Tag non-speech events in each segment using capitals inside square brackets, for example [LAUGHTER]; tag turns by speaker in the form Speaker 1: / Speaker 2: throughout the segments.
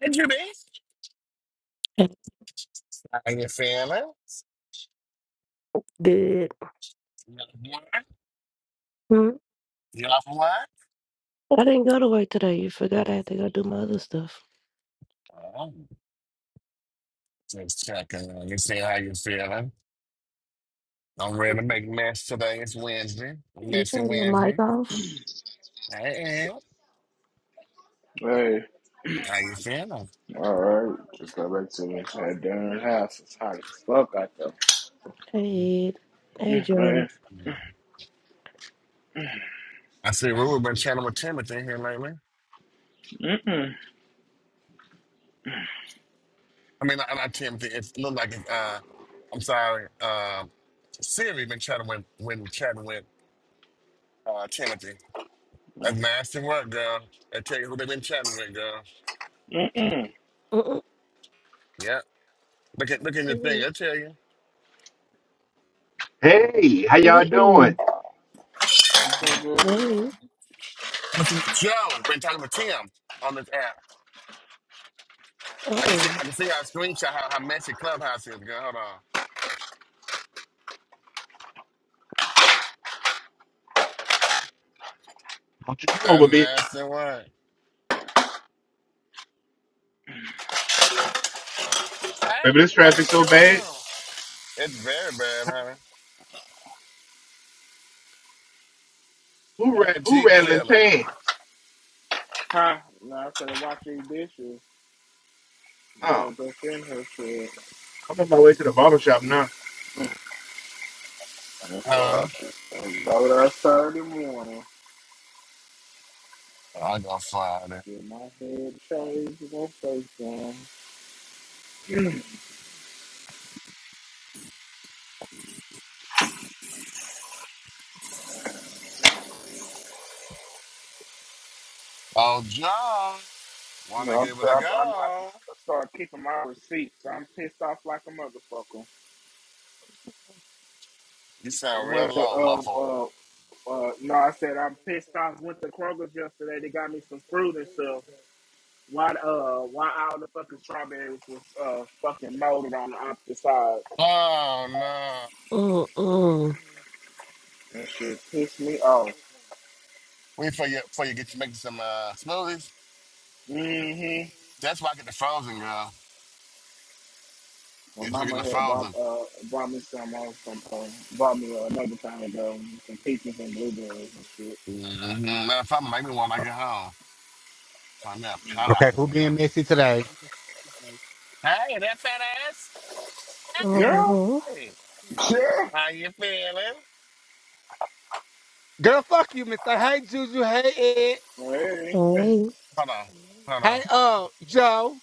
Speaker 1: Benjamin,
Speaker 2: Hey,
Speaker 1: how you feeling?
Speaker 2: Good.
Speaker 1: You up work?
Speaker 2: Hmm.
Speaker 1: You up work?
Speaker 2: I didn't go to work today. You forgot I had to go do my other stuff.
Speaker 1: Oh, just checking on you, see how you feeling. I'm ready to make mess today. It's Wednesday,
Speaker 2: You
Speaker 1: messy
Speaker 2: turned the mic
Speaker 1: Wednesday.
Speaker 2: off?
Speaker 1: Hey, Ed,
Speaker 3: Hey,
Speaker 1: how you feeling?
Speaker 3: all right. Just got back to this had dinner in the house. It's hot as fuck out there.
Speaker 2: Hey, Ed. hey,
Speaker 3: Mm,
Speaker 2: Joe.
Speaker 3: man.
Speaker 1: I see Rue been chatting with Timothy here lately.
Speaker 3: Mm-mm.
Speaker 1: I mean, not, not Timothy. It looked like it's, uh, I'm sorry, uh, Siri been chatting with, when chatting with uh, Timothy. That's nasty work, girl. I tell you who they been chatting with, girl.
Speaker 3: Mm-mm.
Speaker 2: Mm-mm.
Speaker 1: Yep. Look at look at the thing. I tell you,
Speaker 4: Hey, how y'all
Speaker 2: What the?
Speaker 4: doing?
Speaker 3: You think good?
Speaker 2: Hey.
Speaker 1: this is Joe been talking with Tim on this app. I can see
Speaker 2: Uh-oh.
Speaker 1: I can see our screenshot how how messy Clubhouse is. Girl, hold on.
Speaker 4: Don't you get
Speaker 1: That's
Speaker 4: over, bitch.
Speaker 1: nasty one.
Speaker 4: Baby, this
Speaker 1: Hey, what's
Speaker 4: traffic so
Speaker 1: going
Speaker 4: bad.
Speaker 1: on? It's very bad, honey. How
Speaker 4: Who ra-
Speaker 1: that
Speaker 4: who
Speaker 1: Jeep
Speaker 4: rattling
Speaker 1: feeling?
Speaker 4: pants?
Speaker 3: Huh? Now I could have washed these dishes. The little
Speaker 4: Oh,
Speaker 3: bit in her shit.
Speaker 4: I'm on my way to the barber shop now.
Speaker 3: And so I
Speaker 1: Huh?
Speaker 3: just go there Saturday morning.
Speaker 1: I gonna find it.
Speaker 3: Get my head changed and my face done. Mm.
Speaker 1: Oh, John, wanna
Speaker 3: No, I'm,
Speaker 1: give it a
Speaker 3: I'm, I'm gonna have to
Speaker 1: go?
Speaker 3: start keeping my receipts. I'm pissed off like a motherfucker.
Speaker 1: You sound
Speaker 3: Went
Speaker 1: real
Speaker 3: to
Speaker 1: low,
Speaker 3: uh,
Speaker 1: muffled.
Speaker 3: uh, Uh, no, I said I'm pissed off. Went to Kroger's yesterday. They got me some fruit and stuff. Why, uh, why all the fucking strawberries was uh fucking molded on the opposite side?
Speaker 1: Oh no.
Speaker 2: Mm-mm.
Speaker 3: That shit pissed me off.
Speaker 1: Wait for you. For you get you make some uh, smoothies.
Speaker 3: Mm-hmm.
Speaker 1: That's why I get the frozen, girl.
Speaker 3: My
Speaker 1: It's looking
Speaker 3: mama
Speaker 1: the
Speaker 3: had bought
Speaker 1: frozen.
Speaker 3: uh bought me some uh, some uh, bought me uh, another time ago some peaches and blueberries and shit.
Speaker 1: Mm-hmm. Matter of fact, make me one when I get home. I'm not
Speaker 5: Okay,
Speaker 1: pineapple.
Speaker 5: who
Speaker 1: with it.
Speaker 5: being
Speaker 1: Hold
Speaker 5: messy today?
Speaker 3: Girl,
Speaker 2: Uh-huh.
Speaker 3: yeah.
Speaker 5: Girl, fuck you, Mister. Hey, Juju. Hey, Ed.
Speaker 3: Well, Hey,
Speaker 2: Hey.
Speaker 1: on. Hold on.
Speaker 5: Hey, uh, Joe.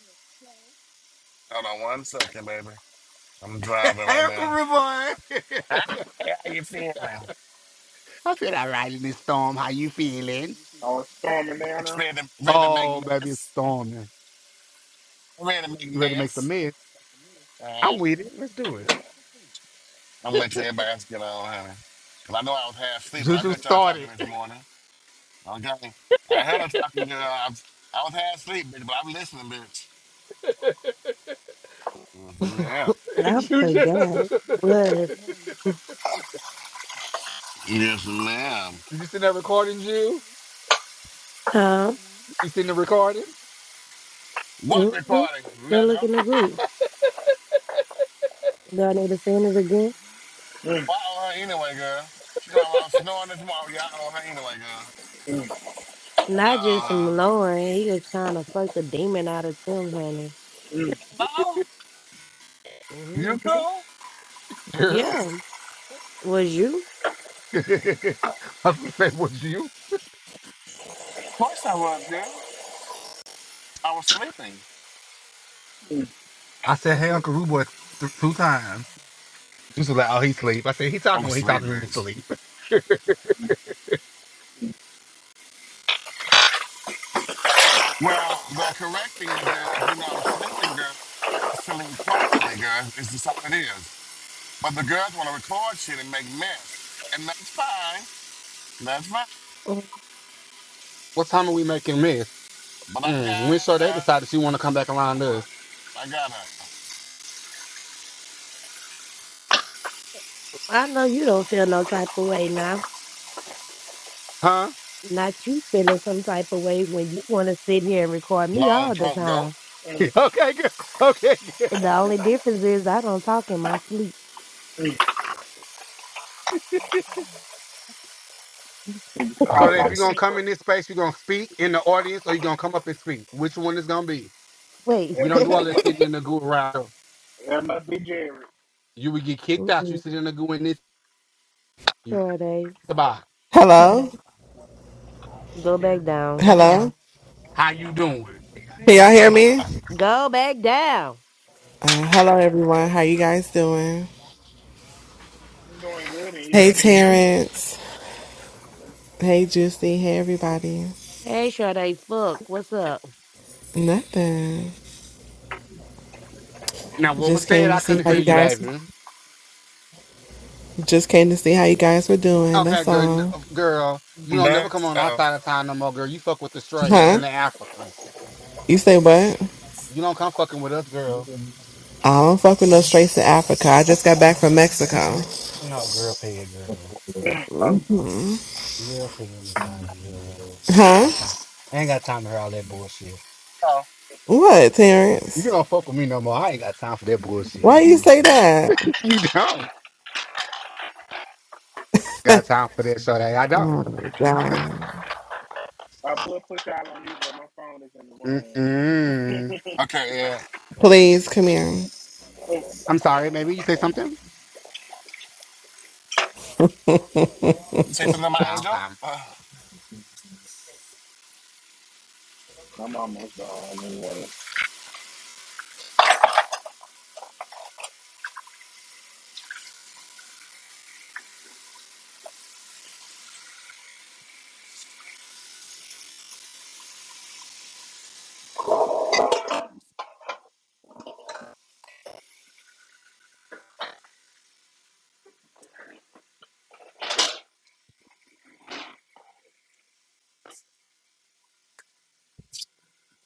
Speaker 1: Hold on one second, baby. I'm
Speaker 5: [LAUGHS] hey,
Speaker 1: driving right
Speaker 5: Uncle
Speaker 1: now.
Speaker 5: Ramon. [LAUGHS]
Speaker 1: Yeah.
Speaker 5: I feel all right in this storm. How you feeling?
Speaker 3: I was storming down
Speaker 1: It's
Speaker 3: there.
Speaker 1: ready to, ready to make
Speaker 5: Oh, baby, it's
Speaker 1: mess.
Speaker 5: storming.
Speaker 1: Ready to make
Speaker 5: You ready to make some
Speaker 1: mess.
Speaker 5: mess?
Speaker 1: All right.
Speaker 5: I'm with it. Let's do it.
Speaker 1: I'm gonna let everybody else get on, honey. Cause I know I was half asleep, but I
Speaker 5: Juju
Speaker 1: heard y'all talking
Speaker 5: started.
Speaker 1: this morning. Okay. I heard her talking, girl. I, was- I was half asleep, bitch, but I'm listening, bitch. Yes,
Speaker 2: [LAUGHS]
Speaker 1: ma'am.
Speaker 5: [LAUGHS]
Speaker 2: I
Speaker 5: Juju.
Speaker 2: forgot.
Speaker 5: [LAUGHS]
Speaker 2: What?
Speaker 1: Yes, ma'am.
Speaker 5: you seen that recording, Jill?
Speaker 2: Huh?
Speaker 5: You seen the recording,
Speaker 1: What
Speaker 2: Mm-mm.
Speaker 1: recording,
Speaker 2: Go look
Speaker 1: nigga?
Speaker 2: in the group. Do I need to send it again?
Speaker 3: Mm,
Speaker 1: Well, I owe her anyway, girl. She talking about snoring this morning. Y'all owe her anyway, girl.
Speaker 3: mm,
Speaker 2: Not
Speaker 1: Y'all owe
Speaker 2: just
Speaker 1: her.
Speaker 2: from Lauren. He was trying to fuck the demon out of Tim, honey.
Speaker 3: mm,
Speaker 1: No, you
Speaker 2: hmm
Speaker 1: too. Of
Speaker 5: girl?
Speaker 2: Yeah. Was you?
Speaker 5: [LAUGHS] I was gonna say, was you?
Speaker 1: course I was, girl. I was sleeping.
Speaker 5: I said, hey,
Speaker 2: Mm,
Speaker 5: Uncle Ruboy, th- two times. Just like, oh, he sleep. I said, he
Speaker 1: I
Speaker 5: talking
Speaker 1: was
Speaker 5: when he
Speaker 1: sleeping,
Speaker 5: talking in his
Speaker 1: bitch.
Speaker 5: sleep.
Speaker 1: Well, the correct thing to do, if you know I'm sleeping, girl, is to sleep quietly, girl. It's just how it is. But the girls want to record shit and make mess. And that's fine. That's fine.
Speaker 2: mm.
Speaker 5: [LAUGHS] what time are we making this?
Speaker 1: But I
Speaker 5: Mm, when
Speaker 1: got
Speaker 5: Sade
Speaker 1: her.
Speaker 5: decided she want to come back around
Speaker 1: But
Speaker 5: us.
Speaker 1: I got her.
Speaker 2: I know you don't feel no type of way now.
Speaker 5: Huh?
Speaker 2: Not you feeling some type of way when you want to sit here and record me
Speaker 1: Long
Speaker 2: all the
Speaker 1: throat goat.
Speaker 2: time.
Speaker 5: [LAUGHS]
Speaker 3: mm.
Speaker 5: okay, good. Okay, good.
Speaker 2: And the only difference is I don't talk in my sleep. [LAUGHS]
Speaker 5: So
Speaker 3: calling
Speaker 5: if
Speaker 3: out
Speaker 5: you're
Speaker 3: the
Speaker 5: going to
Speaker 3: people.
Speaker 5: come in this space, you're going to speak in the audience or you're going to come up and speak. Which one is going to be?
Speaker 2: Wait.
Speaker 5: We
Speaker 3: That,
Speaker 5: don't do
Speaker 2: [LAUGHS]
Speaker 5: all
Speaker 3: that,
Speaker 5: that
Speaker 3: mu-
Speaker 5: sitting in the goo around.
Speaker 3: that must be Jerry.
Speaker 5: You would get kicked out. You
Speaker 2: Mm-mm.
Speaker 5: sit in the goo in this.
Speaker 2: Sade,
Speaker 5: Goodbye.
Speaker 3: Mm-hmm.
Speaker 6: Hello?
Speaker 2: go
Speaker 5: Yeah.
Speaker 2: back down.
Speaker 6: Hello?
Speaker 5: How you doing?
Speaker 6: Can y'all hear me?
Speaker 2: Go back down.
Speaker 6: Uh, hello, everyone. How you guys doing?
Speaker 3: I'm doing good, and
Speaker 6: Hey,
Speaker 3: you?
Speaker 6: Terrence. Hey, Juicy. Hey, everybody.
Speaker 2: Hey, Sade, fuck. What's up?
Speaker 6: Nothing.
Speaker 5: Now, what was
Speaker 6: Just
Speaker 5: said,
Speaker 6: came to
Speaker 5: I
Speaker 6: see
Speaker 5: couldn't
Speaker 6: how
Speaker 5: hear
Speaker 6: you
Speaker 5: you,
Speaker 6: guys.
Speaker 5: baby.
Speaker 6: Just came to see how you guys were doing.
Speaker 5: Okay,
Speaker 6: That's
Speaker 5: girl, n-
Speaker 6: all.
Speaker 5: girl, you don't
Speaker 1: Uh-oh.
Speaker 5: never come on our
Speaker 1: Uh-oh.
Speaker 5: side of town no more, girl. You fuck with the straights
Speaker 6: Huh?
Speaker 5: and the Africans.
Speaker 6: You say what?
Speaker 5: You don't come fucking with us, girl.
Speaker 6: I don't fuck with no straights to Africa. I just got back from Mexico.
Speaker 5: No, girl, pay it, girl. Girl, pay it this time, girl.
Speaker 6: Huh?
Speaker 5: Got time? I ain't got time to hear all that bullshit.
Speaker 1: Uh-oh.
Speaker 6: What,
Speaker 5: You
Speaker 6: Terrence?
Speaker 5: don't fuck with me no more. I ain't got time for that bullshit.
Speaker 6: Why
Speaker 5: [LAUGHS]
Speaker 6: you say that?
Speaker 5: You don't got time for that, so that I don't.
Speaker 6: Oh, God.
Speaker 3: I put push out on you, but my phone is in the room.
Speaker 5: Mm-mm.
Speaker 1: Okay, yeah.
Speaker 6: Please come here.
Speaker 3: Oh,
Speaker 5: I'm sorry, baby. You say something?
Speaker 1: You Say something to my
Speaker 5: Oh,
Speaker 1: angel?
Speaker 5: okay.
Speaker 1: Uh,
Speaker 3: I'm almost gone anyway.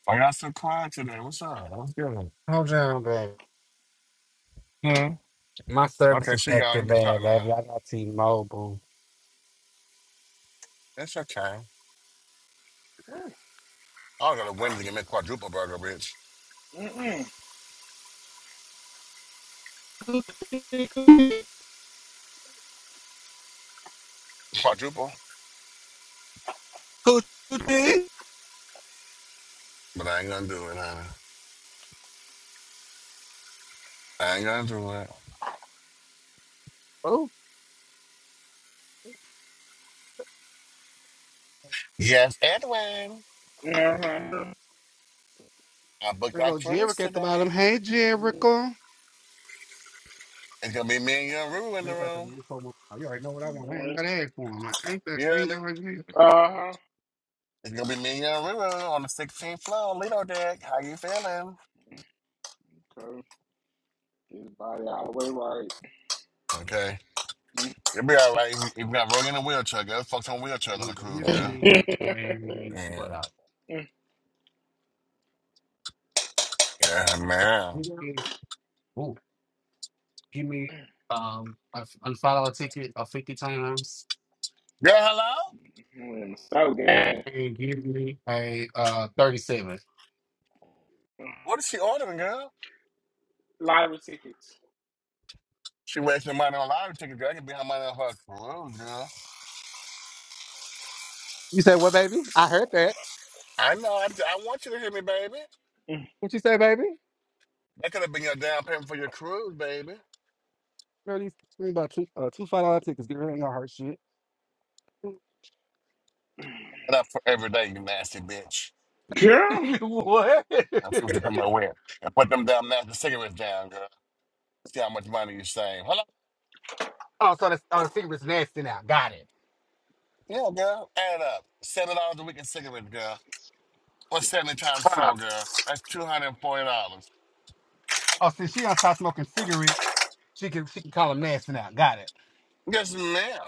Speaker 1: I got so quiet today. What's up? What's good?
Speaker 5: Hold on, baby.
Speaker 1: Hmm?
Speaker 5: My service
Speaker 1: Okay,
Speaker 5: is
Speaker 1: she gone.
Speaker 5: active,
Speaker 1: You can talk
Speaker 5: man,
Speaker 1: now.
Speaker 5: baby. I got T-Mobile.
Speaker 1: It's okay. I don't know the Wednesday can make quadruple burger, bitch.
Speaker 3: Mm-mm.
Speaker 5: [LAUGHS]
Speaker 1: Quadruple?
Speaker 5: Coochie. Tea.
Speaker 1: But I ain't gonna do it, honey. I ain't gonna do it.
Speaker 5: Oh,
Speaker 1: Yes, Edwin.
Speaker 3: Uh-huh.
Speaker 1: I booked
Speaker 5: there
Speaker 1: our
Speaker 5: go
Speaker 1: cruise
Speaker 5: Jericho at the bottom.
Speaker 1: today.
Speaker 5: Hey, Jericho.
Speaker 1: It's gonna be me and Young Ruru in the
Speaker 5: You
Speaker 1: room.
Speaker 5: already know what I want. I ain't got to ask for him. I ain't got
Speaker 1: You
Speaker 5: I
Speaker 1: hear
Speaker 5: ain't
Speaker 1: me?
Speaker 5: gotta ask
Speaker 3: Uh-huh.
Speaker 1: It's gonna be me and Young Ruru on the 16th floor, Lido deck. How you feeling?
Speaker 3: Okay. Get His body all the way
Speaker 1: Okay. It'll be all right. We, we got Roy in a wheelchair, girl. Fuck some wheelchairs on the cruise,
Speaker 5: Give
Speaker 1: girl.
Speaker 5: me
Speaker 3: right.
Speaker 5: a what
Speaker 1: Yeah.
Speaker 5: up?
Speaker 3: [LAUGHS]
Speaker 1: Yeah, man.
Speaker 5: Ooh, give me um a f- a five dollar ticket of fifty times
Speaker 1: Girl, hello?
Speaker 3: Mm. so good.
Speaker 5: and give me a uh thirty seven.
Speaker 1: What is she ordering, girl?
Speaker 3: Lottery tickets.
Speaker 1: She wasting money on lottery tickets, girl. I can be her money on her cruise, girl.
Speaker 5: You said what, baby? I heard that.
Speaker 1: I know. I, I want you to hear me, baby.
Speaker 3: Mm.
Speaker 5: What you say, baby?
Speaker 1: That could have been your down payment for your cruise, baby.
Speaker 5: Thirty. About two uh, two five dollar tickets. Get rid of your heart shit.
Speaker 1: Shut up for every day, you nasty bitch.
Speaker 3: Girl.
Speaker 5: [LAUGHS] what?
Speaker 1: I'm
Speaker 5: [LAUGHS]
Speaker 1: supposed to come my with. and put them damn nasty cigarettes down, girl. See how much money you save. Hello?
Speaker 5: Oh, so the, oh, the cigarettes nasty now. Got it.
Speaker 1: Yeah, girl. Add it up. Seven dollars a week in cigarettes, girl. What's seventy times four,
Speaker 4: Pop.
Speaker 1: girl? That's two hundred and forty dollars.
Speaker 5: Oh, since she done start smoking cigarettes, she can she can call them nasty now. Got it.
Speaker 1: Yes, ma'am.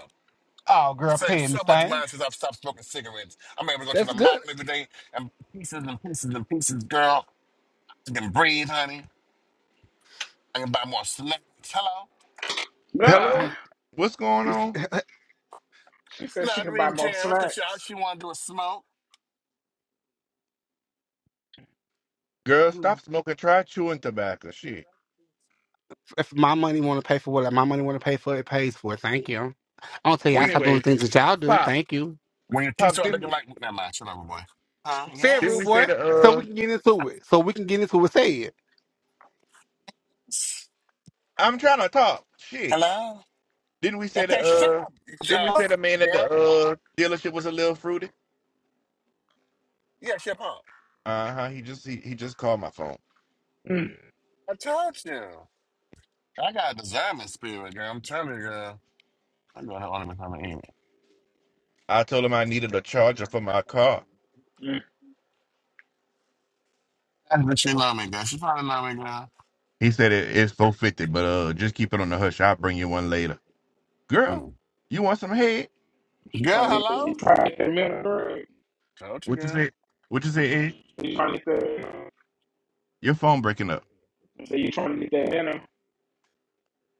Speaker 5: Oh, girl,
Speaker 1: So,
Speaker 5: paying
Speaker 1: so
Speaker 5: this
Speaker 1: much
Speaker 5: thing.
Speaker 1: mine since I've stopped smoking cigarettes. I'm able to go to
Speaker 5: That's
Speaker 1: the mall
Speaker 5: good.
Speaker 1: every day and buy pieces and pieces and pieces, girl. I can breathe, honey. I can buy more slugs. Hello?
Speaker 3: Ah.
Speaker 5: Man,
Speaker 4: Hello? What's going on?
Speaker 5: it's-
Speaker 3: She said she
Speaker 1: Not
Speaker 3: could buy
Speaker 1: reading
Speaker 3: more
Speaker 1: Terrence because she, all
Speaker 3: snacks.
Speaker 1: she want to do is smoke.
Speaker 4: Girl,
Speaker 5: [LAUGHS]
Speaker 4: stop smoking. Try chewing tobacco. Shit.
Speaker 5: If my money want to pay for what like, my money want to pay for, it pays for it. Thank you. I don't tell you I
Speaker 1: When,
Speaker 5: stop doing the
Speaker 4: Anyways,
Speaker 5: things that y'all do.
Speaker 4: Pop.
Speaker 5: Thank you.
Speaker 1: when your teeth
Speaker 4: Pop,
Speaker 1: start looking
Speaker 4: didn't,
Speaker 1: like. Never mind. Shut up, boy. Huh?
Speaker 5: Say it,
Speaker 4: didn't
Speaker 5: rude
Speaker 4: we
Speaker 1: Yes.
Speaker 4: say
Speaker 5: boy.
Speaker 4: the,
Speaker 5: So we
Speaker 4: uh...
Speaker 5: can get into it. So we can get into it. Say it.
Speaker 4: I'm trying to talk. Shit.
Speaker 1: Hello?
Speaker 4: Didn't we say the,
Speaker 1: Okay, shut
Speaker 4: uh...
Speaker 1: up,
Speaker 4: Didn't we
Speaker 5: [LAUGHS]
Speaker 4: say
Speaker 1: just
Speaker 4: the man at the,
Speaker 1: girl.
Speaker 4: uh, dealership was a little fruity?
Speaker 1: Yeah, shut up.
Speaker 4: Uh-huh. He just, he, he just called my phone.
Speaker 3: Mm.
Speaker 1: I told you. I got a discernment spirit, girl. I'm telling you, girl. I'm going to only become an
Speaker 4: I told him I needed a charger for my car.
Speaker 3: Mm.
Speaker 1: That's what she love me, girl. She probably love me, girl.
Speaker 4: He said it, it's four fifty, but uh, just keep it on the hush. I'll bring you one later.
Speaker 1: Mm.
Speaker 4: Girl, you want some head?
Speaker 3: She
Speaker 1: Girl,
Speaker 3: trying to get the,
Speaker 1: hello?
Speaker 3: you trying to get the dinner. girl.
Speaker 1: Told you,
Speaker 4: What you
Speaker 1: girl.
Speaker 4: say? What you say? Ed?
Speaker 3: You trying to get the,
Speaker 4: Your phone breaking up.
Speaker 3: so you trying to get that dinner.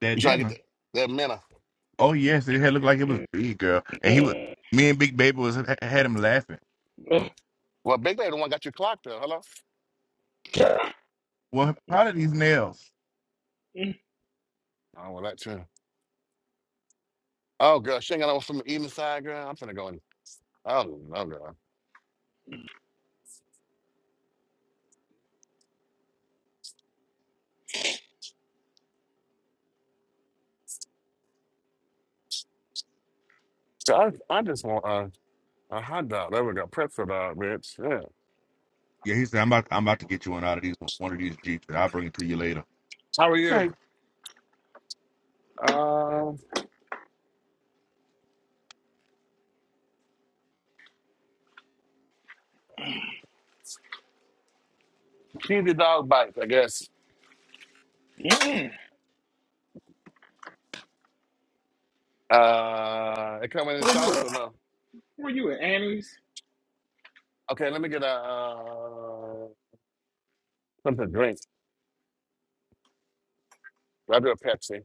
Speaker 4: That
Speaker 1: You trying to
Speaker 4: dinner.
Speaker 1: get that, that minna.
Speaker 4: Oh yes, it had looked like it was big, girl. And he was,
Speaker 3: Mm.
Speaker 4: me and Big Baby was had him laughing.
Speaker 3: Mm.
Speaker 1: Well, Big Lady the one got you clocked up. Hello?
Speaker 3: Girl.
Speaker 4: Well, how are these nails?
Speaker 1: Oh, well, that too. Oh, girl, she ain't got no from the evening side, girl. I'm finna go in. Oh, no, girl. So I, I just want a, a hot dog. There we go. Pretzel dog, bitch. Yeah.
Speaker 4: Yeah, he said I'm about I'm about to get you one out of these one of these jeeps, and I'll bring it to you later.
Speaker 1: How are you?
Speaker 4: Okay.
Speaker 1: Uh, cheesy dog bites, I guess.
Speaker 3: Yeah.
Speaker 1: Uh, it coming in
Speaker 3: Where you
Speaker 1: sauce
Speaker 3: at?
Speaker 1: or no?
Speaker 3: Where you at, Annie's?
Speaker 1: Okay, let me get a uh, something to drink. I'll do a Pepsi.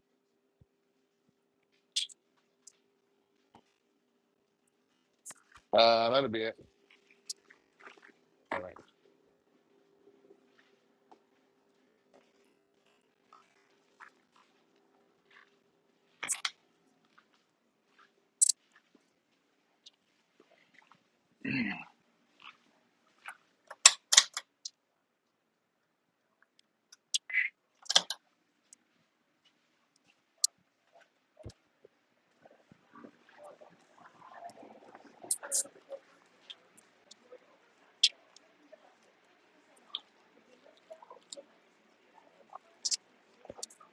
Speaker 1: Uh, that'll be it. All right.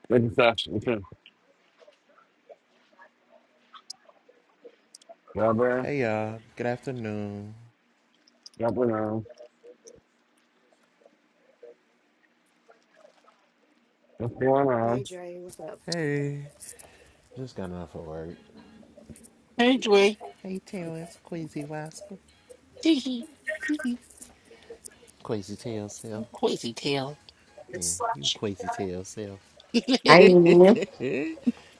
Speaker 1: Thank you, Sasha. Okay.
Speaker 7: Hey y'all, good afternoon.
Speaker 1: Y'all What's going on?
Speaker 2: Hey, Dre, what's up?
Speaker 7: Hey. Just got off of work. Hey Terrence, Queasy Rascal. [LAUGHS] Tee. Queasy Tail Self. Yeah, you Queasy Tail Self. [LAUGHS]
Speaker 8: I
Speaker 7: hey
Speaker 8: am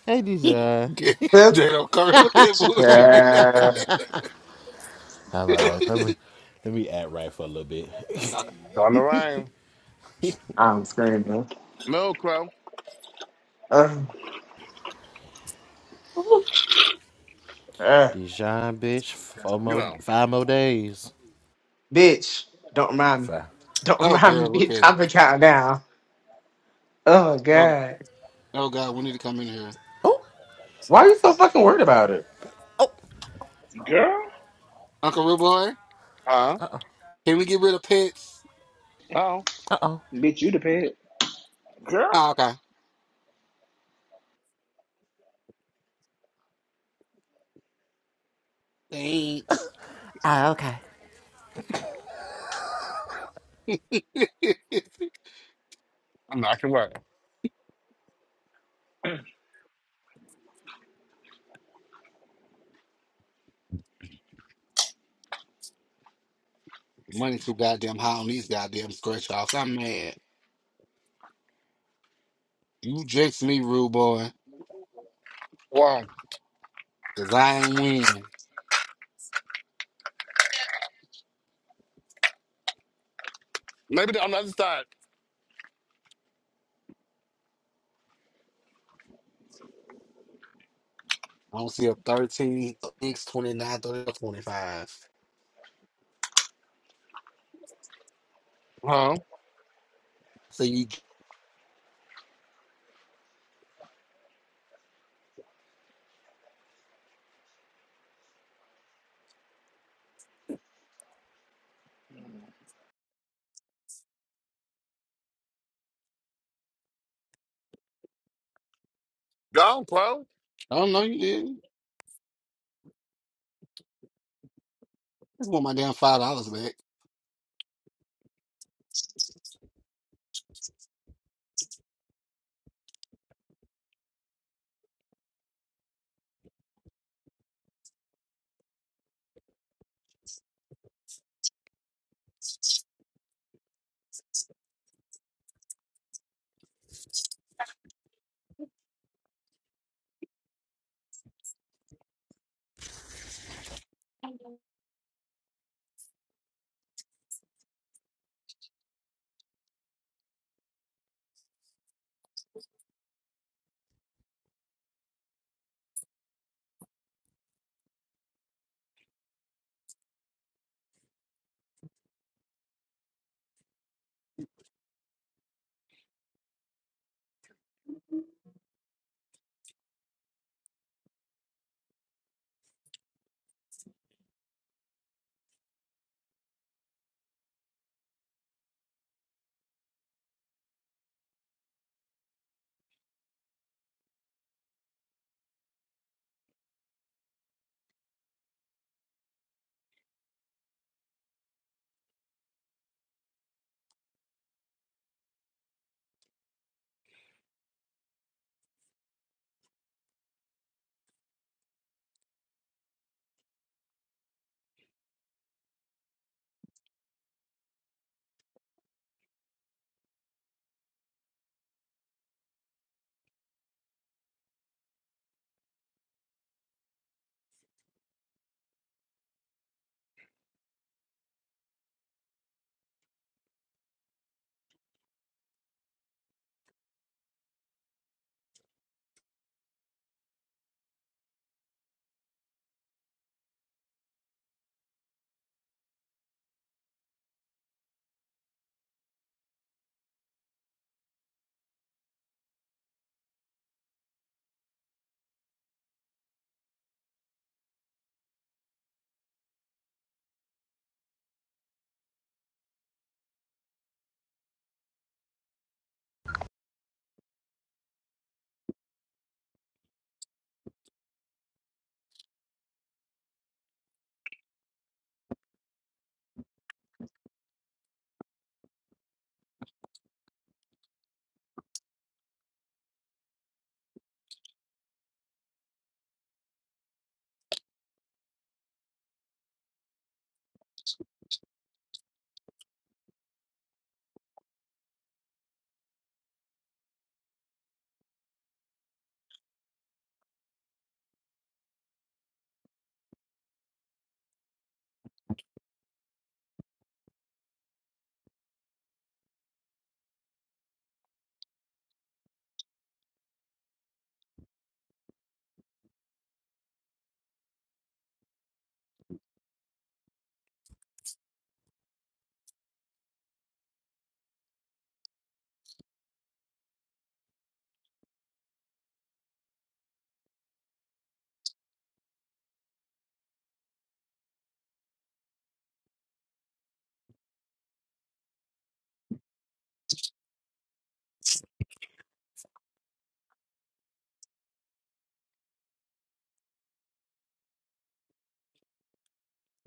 Speaker 7: Dijon.
Speaker 5: Get Jado coming with that bullshit.
Speaker 8: sister.
Speaker 7: All right, let me let me act right for a little bit.
Speaker 5: [LAUGHS]
Speaker 1: On the rain.
Speaker 8: I'm screaming.
Speaker 1: Milk Crow.
Speaker 8: Uh, uh,
Speaker 7: Dijon, bitch, four
Speaker 1: Get
Speaker 7: more,
Speaker 1: on.
Speaker 7: five more days.
Speaker 8: bitch, don't remind me.
Speaker 7: Five.
Speaker 8: Don't [LAUGHS]
Speaker 5: oh,
Speaker 8: remind me,
Speaker 5: girl, look
Speaker 8: bitch.
Speaker 5: at it.
Speaker 8: I'm counting down. Oh,
Speaker 5: Oh,
Speaker 8: God.
Speaker 5: oh God, we need to come in here.
Speaker 8: Why are you so fucking worried about it?
Speaker 7: Oh,
Speaker 3: Girl?
Speaker 5: Uncle Rude Boy?
Speaker 1: Huh?
Speaker 7: oh,
Speaker 5: Can we get rid of pets?
Speaker 1: Oh,
Speaker 7: uh-oh.
Speaker 8: Bitch, you the pet.
Speaker 3: Girl?
Speaker 5: Oh, okay. Thanks.
Speaker 7: Ah, okay.
Speaker 5: [LAUGHS]
Speaker 1: I'm not gonna work.
Speaker 5: Money too goddamn high on these goddamn scratch offs. I'm mad. You jinxed me, rude boy,
Speaker 1: Well,
Speaker 5: because I ain't win.
Speaker 1: maybe on the other side.
Speaker 5: I don't see a 13, a 6, twenty-nine, thirty, or 25.
Speaker 1: Huh?
Speaker 5: So you,
Speaker 1: Go on, Crow.
Speaker 5: I don't know, you didn't. I just want my damn $5 back.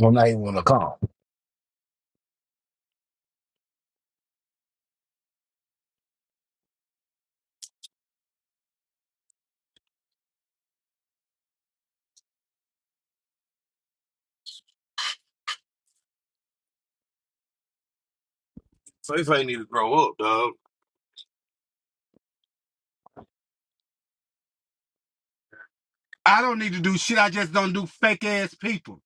Speaker 5: I'm not even gonna call. Faith ain't need to grow up, dog. I don't need to do shit. I just don't do fake ass people.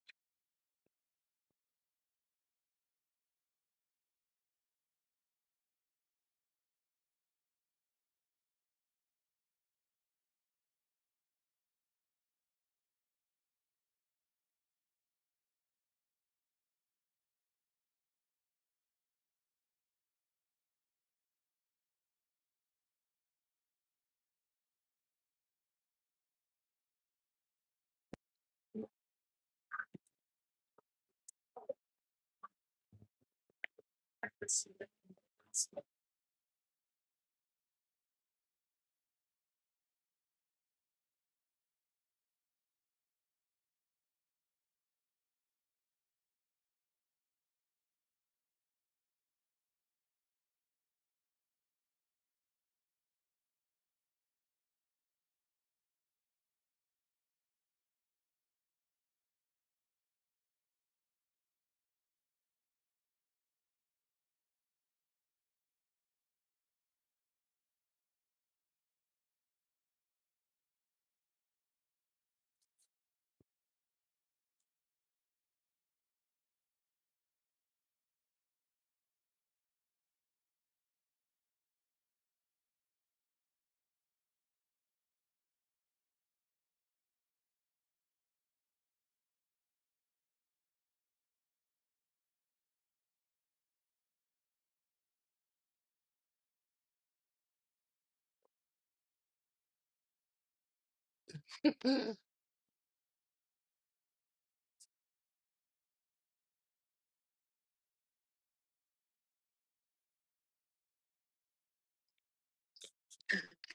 Speaker 5: [LAUGHS]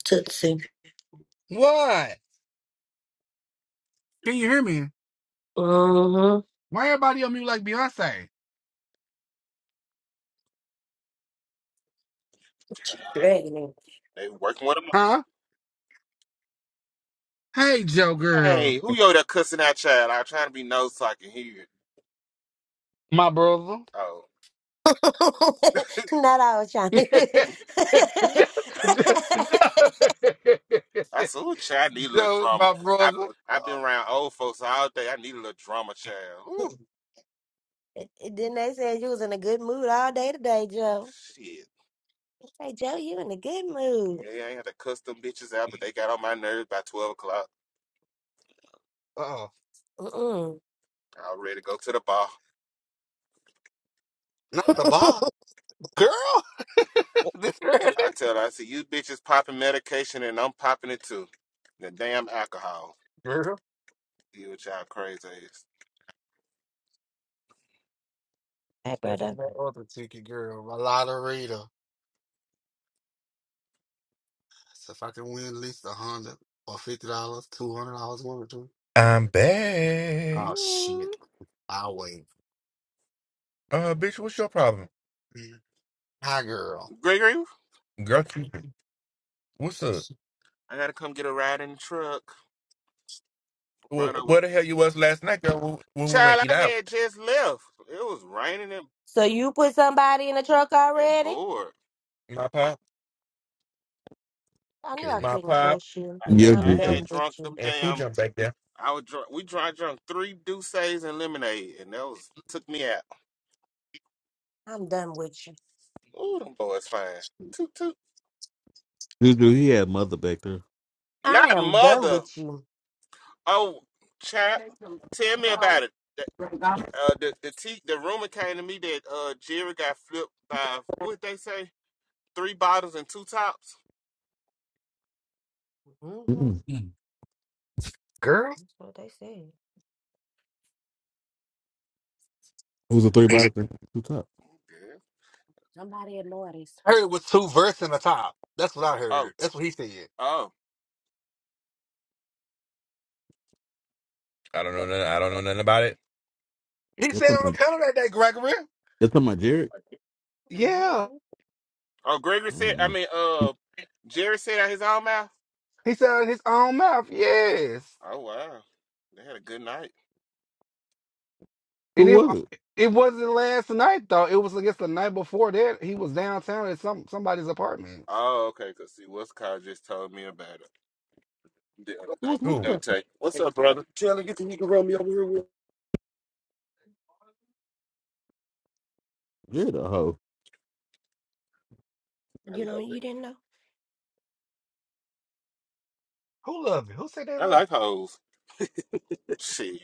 Speaker 2: Tootsie.
Speaker 5: What? Can you hear me?
Speaker 2: Mm-hmm.
Speaker 5: Why everybody on me like Beyonce?
Speaker 2: What you dragging in?
Speaker 9: They working with them.
Speaker 5: Huh? Hey, Joe
Speaker 9: Hey,
Speaker 5: girl.
Speaker 9: who yo there cussing that child? I'm trying to be nosy so I can hear it.
Speaker 5: my brother.
Speaker 9: Oh,
Speaker 2: [LAUGHS] Not I was
Speaker 5: [LAUGHS]
Speaker 2: trying
Speaker 5: Joe,
Speaker 2: to. [LAUGHS]
Speaker 9: I said, ooh, child, I need a little drama.
Speaker 5: my
Speaker 9: I
Speaker 5: brother.
Speaker 9: I've been
Speaker 5: Oh,
Speaker 9: around old folks all day. I need a little drama, child. Ooh,
Speaker 2: Then they said you was in a good mood all day today, Joe?
Speaker 9: shit.
Speaker 2: Hey, Joe, you in a good mood.
Speaker 9: Yeah, I ain't had to cuss them bitches out, but they got on my nerves by twelve o'clock.
Speaker 5: oh,
Speaker 2: Mm-mm. [LAUGHS]
Speaker 9: I was ready to go to the bar.
Speaker 5: not the bar, girl. [LAUGHS] this early,
Speaker 9: I tell her, I said, you bitches popping medication and I'm popping it too. The damn alcohol.
Speaker 5: girl.
Speaker 9: You a child crazy ass.
Speaker 2: Hey,
Speaker 5: Especially
Speaker 2: brother.
Speaker 5: on that other ticket, girl. My lotterita. So if I can win at least a hundred or fifty dollars, two hundred dollars, one or two.
Speaker 4: I'm back.
Speaker 5: Oh
Speaker 9: Mm.
Speaker 5: shit! I'll wait.
Speaker 4: Uh, bitch, what's your problem?
Speaker 5: Mm. Hi, girl.
Speaker 9: Gregory,
Speaker 4: Girl, keep it. What's up?
Speaker 9: I gotta come get a ride in the truck.
Speaker 4: Wh-
Speaker 9: Run over.
Speaker 4: Where the hell you was last night, girl, when when we went
Speaker 9: Child,
Speaker 4: eat
Speaker 9: I
Speaker 4: out?
Speaker 9: had just left. It was raining and,
Speaker 2: So you put somebody in the truck
Speaker 9: and
Speaker 2: already?
Speaker 9: bored.
Speaker 4: My pa?
Speaker 2: I knew I
Speaker 4: my
Speaker 5: Girl.
Speaker 2: couldn't
Speaker 4: pop,
Speaker 2: trust you.
Speaker 4: who
Speaker 10: Yeah,
Speaker 4: and
Speaker 9: I I
Speaker 4: Pooh
Speaker 2: I'm
Speaker 4: jump
Speaker 10: Juju.
Speaker 9: had
Speaker 2: done with
Speaker 9: drunk
Speaker 2: you.
Speaker 9: them
Speaker 4: and Pooh
Speaker 9: damn.
Speaker 4: jump back there.
Speaker 9: I was drunk. We dry drunk three Douces and lemonade, and that was took me out.
Speaker 2: I'm done with you.
Speaker 9: Ooh, them boys fine. Toot toot.
Speaker 10: Juju, he had mother back there.
Speaker 2: I
Speaker 9: Not
Speaker 2: am done
Speaker 9: mother.
Speaker 2: with you.
Speaker 9: Oh, child, tell me about it. The uh, the the, tea, the rumor came to me that uh Jerry got flipped by what they say three bottles and two tops.
Speaker 2: hmm
Speaker 10: Mm-mm.
Speaker 5: Girl.
Speaker 2: That's what they said.
Speaker 10: It was a three body thing. Two top.
Speaker 9: Yeah.
Speaker 2: Somebody at Lori's.
Speaker 5: I heard it was two verses in the top. That's what I
Speaker 9: Oh,
Speaker 5: heard.
Speaker 9: t-
Speaker 5: That's what he said.
Speaker 9: oh,
Speaker 4: I don't know. Nothing, I don't know nothing about it.
Speaker 5: He
Speaker 10: You're
Speaker 5: said
Speaker 10: talking
Speaker 5: on the
Speaker 10: about,
Speaker 5: panel that day, Gregory.
Speaker 10: you're talking about Jared?
Speaker 5: Yeah.
Speaker 2: hmm
Speaker 9: oh. Gregory
Speaker 10: I
Speaker 9: said.
Speaker 10: don't
Speaker 9: I
Speaker 10: know.
Speaker 9: mean, uh, Jerry said out his own mouth.
Speaker 5: He said out of his own mouth, yes.
Speaker 9: Oh wow, they had a good night.
Speaker 10: Who
Speaker 5: And it,
Speaker 10: was it?
Speaker 5: it wasn't last night, though. It was, I guess, the night before that. He was downtown at some somebody's apartment.
Speaker 9: Oh okay, cause see, what's Kyle just told me about it. The other
Speaker 10: Who
Speaker 9: night.
Speaker 10: was what
Speaker 9: Let
Speaker 4: Who?
Speaker 10: you
Speaker 9: me
Speaker 10: got?
Speaker 9: tell you. What's up, brother? Taylor, get the you can run me over here with.
Speaker 10: Jared a hoe.
Speaker 9: I
Speaker 2: You know,
Speaker 9: love
Speaker 2: you
Speaker 9: it.
Speaker 2: didn't know.
Speaker 5: Who loved it? Who said they
Speaker 9: I
Speaker 5: loved
Speaker 9: like
Speaker 5: it?
Speaker 9: hoes. Shit,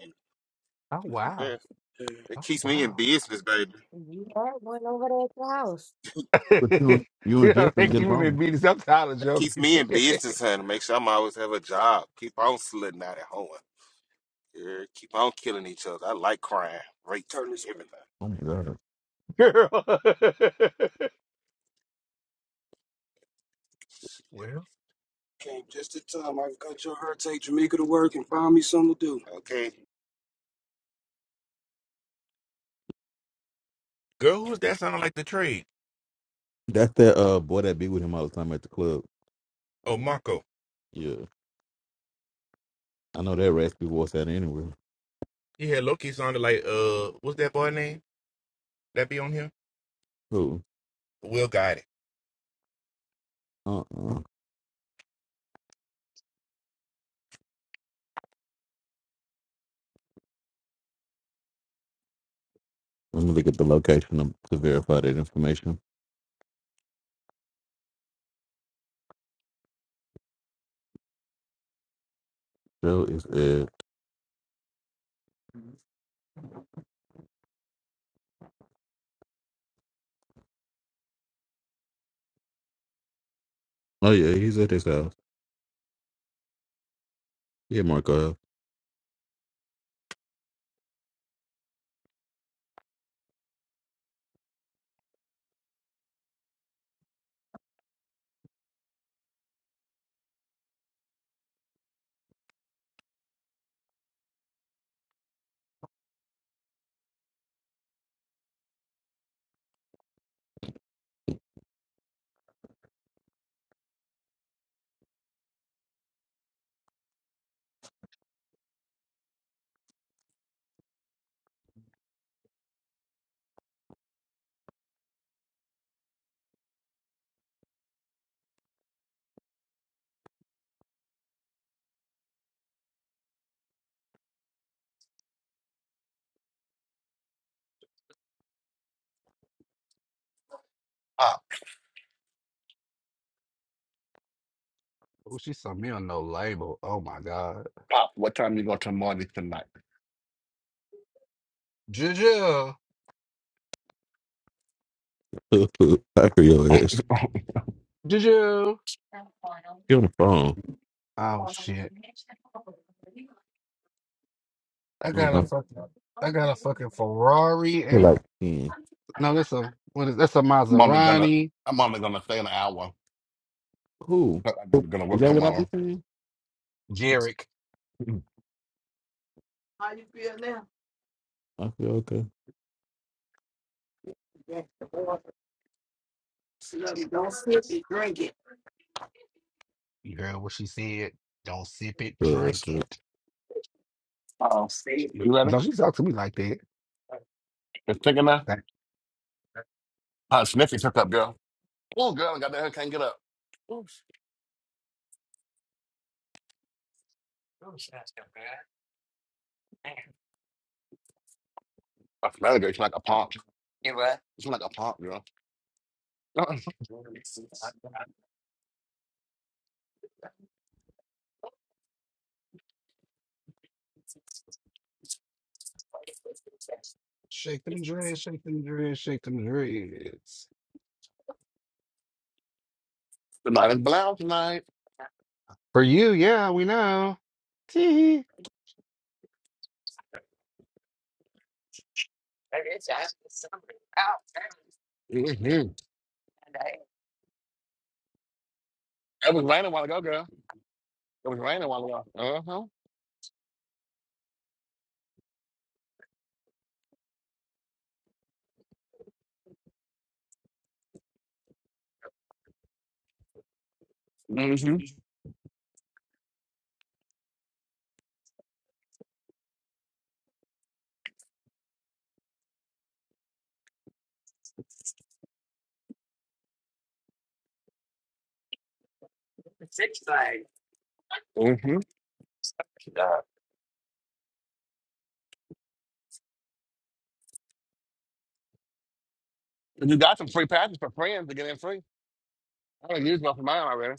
Speaker 5: Oh, wow.
Speaker 9: yeah, [LAUGHS] it
Speaker 5: Oh,
Speaker 9: keeps me in
Speaker 5: wow.
Speaker 9: business, baby.
Speaker 2: You had one over there at your house.
Speaker 5: [LAUGHS] you
Speaker 10: But you and you and
Speaker 5: know,
Speaker 10: Jared
Speaker 5: they
Speaker 10: don't
Speaker 5: keep
Speaker 10: get
Speaker 5: him in
Speaker 10: along.
Speaker 5: meetings. I'm tired of
Speaker 9: That keeps
Speaker 5: jumping.
Speaker 9: me in business, honey. Make sure I'm always have a job. Keep on slitting out at home. Yeah, keep on killing each other. I like crime, rape, Turn this everything.
Speaker 10: Oh my god.
Speaker 5: [LAUGHS] Girl. [LAUGHS] oh,
Speaker 9: Came just in time. I've got your heart. Take Jamaica to work and find me something to do. Okay.
Speaker 4: Girl, who's that sounding like the trade?
Speaker 10: That's that uh boy that be with him all the time at the club.
Speaker 4: Oh, Marco.
Speaker 10: Yeah. I know that raspy voice out anywhere.
Speaker 4: He had Loki sounded like uh, what's that boy name? That be on here?
Speaker 10: Who?
Speaker 4: Will guide it.
Speaker 10: Uh uh. Let me look at the location of- to verify that information. Joe is at Oh yeah, he's at his house. Yeah, Marco.
Speaker 5: she saw me on no label. Oh, my God.
Speaker 1: I'm on it tonight.
Speaker 5: Juju.
Speaker 10: [LAUGHS] I hear
Speaker 1: [LAUGHS]
Speaker 10: your ass.
Speaker 1: I'm
Speaker 5: Juju.
Speaker 10: Get on the
Speaker 5: Oh shit! I got a
Speaker 10: phone.
Speaker 5: fucking, I got a fucking Ferrari.
Speaker 10: feel
Speaker 5: And,
Speaker 10: like peeing.
Speaker 5: no, that's a what is that's a
Speaker 1: only gonna
Speaker 5: Maserati.
Speaker 1: I'm only gonna stay an hour.
Speaker 10: Who?
Speaker 1: I'm
Speaker 10: Is
Speaker 1: gonna gonna work
Speaker 10: that what I
Speaker 1: tomorrow.
Speaker 10: be saying?
Speaker 5: Jarek,
Speaker 10: How you feel now? I feel okay. do Good.
Speaker 5: you heard what she said. Don't sip it,
Speaker 10: That's
Speaker 5: drink
Speaker 10: it.
Speaker 5: it. Shit.
Speaker 1: You ready?
Speaker 5: Don't she talk to me like that?
Speaker 1: It's thinking now?
Speaker 5: Like,
Speaker 1: Uh sniffy took up, girl. Oh girl, I got that hair, can't get up. Oof. I smell it, girl. It's like a pump. It's like a pump, girl. Uh-uh.
Speaker 5: shake them dreads, shake them dreads, shake them dreads.
Speaker 1: The night is blown tonight.
Speaker 5: For you, yeah, we know. Tee-hee.
Speaker 1: Mm-hmm. It was raining a while ago, girl. It was raining a while ago. Uh-huh. Mm-hmm. If You got some free passes for friends to get in free. I don't use one for mine already.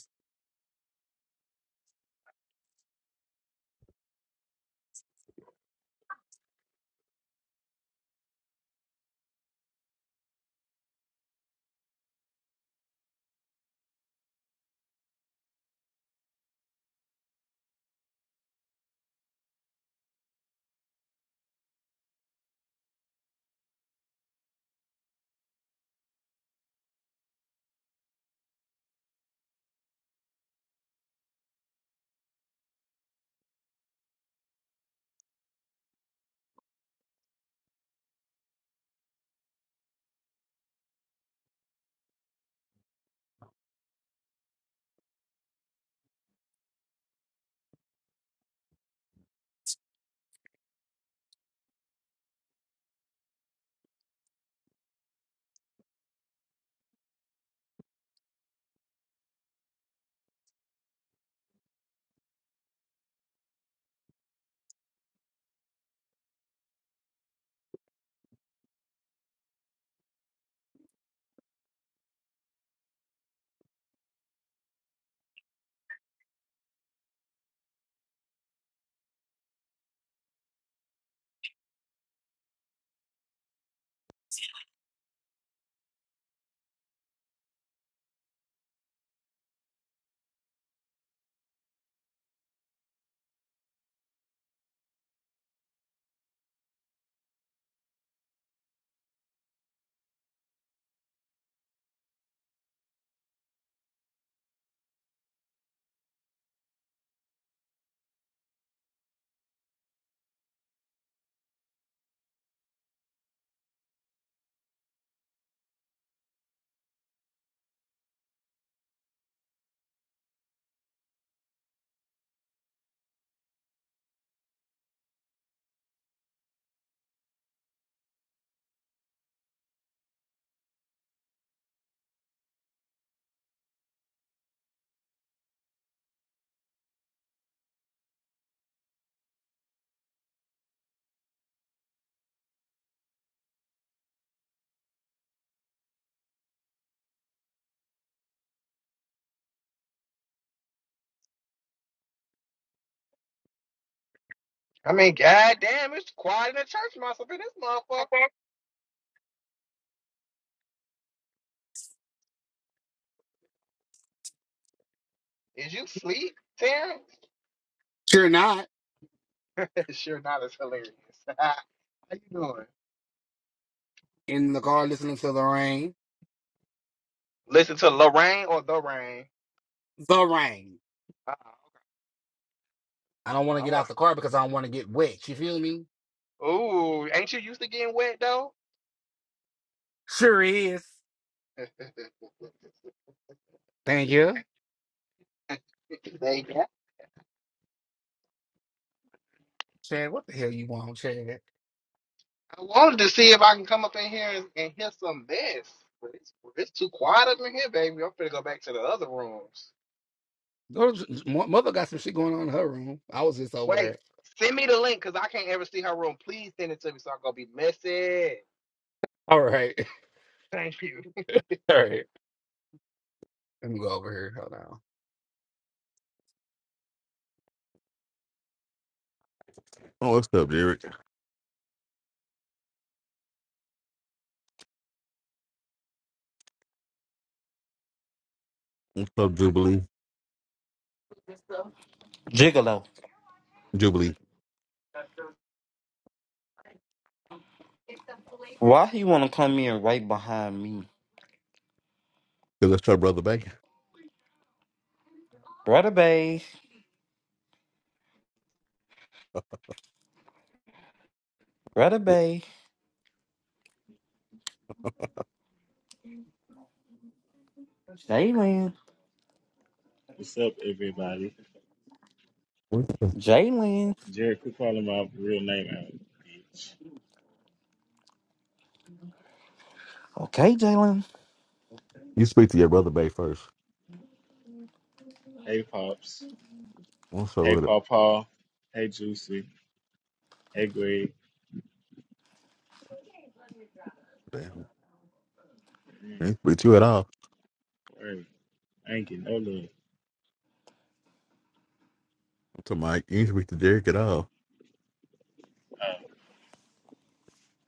Speaker 11: I mean, goddamn, it's quiet in the church, mouse up in this motherfucker. Is you sleep, Terrence?
Speaker 5: You're not
Speaker 11: [LAUGHS] sure not. It's hilarious. [LAUGHS] How you doing?
Speaker 5: in the car listening to the rain.
Speaker 11: Listen to Lorraine or the rain.
Speaker 5: The rain.
Speaker 11: Uh,
Speaker 5: I don't want to
Speaker 11: all
Speaker 5: get
Speaker 11: right.
Speaker 5: out the car because I don't want to get wet. You feel me?
Speaker 11: Ooh, ain't you used to getting wet though?
Speaker 5: Sure is.
Speaker 11: [LAUGHS]
Speaker 5: Thank you.
Speaker 11: they got.
Speaker 5: Chad, what the hell you want, Chad?
Speaker 11: I wanted to see if I can come up in here and, and hear some mess, but it's it's too quiet up in here, baby. I'm finna go back to the other rooms.
Speaker 5: Those- mo- Mother got some shit going on in her room. I was just over
Speaker 11: Wait,
Speaker 5: there.
Speaker 11: send me the link because I can't ever see her room. Please send it to me so I can be messy.
Speaker 5: All right.
Speaker 11: Thank you.
Speaker 5: [LAUGHS] All right. Let me go over here. Hold on.
Speaker 10: Oh, what's up, Derek? What's up, Jubilee? Good stuff.
Speaker 12: Gigolo.
Speaker 10: Jubilee.
Speaker 12: Why he wanna come in right behind me?
Speaker 10: Because that's your brother Bay.
Speaker 12: Brother Bay. Brother
Speaker 10: Yeah.
Speaker 12: Bay. Jalen.
Speaker 13: What's up, everybody?
Speaker 10: What's up?
Speaker 12: Jalen.
Speaker 13: Jerry, quit calling my real name out, bitch.
Speaker 12: Okay, Jalen.
Speaker 10: You speak to your brother Bay first.
Speaker 13: Hey, Pops.
Speaker 10: What's up
Speaker 13: Hey,
Speaker 10: with it?
Speaker 13: Paw Paw. Hey, Juicy. Hey, Greg.
Speaker 10: Damn.
Speaker 13: Mm,
Speaker 10: I ain't speak to you at all.
Speaker 13: Word. I ain't getting no love.
Speaker 10: To Mike. You ain't speak to Derek at all.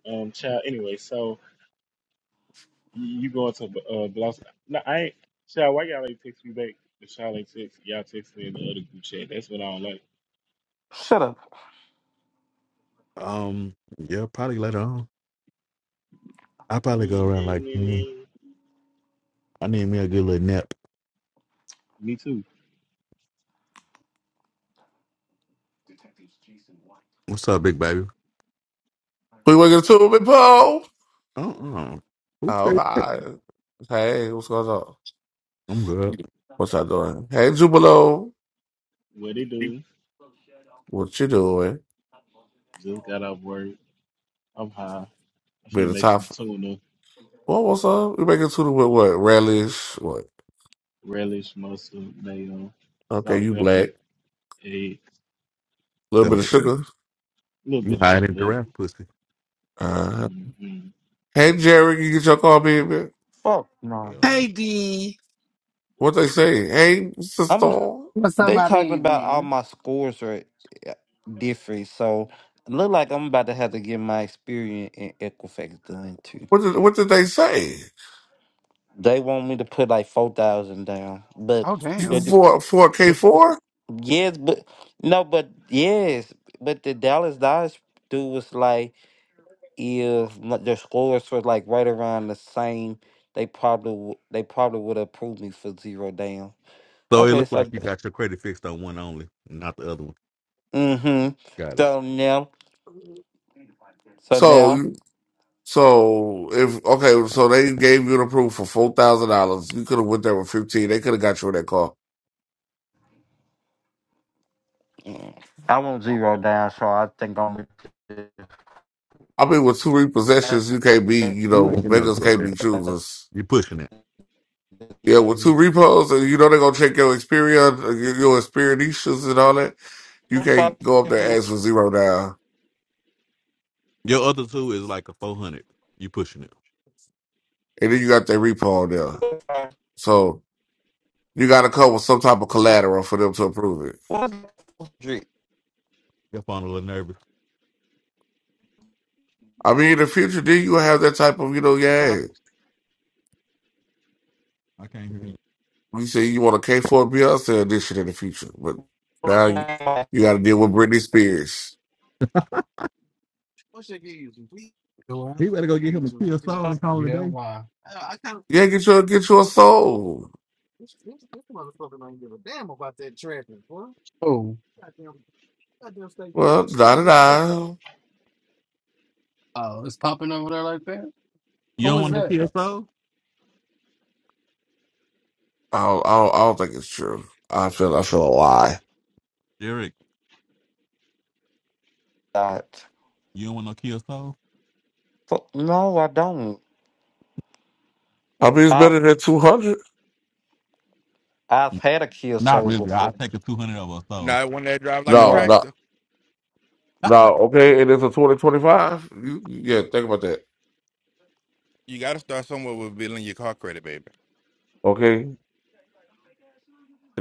Speaker 13: Uh, um, child, anyway, so you, you going to uh, Blossom. No, I ain't. Child, why y'all ain't text me back? If y'all ain't text, y'all text me in the other group chat. That's what I don't like.
Speaker 12: Shut up.
Speaker 10: Um, yeah, probably later on. I probably go around like, mm,
Speaker 13: Mm,
Speaker 10: I need me a good little nap.
Speaker 13: me too.
Speaker 10: What's up, big baby?
Speaker 14: We working too, big Paul.
Speaker 10: Uh-uh. Who
Speaker 14: Oh
Speaker 10: said?
Speaker 14: God. Hey, what's going on?
Speaker 10: I'm good.
Speaker 14: What's you doing? Hey, Jubilo.
Speaker 13: What it do?
Speaker 14: What you doing?
Speaker 13: Just got off work. I'm high. I'm
Speaker 14: Be
Speaker 13: finna
Speaker 14: the
Speaker 13: make
Speaker 14: top.
Speaker 13: some tuna.
Speaker 14: What what's up? We making tuna with what? Relish. What?
Speaker 13: relish, mustard, mayo,
Speaker 14: Okay,
Speaker 13: salt,
Speaker 14: you
Speaker 13: pepper,
Speaker 14: black. A
Speaker 13: egg,
Speaker 14: little
Speaker 10: So
Speaker 14: bit of sugar.
Speaker 13: a little
Speaker 10: you
Speaker 13: bit of
Speaker 10: hiding
Speaker 13: sugar.
Speaker 10: giraffe pussy.
Speaker 14: Uh,
Speaker 13: hmm
Speaker 14: hey, Jerry, you get your car, baby.
Speaker 12: Fuck no.
Speaker 10: Hell no.
Speaker 5: Hey, D.
Speaker 14: What they say? Hey,
Speaker 12: I'm
Speaker 14: sister.
Speaker 5: What's up,
Speaker 12: they
Speaker 5: my
Speaker 12: talking about all
Speaker 5: baby?
Speaker 12: my scores are uh, different, so look like I'm about to have to get my experience in Equifax done too.
Speaker 14: What did What did they say?
Speaker 12: They want me to put like four thousand down. But
Speaker 5: Oh,
Speaker 12: yeah,
Speaker 5: damn.
Speaker 12: ju-
Speaker 14: For for K
Speaker 12: ju-
Speaker 14: four.
Speaker 12: yes, but no, but yes. But the Dallas Dodge dude was like if not, their scores were like right around the same, they probably w- they probably would have approved me for zero down.
Speaker 10: So it
Speaker 12: Okay,
Speaker 10: looked like
Speaker 12: so
Speaker 10: you got your credit fixed on one only, not the other one.
Speaker 12: mm-hmm.
Speaker 10: Got it.
Speaker 12: So now, so
Speaker 14: So
Speaker 12: now,
Speaker 14: So if okay, so they gave you the proof for four thousand dollars. You could have went there with fifteen. They could have got you in that car.
Speaker 12: mm, I want zero down. So I think I'm. gonna do-
Speaker 14: I mean, with two repossessions, you can't be you
Speaker 10: You ain't
Speaker 14: know
Speaker 10: getting no
Speaker 14: beggars
Speaker 10: drug.
Speaker 14: can't
Speaker 10: that
Speaker 14: be choosers.
Speaker 10: You pushing it.
Speaker 14: Yeah, with
Speaker 5: You
Speaker 14: two repos, and you know they're gonna check your experience, uh, your, your experiences and all that. You
Speaker 12: If I
Speaker 14: can't go up there
Speaker 12: can-
Speaker 14: and ask for zero down,
Speaker 10: Your other two is like a four hundred. You pushing it.
Speaker 14: and then you got that repo on there. So you got to come with some type of collateral for them to approve it.
Speaker 12: what drink?
Speaker 10: Your phone a little nervous.
Speaker 14: I mean, in the future, then you have that type of you know yeah.
Speaker 10: I can't hear you.
Speaker 14: You say you want a K four Beyonce edition in the future, but now you, you got to deal with Britney Spears.
Speaker 5: do what?
Speaker 10: He better go get him a TSO and call it a
Speaker 5: Yeah,
Speaker 10: day.
Speaker 5: why?
Speaker 14: Yeah, get your get your soul.
Speaker 5: Oh,
Speaker 14: Well, da da da.
Speaker 5: oh, it's popping over there like that?
Speaker 10: You
Speaker 5: Who
Speaker 10: don't
Speaker 5: is
Speaker 10: want
Speaker 5: that?
Speaker 10: no TSO?
Speaker 14: I don't, I don't I don't think it's true. I feel I feel a lie.
Speaker 10: [LAUGHS] Derek,
Speaker 12: That-
Speaker 10: you don't want no TSO?
Speaker 12: Fu- No, I don't.
Speaker 14: I mean, it's better
Speaker 12: I've
Speaker 14: than two hundred.
Speaker 12: I've had a kill
Speaker 10: Not
Speaker 12: soul
Speaker 10: really. I'll
Speaker 12: before.
Speaker 10: take a two hundred over a soul.
Speaker 4: Not one that drives like a
Speaker 14: No,
Speaker 12: Right,
Speaker 14: no,
Speaker 4: tractor.
Speaker 14: no. Okay, it is a twenty twenty five. You yeah, think about that.
Speaker 4: You got to start somewhere with building your car credit, baby.
Speaker 14: Okay, and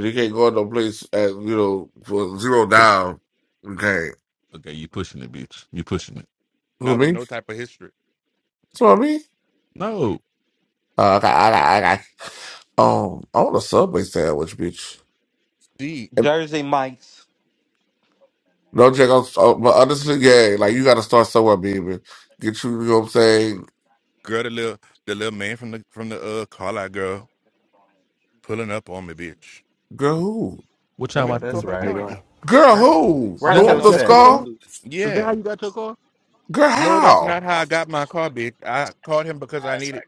Speaker 14: you can't go to no place at you know for zero down. Okay,
Speaker 10: Okay, you pushing it, bitch. You pushing it.
Speaker 14: you know what I
Speaker 4: Not with
Speaker 14: mean?
Speaker 4: no type of history.
Speaker 14: That's what I mean.
Speaker 10: No.
Speaker 14: Uh, I got I got I got. Um, I want a Subway sandwich, bitch.
Speaker 4: D
Speaker 12: Jersey Mike's.
Speaker 14: No, Jack, I'm, oh, but honestly, yeah, like you got to start somewhere, baby. Get you, you know what I'm saying?
Speaker 4: girl, the little the little man from the from the uh car lot girl pulling up on me, bitch.
Speaker 14: Girl, who?
Speaker 10: What
Speaker 4: The
Speaker 7: I
Speaker 10: y'all
Speaker 7: know
Speaker 4: man
Speaker 10: about
Speaker 4: who
Speaker 10: to do?
Speaker 7: that's
Speaker 4: sold me the
Speaker 10: Is
Speaker 1: How
Speaker 7: right.
Speaker 1: you
Speaker 4: car.
Speaker 1: doing?
Speaker 14: Girl,
Speaker 7: Work,
Speaker 14: who? The
Speaker 1: Price
Speaker 7: work
Speaker 10: that how
Speaker 14: one
Speaker 1: check
Speaker 7: your
Speaker 14: with
Speaker 10: you
Speaker 14: the
Speaker 1: on
Speaker 10: got your
Speaker 7: set
Speaker 1: this
Speaker 14: skull?
Speaker 10: car?
Speaker 1: is
Speaker 10: Is that
Speaker 4: Yeah.
Speaker 10: how you got your car?
Speaker 14: Girl,
Speaker 4: No, that's not
Speaker 14: how?
Speaker 4: how I got my car, bitch. I called him because I needed.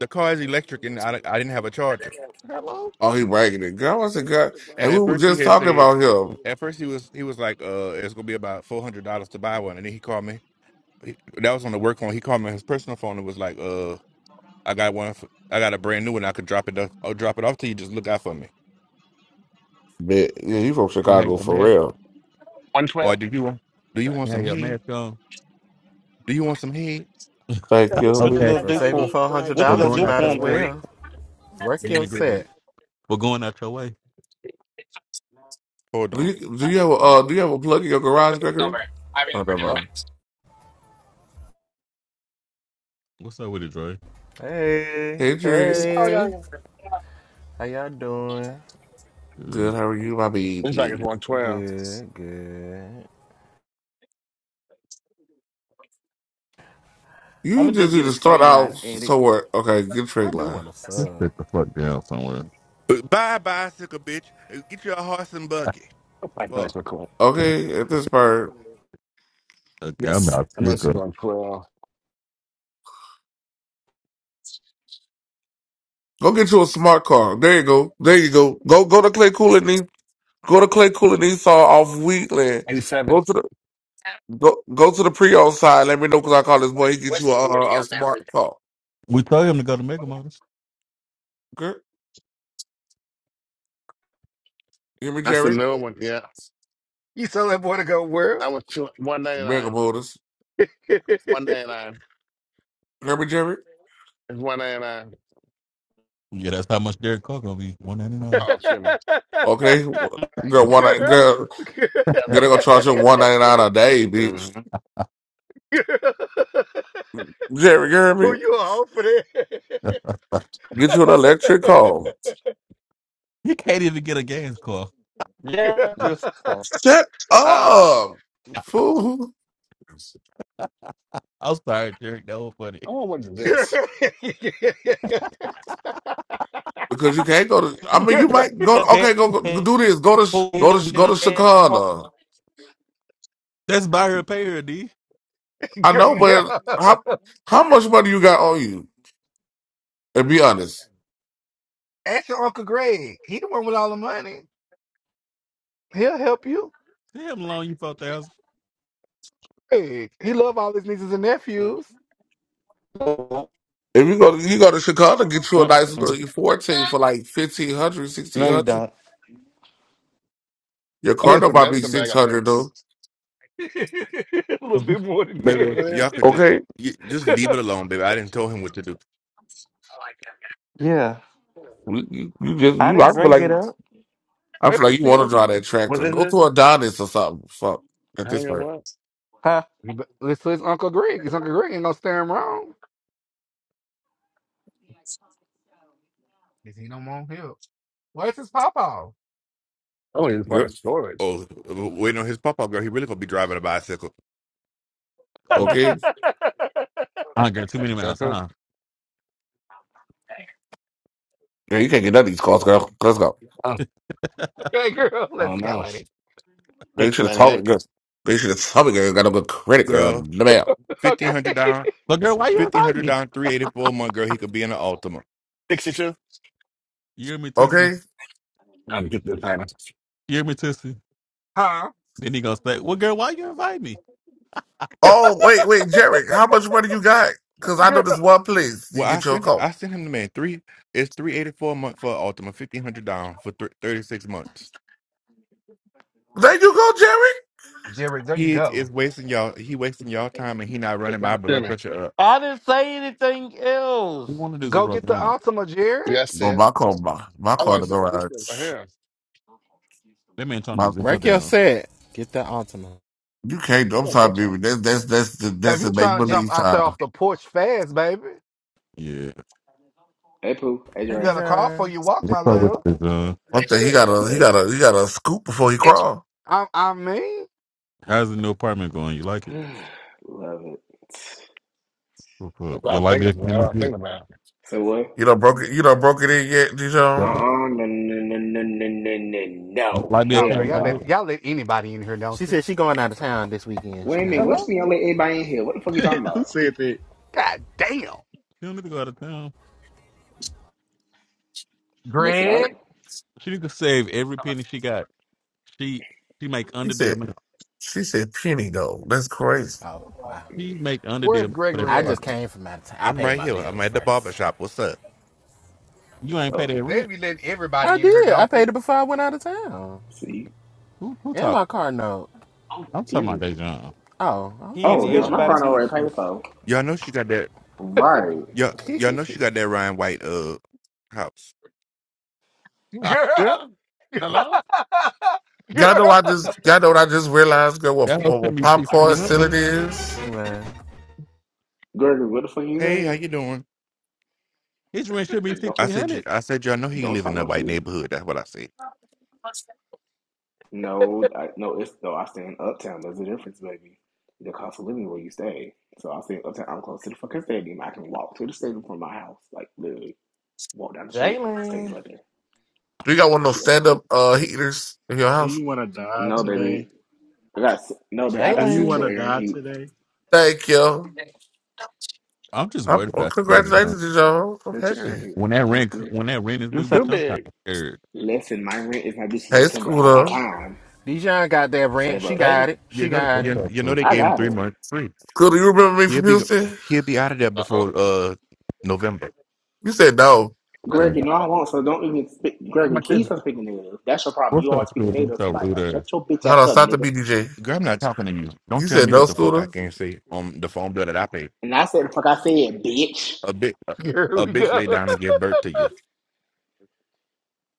Speaker 4: the car is electric and I, I didn't have a charger.
Speaker 10: Hello?
Speaker 14: Oh, he bragging it. Girl, I said, girl,
Speaker 4: And
Speaker 14: and we
Speaker 4: at
Speaker 14: were
Speaker 4: first he
Speaker 14: just
Speaker 4: had
Speaker 14: talking
Speaker 4: said,
Speaker 14: about him.
Speaker 4: at first he was he was like, uh, it's gonna be about four hundred dollars to buy one. And then he called me. He, that was on the work phone. He called me on his personal phone and was like, uh, I got one. For, I got a brand new one. I could drop it. Off, I'll drop it off to you. Just look out for me.
Speaker 14: But yeah, you from
Speaker 10: You have
Speaker 14: Chicago
Speaker 10: your
Speaker 14: for
Speaker 10: mask.
Speaker 14: real.
Speaker 1: one
Speaker 4: Or do you want? Do you
Speaker 1: twelve.
Speaker 4: want
Speaker 10: You have
Speaker 4: some
Speaker 10: your
Speaker 4: heat?
Speaker 10: mask on.
Speaker 4: Do you want some heat?
Speaker 2: So
Speaker 14: Thank
Speaker 2: you
Speaker 14: you.
Speaker 12: What
Speaker 2: about
Speaker 12: you
Speaker 2: to
Speaker 10: Okay.
Speaker 14: baby.
Speaker 12: gonna
Speaker 2: suck
Speaker 7: for
Speaker 12: do
Speaker 2: some
Speaker 7: saving
Speaker 12: for?
Speaker 2: dick
Speaker 7: four
Speaker 2: for a
Speaker 7: hundred
Speaker 12: What
Speaker 10: We're
Speaker 12: you gonna
Speaker 7: dollars. You
Speaker 10: going
Speaker 2: charger?
Speaker 12: do
Speaker 10: out
Speaker 12: for
Speaker 7: might
Speaker 10: your
Speaker 7: as
Speaker 12: him,
Speaker 10: way.
Speaker 12: Greg?
Speaker 7: well. Work your
Speaker 10: Jimmy Gregory.
Speaker 7: set.
Speaker 10: We're going out your way.
Speaker 4: Hold
Speaker 14: Do
Speaker 4: on.
Speaker 14: you, do you have a uh, do you have a plug in your garage, Gregory? Oh, never.
Speaker 7: Oh,
Speaker 14: mind.
Speaker 10: What's up with it, Dre?
Speaker 7: Hey,
Speaker 14: Hey, Dre.
Speaker 7: hey. How y'all doing?
Speaker 10: Uh,
Speaker 14: Good. How are you, my
Speaker 1: This bag is
Speaker 14: baby?
Speaker 1: one twelve.
Speaker 7: Good, good.
Speaker 12: I'm
Speaker 14: You
Speaker 12: gonna
Speaker 14: just
Speaker 12: just
Speaker 14: need
Speaker 12: get a
Speaker 14: to start
Speaker 12: trade
Speaker 14: out
Speaker 12: line at it.
Speaker 14: somewhere. Okay, get
Speaker 7: I
Speaker 14: trade
Speaker 7: do
Speaker 14: line.
Speaker 7: want to
Speaker 10: Just
Speaker 7: sub.
Speaker 10: sit the fuck down somewhere.
Speaker 4: But Bye, bicycle bitch. Uh, Get your horse and buggy. Fuck,
Speaker 14: Okay, at this part.
Speaker 10: Okay, I'm out sick of.
Speaker 14: Go get you a smart car. There you go. There you go. Go go to Clay Cool and Go to Clay Cool and Esau off Wheatland.
Speaker 1: Eighty seven.
Speaker 14: Go to the go go to the pre-owned side. Let me know because I call this boy. He get you a, a, a smart car.
Speaker 10: We told him to go to Mega Motors.
Speaker 14: Okay. Hear me,
Speaker 1: That's the
Speaker 14: Jerry.
Speaker 1: new one. Yeah,
Speaker 5: You tell that boy to go where?
Speaker 1: that
Speaker 5: [LAUGHS]
Speaker 1: was two one ninety
Speaker 14: Mega
Speaker 1: nine.
Speaker 14: Motors.
Speaker 1: One ninety nine.
Speaker 14: Hear me, Jerry.
Speaker 1: It's one ninety nine.
Speaker 10: Yeah, that's how much Derek Carr gonna be. One ninety nine.
Speaker 1: Oh, excuse me.
Speaker 14: Okay. Girl, one night- girl, girl, they gonna charge you one ninety nine a day, bitch.
Speaker 1: Mm-hmm.
Speaker 14: Jerry, you hear me? Get you an electric car.
Speaker 10: He can't even get a gas car.
Speaker 12: Yeah, just for
Speaker 14: Shut
Speaker 1: Uh,
Speaker 14: up, fool.
Speaker 10: I'm sorry, Derek. That was funny.
Speaker 1: oh, what is
Speaker 5: Girl,
Speaker 1: this?
Speaker 5: [LAUGHS]
Speaker 14: Because you can't go to. I mean, you
Speaker 5: girl,
Speaker 14: might go.
Speaker 12: that.
Speaker 14: okay, go, go do this. Go to go to go to Chicago.
Speaker 10: That's buy her, pay her, D.
Speaker 14: I
Speaker 5: girl,
Speaker 14: know,
Speaker 5: yeah.
Speaker 14: but how how much money you got on you? And be honest.
Speaker 5: Ask your Uncle Greg. He the one with all the money. He'll help you.
Speaker 10: See how long you four thousand.
Speaker 5: Greg. He love all his nieces and nephews.
Speaker 14: If you go, you go to Chicago, get you a nice
Speaker 12: Mm-mm.
Speaker 14: little fourteen for like 1500, sixteen
Speaker 12: No, you
Speaker 14: hundred.
Speaker 12: don't.
Speaker 14: Your
Speaker 1: I think
Speaker 14: car
Speaker 1: it's a
Speaker 14: note might be
Speaker 1: medicine bag.
Speaker 14: six
Speaker 1: I think.
Speaker 14: hundred though.
Speaker 5: [LAUGHS] a little bit more than
Speaker 1: I know
Speaker 4: baby.
Speaker 1: what
Speaker 5: that.
Speaker 1: it is.
Speaker 4: Y'all could just
Speaker 14: Okay,
Speaker 4: y- just leave
Speaker 5: [LAUGHS]
Speaker 4: it alone, baby. I didn't tell him what to do.
Speaker 12: Yeah,
Speaker 14: you, you, you just
Speaker 12: I
Speaker 14: you.
Speaker 12: didn't
Speaker 14: I feel
Speaker 12: bring it
Speaker 14: like
Speaker 12: up.
Speaker 14: I
Speaker 5: I
Speaker 14: feel
Speaker 5: ever
Speaker 14: like you
Speaker 5: see
Speaker 14: want to
Speaker 5: Uncle.
Speaker 14: drive that tractor. Go to Adonis or something. Fuck at this point.
Speaker 12: Huh?
Speaker 5: Let's his Uncle Greg. His Uncle Greg ain't gonna stare him wrong. Cause he don't want help. Where's his papa?
Speaker 1: Oh, it's like a
Speaker 14: Good.
Speaker 1: storage.
Speaker 4: Oh, waiting on his pop up, girl. He really gonna be driving a bicycle,
Speaker 5: [LAUGHS]
Speaker 10: Okay.
Speaker 14: Okay.
Speaker 5: okay,
Speaker 10: Uh, girl, too many
Speaker 1: Yeah,
Speaker 10: miles.
Speaker 1: cool.
Speaker 10: Uh.
Speaker 14: Yeah, you can't get none of these cars, girl. Let's go.
Speaker 5: girl, let's
Speaker 1: Oh,
Speaker 5: go
Speaker 1: no.
Speaker 5: at it. [LAUGHS]
Speaker 1: Think
Speaker 14: They
Speaker 1: two
Speaker 14: should have
Speaker 1: ninety
Speaker 14: told me.
Speaker 1: eight.
Speaker 14: Good. They should have told me. Girl, got a good credit, girl.
Speaker 4: girl.
Speaker 14: The mail.
Speaker 4: Fifteen
Speaker 5: Okay.
Speaker 4: hundred down,
Speaker 10: But girl, why you
Speaker 4: fifteen
Speaker 10: invite
Speaker 4: hundred
Speaker 10: me?
Speaker 4: down, three eighty four a month, girl. He could be in an Altima.
Speaker 1: Sixty two.
Speaker 10: You hear me, Tissy?
Speaker 14: Okay.
Speaker 1: I'm gonna get this item. Excuse
Speaker 10: You hear me, Tissy?
Speaker 5: Huh?
Speaker 10: Then he gonna say, "Well, girl, why you invite me?
Speaker 14: Oh, wait, wait, Jerry. How much money you got? Because I know this one place. You
Speaker 4: Well, I
Speaker 14: get your
Speaker 4: sent
Speaker 14: car.
Speaker 4: I sent him the man three. It's three eighty four a month for an Altima, fifteen hundred down for th- thirty six months.
Speaker 14: There you go, Jerry.
Speaker 5: Jared, there you
Speaker 4: He
Speaker 5: go.
Speaker 4: is wasting y'all. He wasting y'all time, and he not running my blood
Speaker 1: me.
Speaker 4: pressure up.
Speaker 12: I didn't say anything else.
Speaker 10: We want to do
Speaker 5: Go
Speaker 10: zero
Speaker 5: get the
Speaker 10: down."
Speaker 5: Altima, Jared.
Speaker 1: Yes,
Speaker 14: No,
Speaker 1: it.
Speaker 14: my car, my, my
Speaker 1: I'm
Speaker 14: car in
Speaker 1: gonna
Speaker 14: the
Speaker 1: say this is
Speaker 14: garage.
Speaker 1: right
Speaker 10: That man trying to
Speaker 14: My,
Speaker 10: do zero
Speaker 7: Work your
Speaker 10: down.
Speaker 7: set. Get that Ultima.
Speaker 14: you can't. I'm
Speaker 1: here.
Speaker 14: sorry, baby. That's that's that's that's
Speaker 5: Baby,
Speaker 14: the
Speaker 5: you
Speaker 14: make
Speaker 5: trying to jump
Speaker 14: believe
Speaker 5: out there
Speaker 14: time.
Speaker 5: off the porch fast, baby.
Speaker 10: Yeah.
Speaker 8: Hey, Pooh. Hey,
Speaker 7: Hey,
Speaker 5: You
Speaker 8: Dre.
Speaker 5: got a call for
Speaker 7: Dijon.
Speaker 5: you walk,
Speaker 10: What's
Speaker 5: my
Speaker 10: up with
Speaker 5: love.
Speaker 10: this? Uh,
Speaker 14: One thing He got
Speaker 8: You
Speaker 14: a he
Speaker 8: know
Speaker 14: got a he got a scoop before he crawl.
Speaker 5: I I mean.
Speaker 10: how's the new apartment going? You like it?
Speaker 8: what? [SIGHS] Love it.
Speaker 10: What's
Speaker 1: That's
Speaker 10: up?
Speaker 1: what I
Speaker 10: Your
Speaker 1: was
Speaker 10: light
Speaker 1: thinking.
Speaker 10: bill
Speaker 1: That's what I
Speaker 10: came up
Speaker 1: was
Speaker 10: yet?
Speaker 1: thinking about.
Speaker 8: So what?
Speaker 14: You know, broke it. You know, broke it in yet, Dijon?
Speaker 10: Yep.
Speaker 8: Uh-uh. No, no, no, no, no, no, no.
Speaker 10: Your
Speaker 8: no.
Speaker 10: light bill
Speaker 5: Oh
Speaker 8: Hell
Speaker 5: girl,
Speaker 10: came
Speaker 5: y'all
Speaker 10: out
Speaker 5: let
Speaker 8: no.
Speaker 10: yet?
Speaker 5: y'all let anybody in here,
Speaker 7: She
Speaker 5: don't you?
Speaker 7: said she going out of town this weekend,
Speaker 8: Wait a minute.
Speaker 7: child.
Speaker 8: What's
Speaker 10: Hello.
Speaker 8: I let everybody in here? What the fuck you
Speaker 13: [LAUGHS]
Speaker 8: talking
Speaker 13: Who
Speaker 8: about?
Speaker 13: said that?
Speaker 5: God damn.
Speaker 10: She don't need to go out of town.
Speaker 8: Listen, all
Speaker 5: Greg?
Speaker 8: right?
Speaker 10: She need to save every penny she got. She she make
Speaker 14: She
Speaker 10: under the
Speaker 14: said.
Speaker 10: amount.
Speaker 14: She said penny though. That's crazy.
Speaker 7: Oh, wow.
Speaker 8: Mm.
Speaker 10: She make under the
Speaker 5: Where's
Speaker 10: amount for that
Speaker 7: I
Speaker 5: Gregory at?
Speaker 7: just
Speaker 10: apartment.
Speaker 7: came from out of town. I
Speaker 4: I'm
Speaker 7: paid
Speaker 4: right
Speaker 7: my
Speaker 4: here. I'm
Speaker 7: bills
Speaker 4: at the barber
Speaker 7: first.
Speaker 4: shop. What's up?
Speaker 10: You ain't pay
Speaker 8: Oh,
Speaker 10: that
Speaker 5: They
Speaker 10: rent.
Speaker 5: be letting everybody
Speaker 7: I
Speaker 5: in here,
Speaker 7: did. I
Speaker 5: don't they?
Speaker 7: paid it before I went out of town.
Speaker 8: see?
Speaker 10: Who who
Speaker 7: And
Speaker 10: talking?
Speaker 7: my car note.
Speaker 8: Oh,
Speaker 10: I'm talking about
Speaker 8: period.
Speaker 10: Dejan.
Speaker 7: Oh, I was
Speaker 12: He
Speaker 7: gonna
Speaker 12: and
Speaker 8: Oh,
Speaker 7: say,
Speaker 8: bitch,
Speaker 7: hold
Speaker 8: my
Speaker 12: everybody
Speaker 7: on.
Speaker 8: phone already paid
Speaker 12: business.
Speaker 8: for.
Speaker 4: Y'all know she got that.
Speaker 8: Right.
Speaker 4: Y'all y'all know she got that Ryan White uh house.
Speaker 1: Girl, hello?
Speaker 14: Y'all know I just y'all know what I just realized girl,
Speaker 10: [LAUGHS]
Speaker 14: what,
Speaker 10: that house
Speaker 14: what,
Speaker 10: should
Speaker 14: what
Speaker 10: be
Speaker 14: popcorn
Speaker 10: sixteen hundred.
Speaker 14: ceiling
Speaker 7: [LAUGHS]
Speaker 14: is?
Speaker 7: Man.
Speaker 8: Gregory, what the fuck you
Speaker 4: Hey, how
Speaker 8: saying?
Speaker 4: you doing?
Speaker 10: His rent should be
Speaker 8: Don't
Speaker 4: I
Speaker 10: sixteen
Speaker 4: said y-
Speaker 10: hundred.
Speaker 4: I said y'all know he
Speaker 8: don't
Speaker 4: live
Speaker 8: talk
Speaker 4: in a
Speaker 8: no
Speaker 4: white
Speaker 8: shit.
Speaker 4: neighborhood. That's what I said.
Speaker 8: No, I, no, it's though I stay in Uptown. There's a difference, baby. The cost of living where you stay. So I stay in Uptown. I'm close to the fucking stadium. I can walk to the stadium from my house. Like literally, walk down the street. Stadium's
Speaker 12: Jalen,
Speaker 8: right there.
Speaker 14: Do you got one of those
Speaker 8: Yeah.
Speaker 14: stand up uh heaters in your
Speaker 13: Do
Speaker 14: house?
Speaker 13: you want to die
Speaker 8: No, baby.
Speaker 13: today?
Speaker 8: I got no, baby. I
Speaker 13: Do
Speaker 8: got
Speaker 13: you
Speaker 12: Jalen,
Speaker 13: want
Speaker 8: Central
Speaker 13: to
Speaker 8: Air and
Speaker 13: die
Speaker 8: Heat.
Speaker 13: today?
Speaker 14: Thank you.
Speaker 10: I'm just
Speaker 14: I'm,
Speaker 10: worried
Speaker 14: well,
Speaker 10: about you, Dejan.
Speaker 14: congratulations, y'all. I'm
Speaker 8: Central Air and
Speaker 14: happy.
Speaker 8: Heat.
Speaker 10: When
Speaker 8: The
Speaker 10: that rent
Speaker 8: iron-
Speaker 10: when that rent is
Speaker 12: you
Speaker 10: due,
Speaker 12: say
Speaker 10: bitch, I'm kind of scared.
Speaker 8: Listen, my rent is not due to
Speaker 14: Hey
Speaker 8: September. I got
Speaker 14: Scooter.
Speaker 8: time.
Speaker 7: Dijon got that rent.
Speaker 8: Save
Speaker 7: She
Speaker 8: up.
Speaker 12: Jalen?
Speaker 7: got it.
Speaker 4: You
Speaker 7: She
Speaker 4: know, th-
Speaker 7: got
Speaker 10: What's
Speaker 7: it.
Speaker 4: you,
Speaker 10: up,
Speaker 4: you know,
Speaker 10: dude?
Speaker 4: they
Speaker 8: I
Speaker 4: gave him
Speaker 8: got
Speaker 4: three
Speaker 8: it.
Speaker 4: months free.
Speaker 14: Scooter, you remember me
Speaker 4: He'll
Speaker 14: from
Speaker 4: be
Speaker 14: Houston?
Speaker 4: he'll be out of there
Speaker 15: Oh,
Speaker 4: before uh November.
Speaker 14: You said no.
Speaker 8: Greg, you know I won't, so don't even speak.
Speaker 1: How
Speaker 8: Gregory,
Speaker 1: my
Speaker 8: please
Speaker 1: kids?
Speaker 8: stop speaking negative. That's your problem. You
Speaker 10: What's up,
Speaker 8: always speaking
Speaker 10: Scooter?
Speaker 8: negative
Speaker 10: What's
Speaker 8: to
Speaker 10: up,
Speaker 8: somebody.
Speaker 10: rude
Speaker 8: Like,
Speaker 10: ass?
Speaker 8: shut your bitch
Speaker 14: Hold
Speaker 8: ass
Speaker 14: on,
Speaker 8: up,
Speaker 14: stop the
Speaker 8: nigga.
Speaker 14: BDJ.
Speaker 4: Girl, I'm not talking to you. Don't
Speaker 14: You
Speaker 4: tell
Speaker 14: said
Speaker 4: me what
Speaker 14: no,
Speaker 4: the fuck I
Speaker 14: Scooter?
Speaker 4: can't say on the phone bill that I pay.
Speaker 8: And I said the fuck I said, bitch.
Speaker 4: A bit a,
Speaker 5: [LAUGHS] Here
Speaker 4: a
Speaker 5: we
Speaker 4: bitch lay
Speaker 5: go.
Speaker 4: down and give birth to you.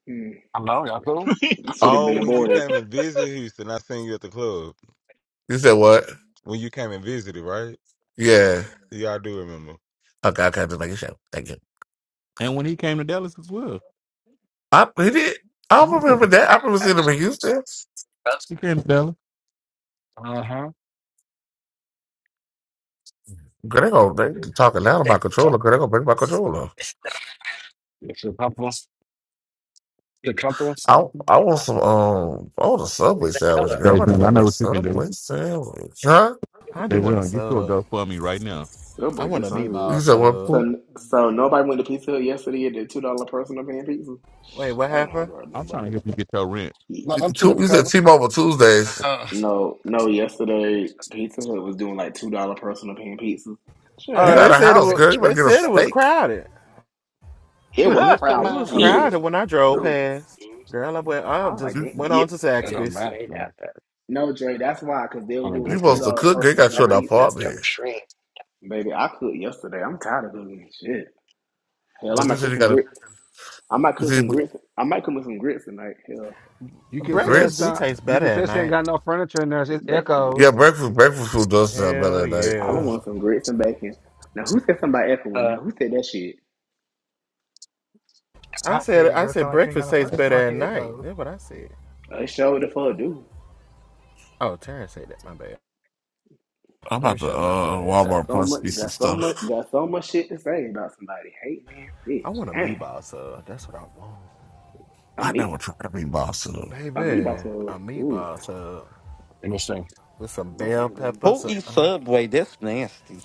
Speaker 8: Hmm.
Speaker 1: Hello, y'all cool?
Speaker 13: [LAUGHS]
Speaker 8: You should have
Speaker 15: oh,
Speaker 8: been
Speaker 15: when you
Speaker 8: aborted.
Speaker 15: came and visited Houston, I seen you at the club.
Speaker 14: You said what?
Speaker 15: When you came and visited, right?
Speaker 14: Yeah.
Speaker 15: Yeah, I do remember.
Speaker 14: Okay, okay, I just make a show. Thank you.
Speaker 10: And when he came to Dallas as well.
Speaker 14: I he did. I don't
Speaker 10: Yeah,
Speaker 14: remember that. I remember seeing him in Houston.
Speaker 10: he came to Dallas.
Speaker 1: Uh huh.
Speaker 14: Girl, they gonna they talking loud about controller. Girl, they gonna bring my controller.
Speaker 1: What's The co-
Speaker 14: I I want some um I want a Subway sandwich. girl. I'm about to
Speaker 10: Dejan,
Speaker 14: get
Speaker 10: I
Speaker 14: me
Speaker 10: know
Speaker 14: a
Speaker 10: what you can do.
Speaker 14: Subway sandwich. Huh?
Speaker 7: I do want to
Speaker 10: Dejan, get you a
Speaker 7: sub.
Speaker 10: GoFundMe right now.
Speaker 8: Oh
Speaker 7: I
Speaker 8: boy, do
Speaker 7: want a
Speaker 8: something good.
Speaker 14: You
Speaker 7: meatball
Speaker 14: said what?
Speaker 7: sub.
Speaker 14: Pooh?
Speaker 8: So, so nobody went to Pizza Hut yesterday at the two dollar personal pan pizza.
Speaker 7: Wait, what
Speaker 8: I don't know how it's
Speaker 7: happened?
Speaker 8: worth
Speaker 10: I'm
Speaker 8: doing, but
Speaker 10: trying to help you
Speaker 8: if-
Speaker 10: get your rent.
Speaker 1: no, them two
Speaker 14: Two,
Speaker 1: different
Speaker 14: you said
Speaker 1: colors.
Speaker 14: T-Mobile Tuesdays.
Speaker 1: Uh,
Speaker 8: no, no. Yesterday, Pizza Hut was doing like two dollar personal pan pizzas.
Speaker 14: You
Speaker 7: Oh,
Speaker 14: got
Speaker 7: they
Speaker 8: Yeah,
Speaker 14: a
Speaker 7: said it
Speaker 14: house,
Speaker 7: was.
Speaker 14: girl. You better
Speaker 7: They
Speaker 14: get a
Speaker 7: said it was
Speaker 14: steak.
Speaker 7: crowded.
Speaker 8: it
Speaker 1: did
Speaker 8: was
Speaker 1: it cut
Speaker 7: It
Speaker 8: crowded,
Speaker 1: mine?
Speaker 7: was
Speaker 1: Oh no,
Speaker 7: crowded when I drove
Speaker 8: dudes.
Speaker 7: past. Girl, I went. I
Speaker 8: I was like,
Speaker 7: just
Speaker 14: You
Speaker 8: damn.
Speaker 7: went
Speaker 8: Yeah.
Speaker 7: on to
Speaker 1: it don't
Speaker 7: Zaxby's.
Speaker 1: matter.
Speaker 8: No, Dre, that's why, because they were
Speaker 1: Only
Speaker 8: doing
Speaker 14: you
Speaker 8: the
Speaker 1: this
Speaker 8: two
Speaker 14: supposed to
Speaker 1: thing.
Speaker 8: dollar
Speaker 14: cook. Girl, you
Speaker 8: personal
Speaker 14: got you
Speaker 8: pan
Speaker 14: an
Speaker 8: pizza.
Speaker 14: apartment,
Speaker 8: Baby, I cooked yesterday. I'm tired of cooking shit. Hell, I
Speaker 14: but you
Speaker 8: might
Speaker 14: said
Speaker 8: cook
Speaker 14: you
Speaker 8: some
Speaker 14: got a
Speaker 8: grits. I might
Speaker 14: you
Speaker 8: cook
Speaker 14: said
Speaker 8: some
Speaker 14: you-
Speaker 8: grits. I might cook with some grits tonight. Hell,
Speaker 5: [LAUGHS] you
Speaker 8: I
Speaker 5: can
Speaker 8: feel like
Speaker 5: tell
Speaker 7: Breakfast
Speaker 5: it's
Speaker 7: do
Speaker 14: grits.
Speaker 5: not.
Speaker 7: taste
Speaker 5: You
Speaker 7: better
Speaker 5: can
Speaker 7: at
Speaker 5: tell she ain't
Speaker 7: night.
Speaker 5: got no furniture in there. It's
Speaker 8: breakfast.
Speaker 5: echoes.
Speaker 14: Yeah, breakfast breakfast food does sound better
Speaker 7: Hell
Speaker 14: at night.
Speaker 8: I don't
Speaker 14: Ooh,
Speaker 7: yeah.
Speaker 8: want some grits and bacon. Now, who said something about echoing? Now, who said that shit?
Speaker 7: I
Speaker 5: I see
Speaker 7: said.
Speaker 5: it,
Speaker 7: I
Speaker 5: girl.
Speaker 7: said
Speaker 5: Sound like you ain't got
Speaker 7: breakfast
Speaker 5: no
Speaker 7: tastes
Speaker 5: furniture. Sound
Speaker 7: better
Speaker 5: like
Speaker 7: at
Speaker 5: it
Speaker 7: night.
Speaker 5: echoes.
Speaker 7: That's what I said.
Speaker 8: I showed the fuck dude.
Speaker 7: Oh, Terrence said that. My bad.
Speaker 14: I'm
Speaker 7: Let me
Speaker 14: about to
Speaker 7: shut my
Speaker 14: uh
Speaker 7: fat ass
Speaker 8: Got
Speaker 14: Walmart
Speaker 7: up.
Speaker 8: so much.
Speaker 14: plus me some
Speaker 8: Got so much.
Speaker 14: stuff.
Speaker 8: Got so much shit to say about somebody hating ass
Speaker 7: I
Speaker 8: bitch.
Speaker 7: want a
Speaker 8: Damn,
Speaker 7: meatball sub. That's what I want,
Speaker 8: a
Speaker 14: I
Speaker 8: meat.
Speaker 14: never try to be boss of them.
Speaker 8: A
Speaker 7: baby.
Speaker 8: meatball so
Speaker 7: A
Speaker 8: Ooh,
Speaker 7: meatball sub
Speaker 1: Interesting.
Speaker 7: with some
Speaker 8: that
Speaker 7: bell
Speaker 8: sounds good.
Speaker 12: Who
Speaker 7: peppers.
Speaker 12: eats Subway? That's nasty.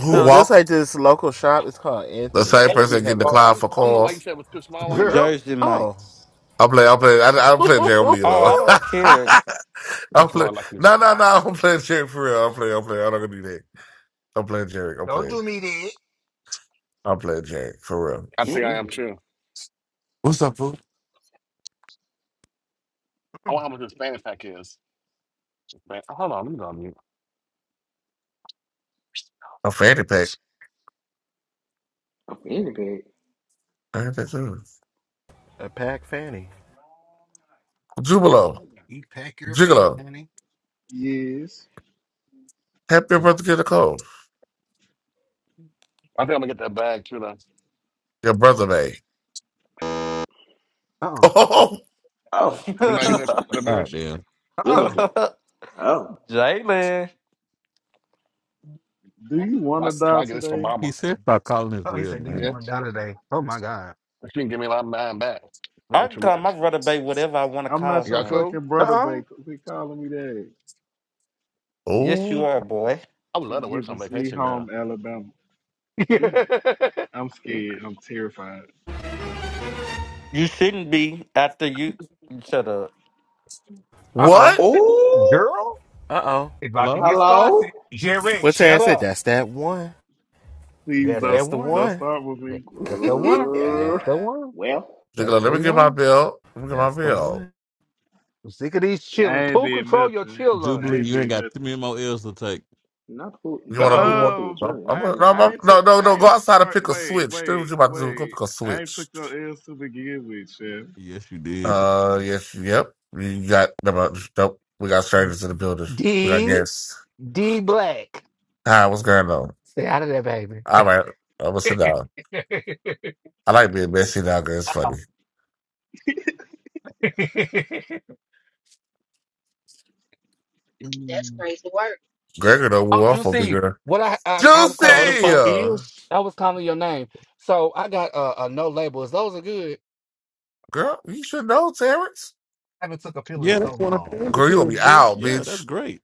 Speaker 14: Who
Speaker 8: Ooh,
Speaker 7: No, there's like
Speaker 14: walked
Speaker 7: this local shop. It's called
Speaker 14: the same
Speaker 7: Anthony's. They be
Speaker 14: person getting
Speaker 1: Well,
Speaker 7: having
Speaker 1: I'm,
Speaker 14: declined
Speaker 1: I
Speaker 14: for
Speaker 1: don't know why you
Speaker 14: calls?
Speaker 1: said it was too small a while
Speaker 8: ooh.
Speaker 5: Girl,
Speaker 1: ago.
Speaker 12: Jersey
Speaker 7: oh
Speaker 12: Mike's.
Speaker 14: I play. I play. I, I play Jeremy Lee
Speaker 12: Oh,
Speaker 14: alone.
Speaker 12: I don't
Speaker 7: [LAUGHS]
Speaker 12: care.
Speaker 14: [LAUGHS] I'm
Speaker 1: Thank you,
Speaker 14: playing.
Speaker 1: Lord, like this.
Speaker 14: No, no, no. I'm playing Jerry for real. I'm playing. I'm playing. I'm not gonna do that. I'm playing Jerry. I'm
Speaker 5: don't
Speaker 14: playing.
Speaker 5: do me that.
Speaker 14: I'm playing Jerry for real.
Speaker 1: I think I am
Speaker 8: Mm-mm.
Speaker 1: too.
Speaker 4: What's up, fool?
Speaker 1: I wonder how much this fanny pack is. Man, hold on, let me go on mute.
Speaker 14: A fanny pack.
Speaker 8: I'm feeling good.
Speaker 14: I had that too.
Speaker 7: a pack fanny.
Speaker 14: Jubilo. Gigolo.
Speaker 13: yes.
Speaker 14: Help your brother get a cold.
Speaker 1: I think I'm gonna get that bag too. Though.
Speaker 14: Your brother may. [LAUGHS]
Speaker 5: Uh uh-uh.
Speaker 14: Oh.
Speaker 8: Oh.
Speaker 1: You not getting
Speaker 12: [LAUGHS]
Speaker 1: the the
Speaker 10: God
Speaker 1: bears?
Speaker 10: damn.
Speaker 8: It
Speaker 5: uh.
Speaker 8: was a
Speaker 12: [LAUGHS]
Speaker 8: oh.
Speaker 12: Jalen.
Speaker 13: Do you want
Speaker 1: Right,
Speaker 13: to
Speaker 1: so
Speaker 13: die
Speaker 1: I get this for
Speaker 13: today?
Speaker 1: Mama.
Speaker 10: He said stop calling his
Speaker 5: Oh, he
Speaker 10: real
Speaker 5: said, "Do you
Speaker 1: Yeah,
Speaker 10: name.
Speaker 5: want to die today?" Oh my god.
Speaker 1: she can give me a lot of mine back.
Speaker 12: I
Speaker 1: Not
Speaker 12: can
Speaker 1: too
Speaker 12: call my
Speaker 1: much.
Speaker 12: brother Bay whatever I want to
Speaker 13: I'm
Speaker 12: call
Speaker 13: not your
Speaker 1: Y'all
Speaker 12: him.
Speaker 1: cool?
Speaker 13: fucking
Speaker 5: Uh
Speaker 13: brother,
Speaker 5: oh.
Speaker 13: but quit calling me that.
Speaker 12: Yes, you
Speaker 14: Oh.
Speaker 12: are, boy.
Speaker 1: I would love
Speaker 13: It's
Speaker 1: to work on
Speaker 13: giving sweet
Speaker 1: vacation now.
Speaker 13: home Alabama.
Speaker 5: [LAUGHS]
Speaker 8: Mm.
Speaker 13: I'm
Speaker 8: Mm.
Speaker 13: scared. I'm terrified.
Speaker 12: You shouldn't be after you. Shut up.
Speaker 7: Uh oh.
Speaker 14: What?
Speaker 8: Oh,
Speaker 5: girl,
Speaker 7: Uh oh.
Speaker 5: it's about to
Speaker 10: Hello?
Speaker 5: get
Speaker 8: Hello?
Speaker 5: spicy. Jerry,
Speaker 7: What's
Speaker 5: shut
Speaker 7: Terrence said?
Speaker 5: up.
Speaker 7: That's that one.
Speaker 13: Please,
Speaker 5: That's
Speaker 13: don't,
Speaker 7: That's
Speaker 5: that
Speaker 7: the
Speaker 5: one.
Speaker 13: don't
Speaker 7: one.
Speaker 13: start with
Speaker 5: That-
Speaker 13: me.
Speaker 7: [LAUGHS]
Speaker 5: That's the one. That's
Speaker 8: Grrr.
Speaker 5: the one.
Speaker 8: Well,
Speaker 5: That's
Speaker 14: Gigolo, let
Speaker 5: the
Speaker 14: me get my
Speaker 5: one.
Speaker 14: bill. Let me get my
Speaker 7: That's the
Speaker 14: bill.
Speaker 7: one.
Speaker 5: I'm sick of these
Speaker 13: I
Speaker 5: chilling.
Speaker 13: ain't
Speaker 5: Pooh,
Speaker 13: did
Speaker 5: control your
Speaker 13: nothing.
Speaker 5: chill
Speaker 13: I
Speaker 5: on.
Speaker 10: Jubilee,
Speaker 13: ain't
Speaker 10: you ain't
Speaker 13: did
Speaker 10: got
Speaker 13: nothing.
Speaker 10: too many more L's to take.
Speaker 8: not who
Speaker 14: You
Speaker 8: not
Speaker 14: want to?
Speaker 5: Uh-oh.
Speaker 14: You
Speaker 8: who could
Speaker 14: want?
Speaker 8: for your
Speaker 13: Um,
Speaker 14: I'm,
Speaker 8: jury, I'm
Speaker 14: I'm,
Speaker 13: I
Speaker 14: no,
Speaker 8: sorry.
Speaker 14: I'm,
Speaker 13: I
Speaker 14: I'm,
Speaker 13: ain't
Speaker 14: no,
Speaker 13: took
Speaker 14: no, no.
Speaker 13: I
Speaker 14: Go
Speaker 13: ain't,
Speaker 14: outside and
Speaker 13: fir-
Speaker 14: pick a
Speaker 13: wait
Speaker 14: switch. That's what
Speaker 13: wait
Speaker 14: you about to do. Go
Speaker 13: wait
Speaker 14: pick a
Speaker 13: I ain't
Speaker 14: switch.
Speaker 13: took no L's to begin with. Chef.
Speaker 10: Yes, you did.
Speaker 14: Uh, yes, yep. You got. no, no, Nope. We got strangers in the building. We got
Speaker 5: D
Speaker 14: guests.
Speaker 5: D Black.
Speaker 14: Hi, what's going on?
Speaker 5: Stay out of there, baby.
Speaker 14: All right, I'm gonna sit down.
Speaker 5: [LAUGHS]
Speaker 14: I like being messy now because it's funny.
Speaker 2: That's
Speaker 5: Mm.
Speaker 2: crazy work.
Speaker 14: Gregor done
Speaker 5: oh,
Speaker 14: wore off on me,
Speaker 5: Juicy.
Speaker 14: girl.
Speaker 5: What I, I I was calling
Speaker 12: So the
Speaker 5: your
Speaker 14: Juicy!
Speaker 5: I
Speaker 12: fuck
Speaker 5: was,
Speaker 12: is?
Speaker 5: I was calling your name. So I got uh, a no labels. Those are good.
Speaker 14: Girl, you should know, Terrence.
Speaker 5: I haven't took a pill in
Speaker 10: Yeah,
Speaker 5: so
Speaker 10: that's one of the
Speaker 5: long.
Speaker 14: Girl, you gonna
Speaker 10: pills,
Speaker 14: be
Speaker 10: bitch.
Speaker 14: out,
Speaker 10: Yeah, that's
Speaker 14: bitch.
Speaker 10: great.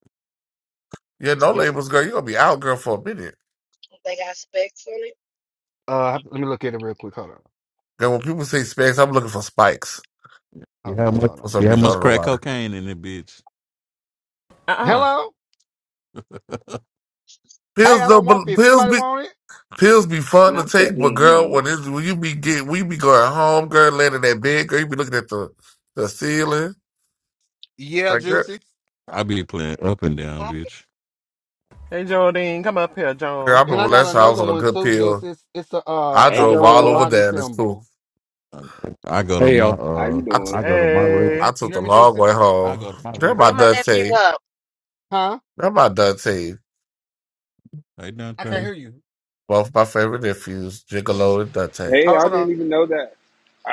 Speaker 14: You ain't no
Speaker 5: Yep.
Speaker 14: labels, girl. You gonna be out, girl, for a minute.
Speaker 2: They got specs on it.
Speaker 5: Uh, let me look at it real quick. Hold on.
Speaker 14: Girl, when people say specs, I'm looking for spikes
Speaker 10: You
Speaker 5: Hold
Speaker 10: have
Speaker 5: on.
Speaker 10: much
Speaker 5: Hold
Speaker 14: for
Speaker 5: on. Let
Speaker 14: some
Speaker 10: you
Speaker 5: me
Speaker 10: have
Speaker 5: look.
Speaker 14: reason. I
Speaker 10: much
Speaker 14: don't know
Speaker 10: crack
Speaker 14: why.
Speaker 10: cocaine in it, bitch.
Speaker 7: Uh uh
Speaker 5: Hello. Hey,
Speaker 14: Pills
Speaker 5: I don't
Speaker 14: don't,
Speaker 5: want
Speaker 14: be-
Speaker 5: this.
Speaker 14: pills
Speaker 5: Anybody
Speaker 14: be,
Speaker 5: want it?
Speaker 14: pills be fun to
Speaker 8: Not that
Speaker 14: take, but
Speaker 8: damn
Speaker 14: girl,
Speaker 8: minute.
Speaker 14: when it's, when you be get, we be going home, girl, laying in that bed, girl, you be looking at the, the ceiling.
Speaker 5: Yeah,
Speaker 14: Like, girl,
Speaker 5: Juicy.
Speaker 10: I be playing up and down,
Speaker 2: I
Speaker 10: bitch.
Speaker 7: Hey Jodine, come up here,
Speaker 14: girl, I
Speaker 7: Joan.
Speaker 5: And
Speaker 14: remember
Speaker 5: I got
Speaker 14: last time I was
Speaker 5: another
Speaker 14: on a
Speaker 5: one
Speaker 14: good
Speaker 5: too,
Speaker 14: pill.
Speaker 5: Juicy. It's, it's a uh,
Speaker 14: I
Speaker 5: a
Speaker 8: Hey
Speaker 14: drove all over
Speaker 8: Joel,
Speaker 5: Maserati
Speaker 14: there. and It's cool.
Speaker 5: symbol.
Speaker 10: I go to
Speaker 16: Hey
Speaker 10: my
Speaker 16: y'all.
Speaker 8: how you
Speaker 10: uh
Speaker 5: You
Speaker 14: I t-
Speaker 2: can
Speaker 10: I
Speaker 8: doing?
Speaker 10: go to my record.
Speaker 14: I
Speaker 7: Hey.
Speaker 5: you
Speaker 14: took
Speaker 5: hear
Speaker 14: the
Speaker 5: me,
Speaker 14: long
Speaker 5: Juicy?
Speaker 14: way
Speaker 10: I
Speaker 14: home.
Speaker 10: go to my
Speaker 14: They're my
Speaker 10: record.
Speaker 2: Bring my nephew
Speaker 14: Dante.
Speaker 2: up.
Speaker 5: Huh?
Speaker 14: They're my Dante.
Speaker 10: Hey,
Speaker 5: I can't
Speaker 10: Dante.
Speaker 5: hear you.
Speaker 14: Both my favorite nephews, Gigolo and Dante.
Speaker 17: Hey,
Speaker 5: Hold
Speaker 17: I
Speaker 5: on.
Speaker 17: didn't even know that.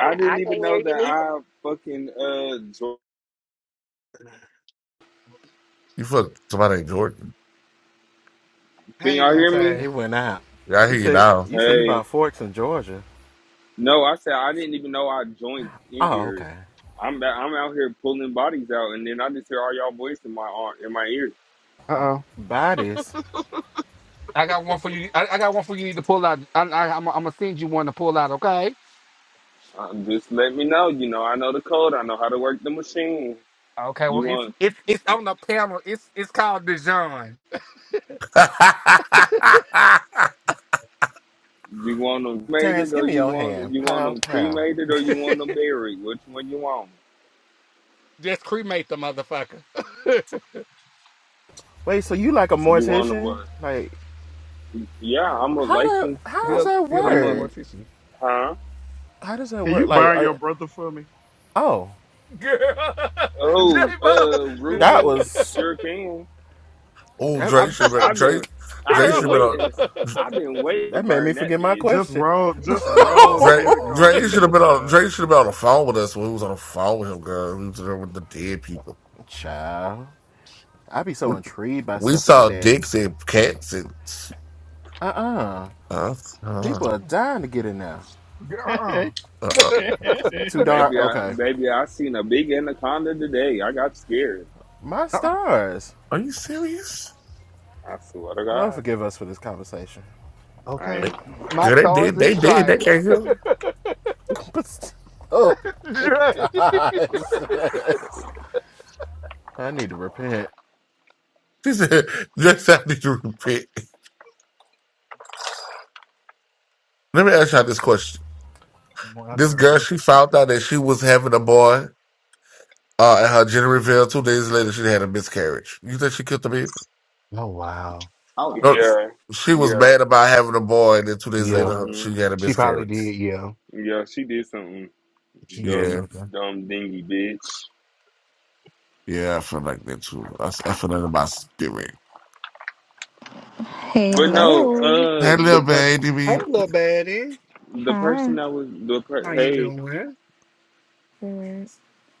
Speaker 2: Mm, I
Speaker 17: didn't even
Speaker 2: can't hear
Speaker 17: know
Speaker 2: you
Speaker 17: that
Speaker 2: neither.
Speaker 17: I fucking uh jo-
Speaker 14: You fuck somebody named Jordan.
Speaker 17: can
Speaker 5: Hey,
Speaker 17: y'all hear me?
Speaker 5: Dante.
Speaker 7: He went out.
Speaker 14: Yeah, I
Speaker 7: You
Speaker 14: hear you
Speaker 7: say
Speaker 14: now.
Speaker 7: you say you
Speaker 17: Hey.
Speaker 7: bought forks in Georgia.
Speaker 17: No, I said I didn't even know I joined
Speaker 7: Oh,
Speaker 17: here.
Speaker 7: okay.
Speaker 17: I'm ba- I'm out here pulling bodies out and then I just hear all y'all voice in my ar- in my ear.
Speaker 5: Uh oh.
Speaker 7: Buy this.
Speaker 5: I got one for you. I, I got one for you. Need to pull out. I, I, I'm, I'm gonna send you one to pull out. Okay.
Speaker 17: Um, just let me know, you know, I know the code, I know how to work the machine.
Speaker 5: Okay. Well,
Speaker 17: You
Speaker 5: it's
Speaker 17: want
Speaker 5: it's it's on the panel. It's it's called Dijon.
Speaker 17: you want them
Speaker 7: Terrence,
Speaker 17: cremated
Speaker 7: give
Speaker 17: or
Speaker 7: me
Speaker 17: you
Speaker 7: your
Speaker 17: want
Speaker 7: hand.
Speaker 17: you want
Speaker 7: Pow
Speaker 17: them
Speaker 7: pow.
Speaker 17: cremated or
Speaker 5: [LAUGHS]
Speaker 17: you want them buried? Which one you want?
Speaker 5: Just cremate the motherfucker.
Speaker 7: Wait, so you like a
Speaker 17: You want them uh,
Speaker 7: mortician? Like
Speaker 17: yeah, I'm a
Speaker 7: How do
Speaker 17: licensed
Speaker 5: [LAUGHS]
Speaker 7: how does
Speaker 17: I'm
Speaker 5: he'll
Speaker 7: that
Speaker 5: he'll
Speaker 17: I'm
Speaker 5: license
Speaker 17: a
Speaker 5: more
Speaker 7: work?
Speaker 5: tissue.
Speaker 17: huh?
Speaker 7: How does that
Speaker 13: Can
Speaker 7: work?
Speaker 13: you
Speaker 7: Like,
Speaker 13: burn your
Speaker 7: are,
Speaker 13: brother for me?
Speaker 7: oh,
Speaker 5: Girl, [LAUGHS]
Speaker 17: Oh, uh,
Speaker 7: that
Speaker 17: Rumi
Speaker 7: was
Speaker 17: sure can.
Speaker 14: [LAUGHS] oh,
Speaker 7: that,
Speaker 14: Dre
Speaker 17: I've
Speaker 14: should have been
Speaker 17: I've
Speaker 14: Dre.
Speaker 17: been I've
Speaker 14: Dre should
Speaker 17: been
Speaker 14: have been on.
Speaker 17: waiting. I've been waiting to
Speaker 7: that made me
Speaker 17: burn that
Speaker 7: forget my
Speaker 17: bitch.
Speaker 13: Just
Speaker 7: question.
Speaker 13: roll, just roll
Speaker 14: Dre,
Speaker 13: Jericho
Speaker 14: Dre
Speaker 13: through
Speaker 14: should have
Speaker 13: there,
Speaker 14: been on.
Speaker 13: child.
Speaker 14: Dre should have been on the phone with us when we was on the phone with him, girl. We was there with the dead people.
Speaker 7: Child, I be so
Speaker 14: We,
Speaker 7: intrigued by
Speaker 14: we
Speaker 7: stuff like
Speaker 14: saw
Speaker 7: that.
Speaker 14: dicks and cats and.
Speaker 7: Uh uh
Speaker 14: Uh, uh,
Speaker 7: people are dying to get in now.
Speaker 13: [LAUGHS]
Speaker 14: uh, uh,
Speaker 7: Too dark.
Speaker 17: Baby, I
Speaker 7: Okay,
Speaker 17: baby, I seen a big anaconda today. I got scared.
Speaker 7: my stars.
Speaker 14: are you serious?
Speaker 17: I swear to
Speaker 7: Lord
Speaker 17: God.
Speaker 7: forgive us for this conversation.
Speaker 17: I
Speaker 14: They,
Speaker 17: ain't-
Speaker 5: my
Speaker 14: yeah, they
Speaker 5: stars
Speaker 14: did.
Speaker 5: and
Speaker 14: They did. They
Speaker 5: stripes.
Speaker 14: can't heal.
Speaker 7: [LAUGHS] but still, oh [LAUGHS] my gosh, I need to repent.
Speaker 14: She said, [LAUGHS] just after you repent. Let me ask y'all this question. This girl, she found out that she was having a boy uh, at her gender reveal. Two days later, she had a miscarriage. You think she killed the baby?
Speaker 5: Oh wow.
Speaker 8: Oh
Speaker 14: No,
Speaker 8: damn.
Speaker 17: yeah
Speaker 14: she was
Speaker 17: yeah
Speaker 14: mad about having a boy, and then two days
Speaker 5: Yeah,
Speaker 14: later,
Speaker 17: mhm
Speaker 14: she had a
Speaker 5: she probably
Speaker 14: miscarriage.
Speaker 5: did. Yeah,
Speaker 17: yeah. She did something
Speaker 5: she did
Speaker 14: Yeah,
Speaker 17: dumb
Speaker 5: something.
Speaker 17: dumb dingy bitch.
Speaker 14: yeah, I feel like that too. I, s- I feel that in my spirit.
Speaker 17: But no,
Speaker 18: Hello.
Speaker 14: Hey,
Speaker 17: uh, the
Speaker 14: little
Speaker 17: per
Speaker 14: baby.
Speaker 17: the person
Speaker 18: Hi.
Speaker 17: that was the per- hey
Speaker 18: Sarah.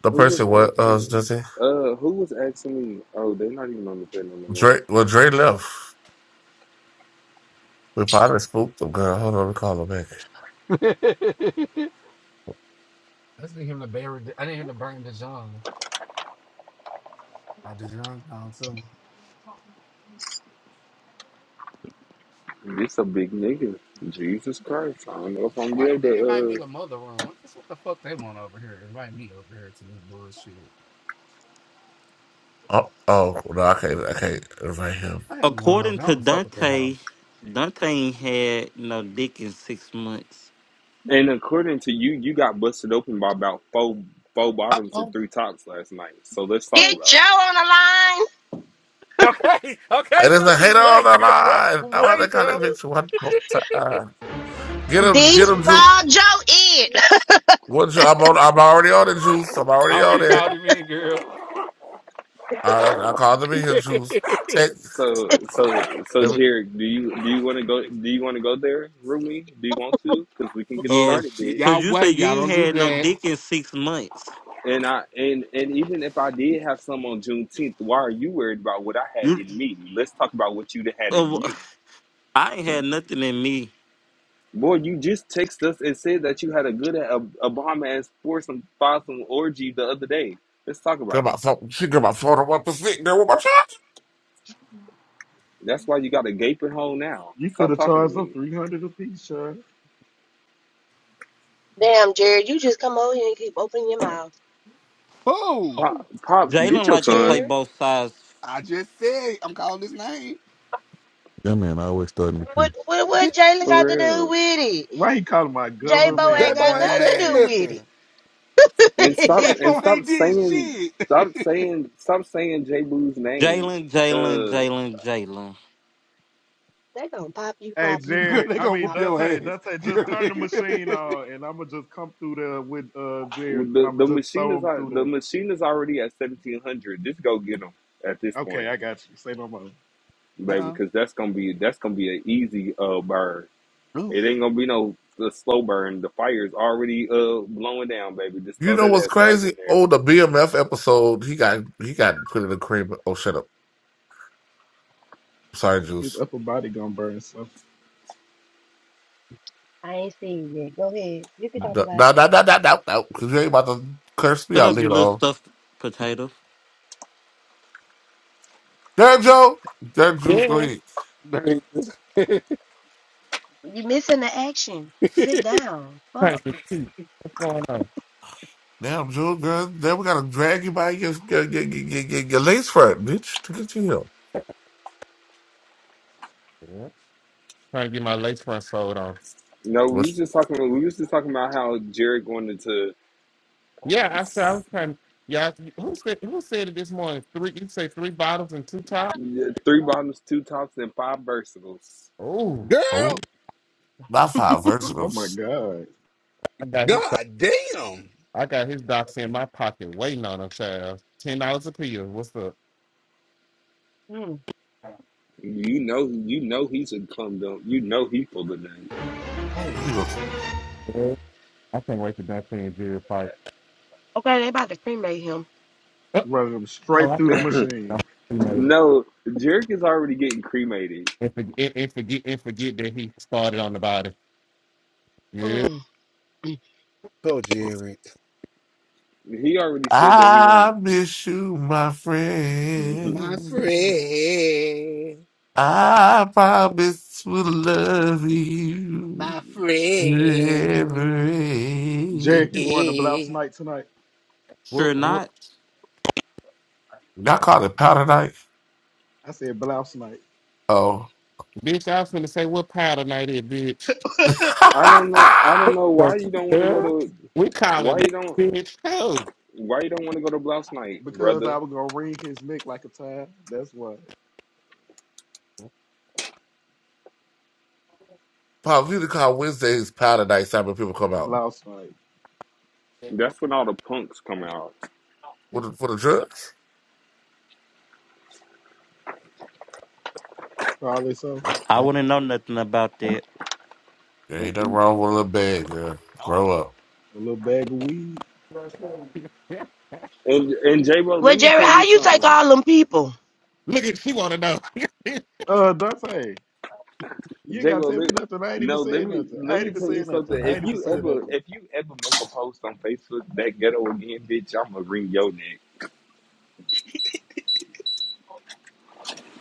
Speaker 14: The
Speaker 17: who was
Speaker 14: person, what, uh,
Speaker 17: asking
Speaker 14: does it?
Speaker 17: uh who was asking me? Oh, they're not even on the panel no more.
Speaker 14: Dre, well, Dre left. We probably spooked him, girl. Hold on, we call him back.
Speaker 17: This a big nigga. Jesus Christ. I don't know if I'm gonna be
Speaker 5: Why did
Speaker 17: able
Speaker 5: they invite
Speaker 17: to
Speaker 5: me to mother room? That's what the fuck they want over here. Invite me over here to this bullshit.
Speaker 14: Oh, oh no, I can't, I can't invite him.
Speaker 5: I ain't going over.
Speaker 12: According
Speaker 5: I
Speaker 12: to
Speaker 5: don't fuck with that hoe.
Speaker 12: Dante, Dante ain't had no dick in six months.
Speaker 17: uh and according to you, you got busted open by about four four
Speaker 5: Uh,
Speaker 17: bottoms and
Speaker 5: Oh,
Speaker 17: three tops last night. So let's talk
Speaker 5: oh.
Speaker 2: Get Joe
Speaker 17: about it.
Speaker 2: on
Speaker 5: okay, okay,
Speaker 14: And it's like, hate
Speaker 5: Justin,
Speaker 14: on
Speaker 5: wait,
Speaker 14: the
Speaker 5: girl, wait,
Speaker 14: line. I'm about to
Speaker 5: wait,
Speaker 14: call that
Speaker 5: girl.
Speaker 14: bitch one more
Speaker 5: [LAUGHS]
Speaker 14: time.
Speaker 2: the
Speaker 14: Get
Speaker 2: line.
Speaker 14: him,
Speaker 2: D
Speaker 14: get him, Juice.
Speaker 2: spell Joe in.
Speaker 14: One, Ju- I'm on, I'm already on it, Juice. I'm
Speaker 5: I
Speaker 14: already on
Speaker 5: already
Speaker 14: it.
Speaker 5: called him in, girl.
Speaker 14: I, I, I called him in
Speaker 5: [LAUGHS]
Speaker 14: here, Juice. Text,
Speaker 17: So so so
Speaker 14: let me,
Speaker 17: Jared, do you do you wanna go do you wanna go there, Rumi? Do you want to? Because we can get
Speaker 12: Yes,
Speaker 5: oh
Speaker 17: started,
Speaker 5: shit,
Speaker 17: bitch.
Speaker 12: because
Speaker 5: y'all
Speaker 12: you say
Speaker 5: wait, y'all
Speaker 12: you ain't
Speaker 5: don't do
Speaker 12: had no
Speaker 5: that.
Speaker 12: dick in six months.
Speaker 17: And I and and even if I did have some on Juneteenth, why are you worried about what I had
Speaker 12: You,
Speaker 17: in me? Let's talk about what you had in
Speaker 12: uh,
Speaker 17: you.
Speaker 12: I ain't had nothing in me.
Speaker 17: Boy, you just text us and said that you had a good Ob- Obama ass foursome some orgy the other day. Let's talk
Speaker 14: get
Speaker 17: about
Speaker 14: my
Speaker 17: it.
Speaker 14: phone, she got my phone, one percent, girl, with my shot.
Speaker 17: That's why you got a gaping hole now.
Speaker 13: you could
Speaker 17: Stop
Speaker 13: have
Speaker 17: talking to
Speaker 13: charged them
Speaker 17: me,
Speaker 13: three hundred apiece, child.
Speaker 2: [LAUGHS] Damn, Jared, you just come over here and keep opening your mouth.
Speaker 5: Oh,
Speaker 17: Pop, pops.
Speaker 12: Jalen
Speaker 17: Get your
Speaker 12: like to play
Speaker 17: son
Speaker 2: Jared,
Speaker 12: both sides.
Speaker 5: I just said I'm calling his name.
Speaker 10: That man I always starting with you.
Speaker 2: what what what
Speaker 5: Get
Speaker 2: Jalen
Speaker 17: for
Speaker 2: got to do
Speaker 17: real,
Speaker 2: with it?
Speaker 13: Why he calling my
Speaker 2: J Bo ain't
Speaker 5: that
Speaker 13: government
Speaker 2: got
Speaker 5: boy ain't
Speaker 2: nothing
Speaker 5: said
Speaker 2: to do
Speaker 13: name?
Speaker 2: with
Speaker 5: nothing. [LAUGHS]
Speaker 2: it.
Speaker 17: and stop
Speaker 2: [LAUGHS]
Speaker 5: That
Speaker 17: and
Speaker 5: boy
Speaker 17: stop
Speaker 5: ain't did
Speaker 17: saying
Speaker 5: shit.
Speaker 17: stop
Speaker 5: [LAUGHS]
Speaker 17: saying stop saying J Boo's name.
Speaker 12: Jalen, Jalen,
Speaker 17: Uh,
Speaker 12: Jalen, Jalen.
Speaker 2: they gonna pop you,
Speaker 13: Hey
Speaker 2: pop you,
Speaker 5: girl,
Speaker 13: Jerry,
Speaker 2: pop
Speaker 5: they
Speaker 2: you,
Speaker 13: I
Speaker 5: gonna
Speaker 13: mean
Speaker 5: whoop
Speaker 2: pop.
Speaker 5: your
Speaker 13: Dante,
Speaker 5: ass.
Speaker 13: Dante,
Speaker 5: Girl,
Speaker 13: just turn
Speaker 5: they...
Speaker 13: the machine on, and I'ma just come through there with uh Jerry, and
Speaker 17: the
Speaker 13: I'ma
Speaker 17: the
Speaker 13: just
Speaker 17: machine
Speaker 13: throw
Speaker 17: is
Speaker 13: him
Speaker 17: al-
Speaker 13: through
Speaker 17: the
Speaker 13: there.
Speaker 17: machine is already at seventeen hundred. Just go get him at this
Speaker 13: Okay,
Speaker 17: point,
Speaker 13: I got you. Say no more.
Speaker 5: [LAUGHS]
Speaker 17: baby,
Speaker 5: Uh-uh.
Speaker 17: because that's gonna be that's gonna be an easy uh bird.
Speaker 5: Oof.
Speaker 17: It ain't gonna be no the slow burn. The fire's already uh blowing down, baby. Just
Speaker 14: You
Speaker 17: throw
Speaker 14: know
Speaker 17: that
Speaker 14: what's
Speaker 17: ass right in
Speaker 14: crazy?
Speaker 17: there.
Speaker 14: Oh, the BMF episode, he got, he got put in the cream. Oh, shut up. Sorry,
Speaker 13: His
Speaker 14: Juice.
Speaker 13: upper body gonna burn something.
Speaker 2: I ain't seen it. Go ahead. You can
Speaker 14: No,
Speaker 2: talk
Speaker 14: no,
Speaker 2: about it.
Speaker 14: no, no, no, no, no, because you ain't about to curse me
Speaker 12: Shut
Speaker 14: out
Speaker 12: up, you
Speaker 14: later
Speaker 12: little
Speaker 14: on.
Speaker 12: stuffed potato.
Speaker 14: There, Joe. There, Juice, go ahead.
Speaker 2: You missing the action. Sit
Speaker 5: [LAUGHS]
Speaker 2: down. Fuck.
Speaker 14: Now, Jewel, girl, then we gotta drag you by your your, your, your, your, your lace front, bitch, to get you here.
Speaker 9: Yeah. Trying to get my lace front sold on.
Speaker 17: No, we was
Speaker 14: What's
Speaker 17: just talking. We was just talking about how Jared wanted to
Speaker 9: Yeah, after I
Speaker 17: s-
Speaker 9: was trying. Yeah, I- who said who said it this morning? Three. You say three bottles and two tops.
Speaker 17: three bottoms, two tops, and five versatiles.
Speaker 9: Oh,
Speaker 5: girl.
Speaker 14: oh my five
Speaker 13: Oh
Speaker 14: versatile?
Speaker 13: my god.
Speaker 9: I got his,
Speaker 5: God damn.
Speaker 9: I got his docs in my pocket waiting on him, child. Ten dollars a pill. What's up?
Speaker 2: Mm.
Speaker 17: You know, you know he's a cum dump. You know he full of that.
Speaker 5: Oh
Speaker 14: You know,
Speaker 5: wow.
Speaker 9: Yeah, I can't wait for that thing to fight.
Speaker 2: Okay, they about to cremate him.
Speaker 9: Oh,
Speaker 13: Running him
Speaker 9: oh,
Speaker 13: straight
Speaker 9: I
Speaker 13: through the
Speaker 9: forgot. No,
Speaker 13: machine.
Speaker 9: he made it.
Speaker 17: No, Jerick is already getting cremated.
Speaker 9: And, forget, and, and forget and forget that he started on the body. Yeah.
Speaker 2: Mm.
Speaker 5: Oh Jared.
Speaker 17: He already said that he wanted.
Speaker 14: I miss you, my
Speaker 17: Mhm.
Speaker 5: My
Speaker 14: friend.
Speaker 5: friend.
Speaker 14: I promise to love you
Speaker 5: My friend. Eh,
Speaker 14: every.
Speaker 13: Jack, you going to blouse
Speaker 5: eh.
Speaker 13: night tonight?
Speaker 12: Sure
Speaker 9: What, what,
Speaker 12: not.
Speaker 14: Y'all call it powder night?
Speaker 13: I said blouse night.
Speaker 14: Oh,
Speaker 9: bitch, I was finna say what powder night is, bitch.
Speaker 13: [LAUGHS]
Speaker 17: [LAUGHS] I don't
Speaker 14: [LAUGHS]
Speaker 17: know. I don't know
Speaker 9: So,
Speaker 17: why you don't want to go
Speaker 9: yeah,
Speaker 17: to.
Speaker 9: we calling
Speaker 17: Why
Speaker 9: it,
Speaker 17: you don't.
Speaker 9: bitch. Oh,
Speaker 17: Why you don't want to go to blouse night,
Speaker 13: because I
Speaker 17: brother?
Speaker 13: was gonna wring his neck like a tie. That's why.
Speaker 14: Pop, you can call Wednesdays powder night. Time when people come out
Speaker 13: Blouse night.
Speaker 17: That's when all the punks come out.
Speaker 14: for the
Speaker 9: [LAUGHS]
Speaker 14: for the drugs.
Speaker 13: Probably so.
Speaker 12: I wouldn't know nothing about that.
Speaker 14: There ain't nothing
Speaker 17: And
Speaker 14: wrong with a little bag, girl. Grow up.
Speaker 13: A little bag of weed.
Speaker 17: and, and J Ro,
Speaker 2: Well,
Speaker 17: let me
Speaker 2: Jerry,
Speaker 17: tell
Speaker 2: how
Speaker 17: you
Speaker 2: you take
Speaker 17: something.
Speaker 2: all them people?
Speaker 9: Look at she want to know. [LAUGHS]
Speaker 13: Uh Dante, you ain't
Speaker 17: J
Speaker 13: gotta
Speaker 17: Ro,
Speaker 13: tell me
Speaker 17: let,
Speaker 13: nothing. I ain't even
Speaker 17: no, let
Speaker 13: saying
Speaker 17: me
Speaker 13: nothing. I
Speaker 17: let
Speaker 13: ain't
Speaker 17: me
Speaker 13: even
Speaker 17: tell you
Speaker 13: saying
Speaker 17: something.
Speaker 13: nothing. I
Speaker 17: If
Speaker 13: ain't even
Speaker 17: you
Speaker 13: saying
Speaker 17: ever
Speaker 13: nothing.
Speaker 17: if you ever make a post on Facebook that ghetto again, bitch, I'ma wring your neck.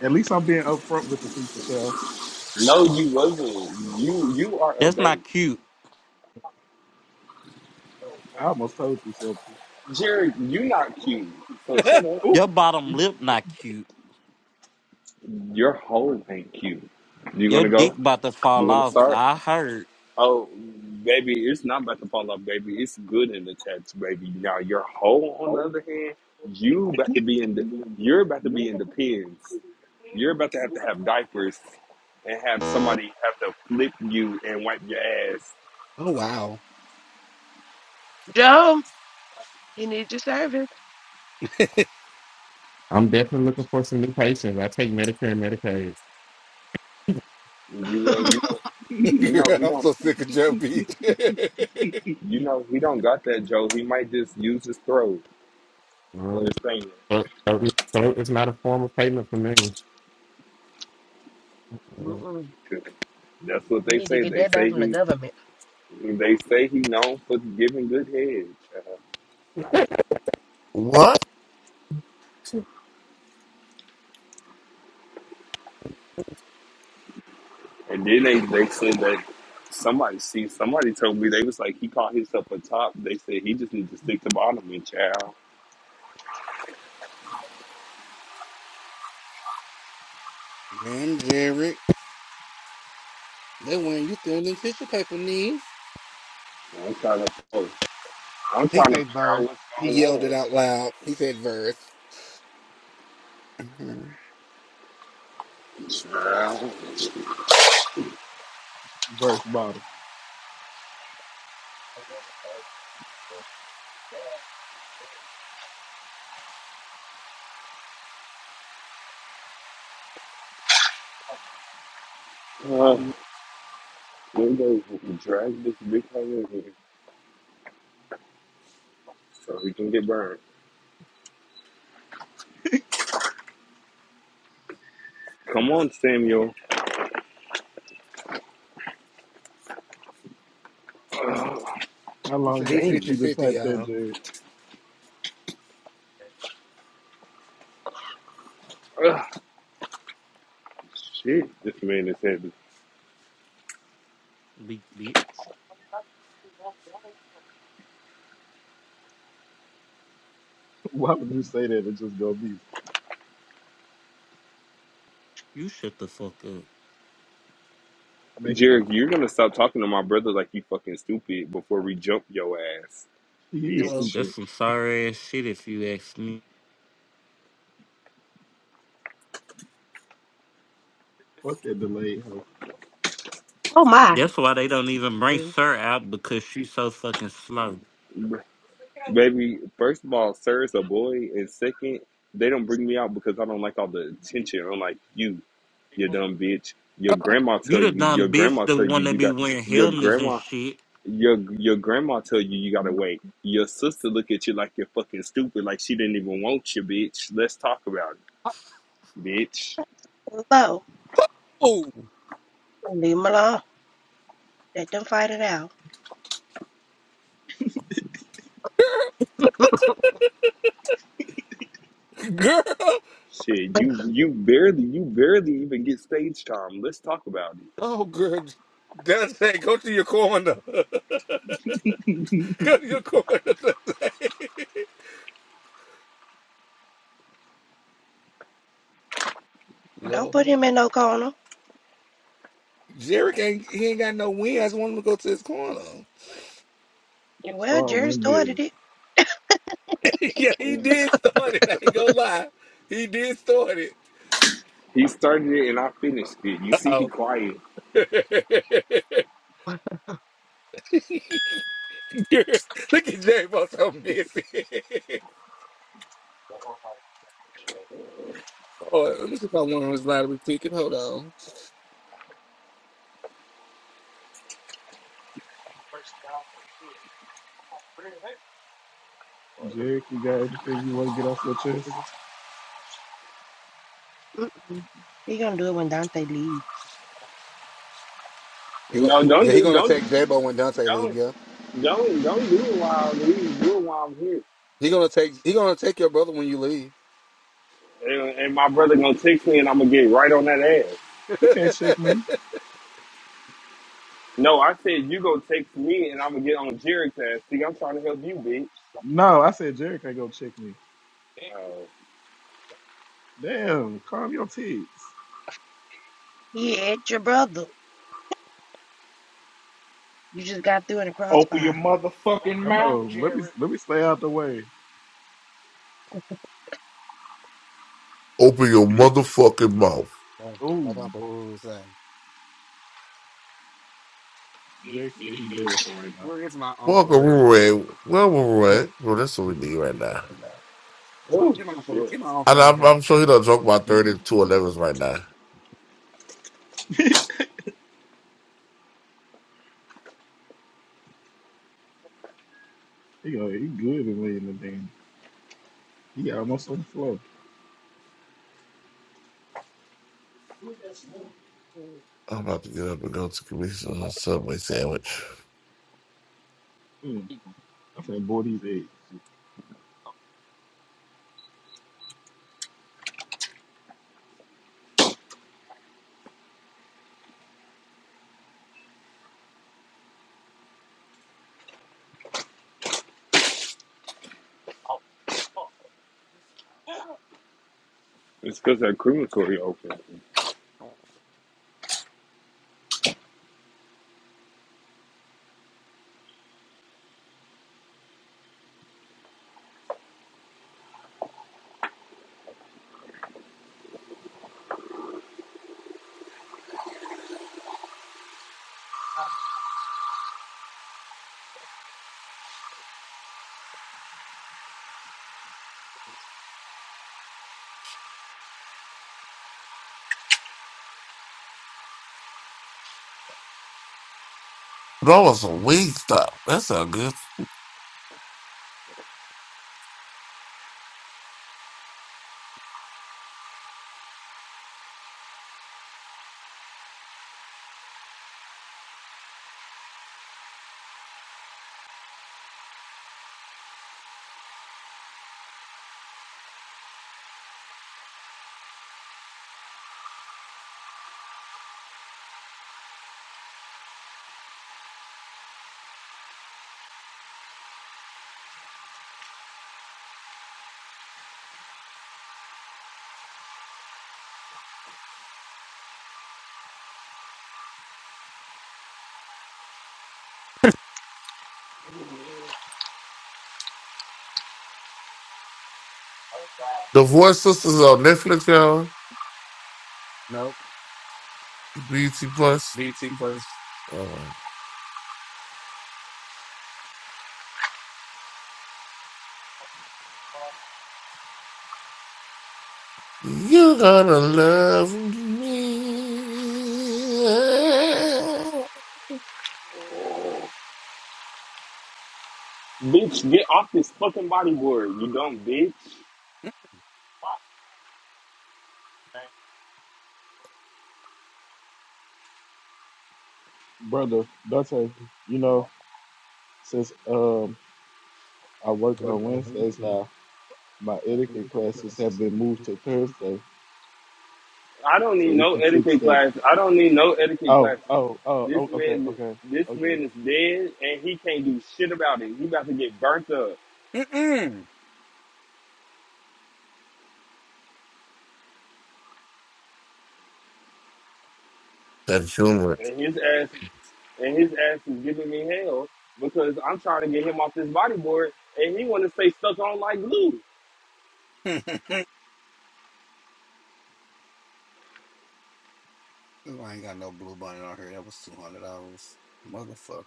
Speaker 13: At least I'm being upfront with the people, child.
Speaker 17: No, you wasn't. You you are a
Speaker 12: That's
Speaker 17: babe,
Speaker 12: not cute.
Speaker 13: I almost told you something.
Speaker 17: Jared. You not cute. So
Speaker 5: [LAUGHS]
Speaker 17: shut up.
Speaker 13: Oop,
Speaker 12: Your bottom lip not cute.
Speaker 17: Your whole ain't cute. You
Speaker 12: Your
Speaker 17: gonna
Speaker 12: dick
Speaker 17: go?
Speaker 12: about to
Speaker 17: You
Speaker 12: fall
Speaker 17: wanna
Speaker 12: off.
Speaker 17: start?
Speaker 12: I heard.
Speaker 17: Oh, baby, it's not about to fall off, baby. It's good in the text, baby. Now your hoe, on the other hand, you about to be in the you're about to be in the pins. You're about to have to have diapers and have somebody have to flip you and wipe your ass.
Speaker 5: oh wow. [LAUGHS]
Speaker 2: Joe, you need your service.
Speaker 9: I'm definitely looking for some new patients. I take Medicare and Medicaid.
Speaker 17: You
Speaker 2: [LAUGHS]
Speaker 17: uh, you know you
Speaker 5: Girl,
Speaker 17: know he
Speaker 5: I'm
Speaker 17: don't
Speaker 5: so sick of Joe Beach. [LAUGHS]
Speaker 17: you know he don't got that Joe. He might just use his throat
Speaker 9: Um,
Speaker 17: for his thing.
Speaker 9: so, so it's, so it's not a form of payment for me.
Speaker 2: Mm-mm.
Speaker 17: 'Cause That's what
Speaker 2: We
Speaker 17: they
Speaker 2: need to
Speaker 17: say.
Speaker 2: get
Speaker 17: They
Speaker 2: that back
Speaker 17: say
Speaker 2: from the
Speaker 17: he
Speaker 2: government.
Speaker 17: they say he known for giving good head.
Speaker 14: What?
Speaker 9: Uh, [LAUGHS]
Speaker 17: And then they, they said that somebody see somebody told me they was like he called himself a top. They said he just needs to stick to bottom and child.
Speaker 5: Man, Jared. That when you still in tissue paper knees.
Speaker 17: I'm trying to I'm
Speaker 5: He
Speaker 17: trying to
Speaker 5: said
Speaker 17: figure
Speaker 5: verse.
Speaker 17: out what's
Speaker 5: He yelled it out loud. He said verse. Mhm.
Speaker 17: going on. Child. [SIGHS]
Speaker 13: verse bottom.
Speaker 17: Uh, when they drag this big hole in here so he can get burned. Come on, Samuel.
Speaker 13: How
Speaker 5: He
Speaker 13: long
Speaker 5: said he
Speaker 13: it took
Speaker 17: Dang.
Speaker 5: 5050
Speaker 13: you to type that,
Speaker 5: y'all.
Speaker 13: Jack?
Speaker 17: Ugh, shit, this man is heavy.
Speaker 12: Be- Bitch,
Speaker 13: Why would you say that? It's just gonna be
Speaker 12: you shut the fuck up.
Speaker 13: make me.
Speaker 17: Jared, you're gonna stop talking to my brother like you fucking stupid before we jump your ass,
Speaker 13: He is
Speaker 17: bitch.
Speaker 12: That's
Speaker 13: stupid.
Speaker 12: some sorry ass shit if you ask me.
Speaker 13: Fuck that delayed hoe.
Speaker 2: Oh my.
Speaker 12: That's why they don't even bring Sir out because she's so fucking slow.
Speaker 17: Baby, first of all, sir is a boy, and second, they don't bring me out because I don't like all the attention. I'm like, you, you dumb
Speaker 12: You
Speaker 17: bitch. Your grandma tell
Speaker 12: the
Speaker 17: you. Your
Speaker 12: dumb bitch
Speaker 17: grandma
Speaker 12: that
Speaker 17: tell you
Speaker 12: wanna
Speaker 17: you
Speaker 12: be
Speaker 17: got.
Speaker 12: wearing
Speaker 17: Your
Speaker 12: helmets and
Speaker 17: grandma,
Speaker 12: shit.
Speaker 17: your your grandma tell you you gotta wait. Your sister look at you like you're fucking stupid, like she didn't even want you, bitch. Let's talk about it, bitch.
Speaker 2: Hello.
Speaker 5: Oh, oh
Speaker 2: Leave him alone. Let them fight it out.
Speaker 5: [LAUGHS] girl.
Speaker 17: Shit, you you barely you barely even get stage time. Let's talk about
Speaker 5: Oh, good. Dante, go to your corner. [LAUGHS] go to your corner. [LAUGHS] Dante.
Speaker 2: Don't put
Speaker 5: Lord.
Speaker 2: him in no corner.
Speaker 5: Jerick ain't he ain't got no win. I just want him to go to his corner.
Speaker 2: Well,
Speaker 13: Start
Speaker 2: Jerry started
Speaker 13: windmilling.
Speaker 2: it.
Speaker 5: [LAUGHS] yeah, he
Speaker 17: it.
Speaker 5: did start it. I ain't gonna lie. He did start it.
Speaker 17: He started it and I finished it. You
Speaker 5: Uh
Speaker 17: see, he
Speaker 5: oh.
Speaker 17: quiet.
Speaker 5: [LAUGHS] Look at Jerry Boss so messy. [LAUGHS] oh, let me see if I want his lottery ticket. Hold on.
Speaker 13: Jerick, you got anything you want to get off your chest?
Speaker 2: Mm-mm. He gonna do it when Dante leaves.
Speaker 5: He gonna,
Speaker 17: No, don't
Speaker 5: yeah, he
Speaker 17: do,
Speaker 5: gonna
Speaker 17: don't,
Speaker 5: take J-Bo when Dante leave,
Speaker 17: don't.
Speaker 5: yeah.
Speaker 17: Don't don't do it while we Do it while I'm here.
Speaker 5: He gonna take he gonna take your brother when you leave.
Speaker 17: And, and my brother gonna text me, and I'm gonna get right on that ass.
Speaker 13: He can't check me.
Speaker 17: No, I said you go text me, and I'm gonna get on Jerry's ass. See, I'm trying to help you, bitch.
Speaker 13: No, I said Jerick ain't gonna check me.
Speaker 17: Oh,
Speaker 13: Damn, calm your tits.
Speaker 2: He ain't your brother. You just got through in a
Speaker 3: Open your
Speaker 2: crossfire.
Speaker 3: motherfucking
Speaker 13: I
Speaker 3: mouth,
Speaker 13: know. Let me
Speaker 3: Jared.
Speaker 13: let me stay out the way.
Speaker 14: Open your
Speaker 13: [LAUGHS]
Speaker 14: motherfucking mouth.
Speaker 13: Oh, Jerick said he do it for right now.
Speaker 14: Welcome, Ruray. Well, Ruray. Well, that's what we need right now.
Speaker 17: oh shit!
Speaker 14: And I'm, I'm sure he done drunk about 32 elevens right now.
Speaker 13: [LAUGHS] he go, he good in laying the damn. He almost on the floor. Mm,
Speaker 14: I'm about to get up and go to commission a Subway sandwich.
Speaker 13: I'm finna these eggs,
Speaker 17: It's because that crematory open.
Speaker 14: That was a weed stop. That sound good. The Voice Sisters on Netflix, y'all. BT Plus. Oh, my You gotta love me.
Speaker 17: Bitch, get off this fucking bodyboard, you dumb bitch.
Speaker 5: Mm-mm.
Speaker 13: brother Dante. You know, since um I work on Wednesdays now. My etiquette classes have been moved to Thursday,
Speaker 17: I don't
Speaker 13: so
Speaker 17: need
Speaker 13: we
Speaker 17: no
Speaker 13: can fix
Speaker 17: etiquette
Speaker 13: that.
Speaker 17: class. I don't need no etiquette
Speaker 13: Oh,
Speaker 17: classes.
Speaker 13: oh, oh,
Speaker 17: This
Speaker 13: oh okay,
Speaker 17: man,
Speaker 13: okay,
Speaker 17: this
Speaker 13: okay,
Speaker 17: man is dead, and he can't do shit about it. He about to get burnt up,
Speaker 14: That humor.
Speaker 17: and his ass. and his ass is giving me hell because I'm trying to get him off this bodyboard, and he want to stay stuck on like glue.
Speaker 5: [LAUGHS] I ain't got no blue bunny out here. That was two hundred dollars, motherfucker.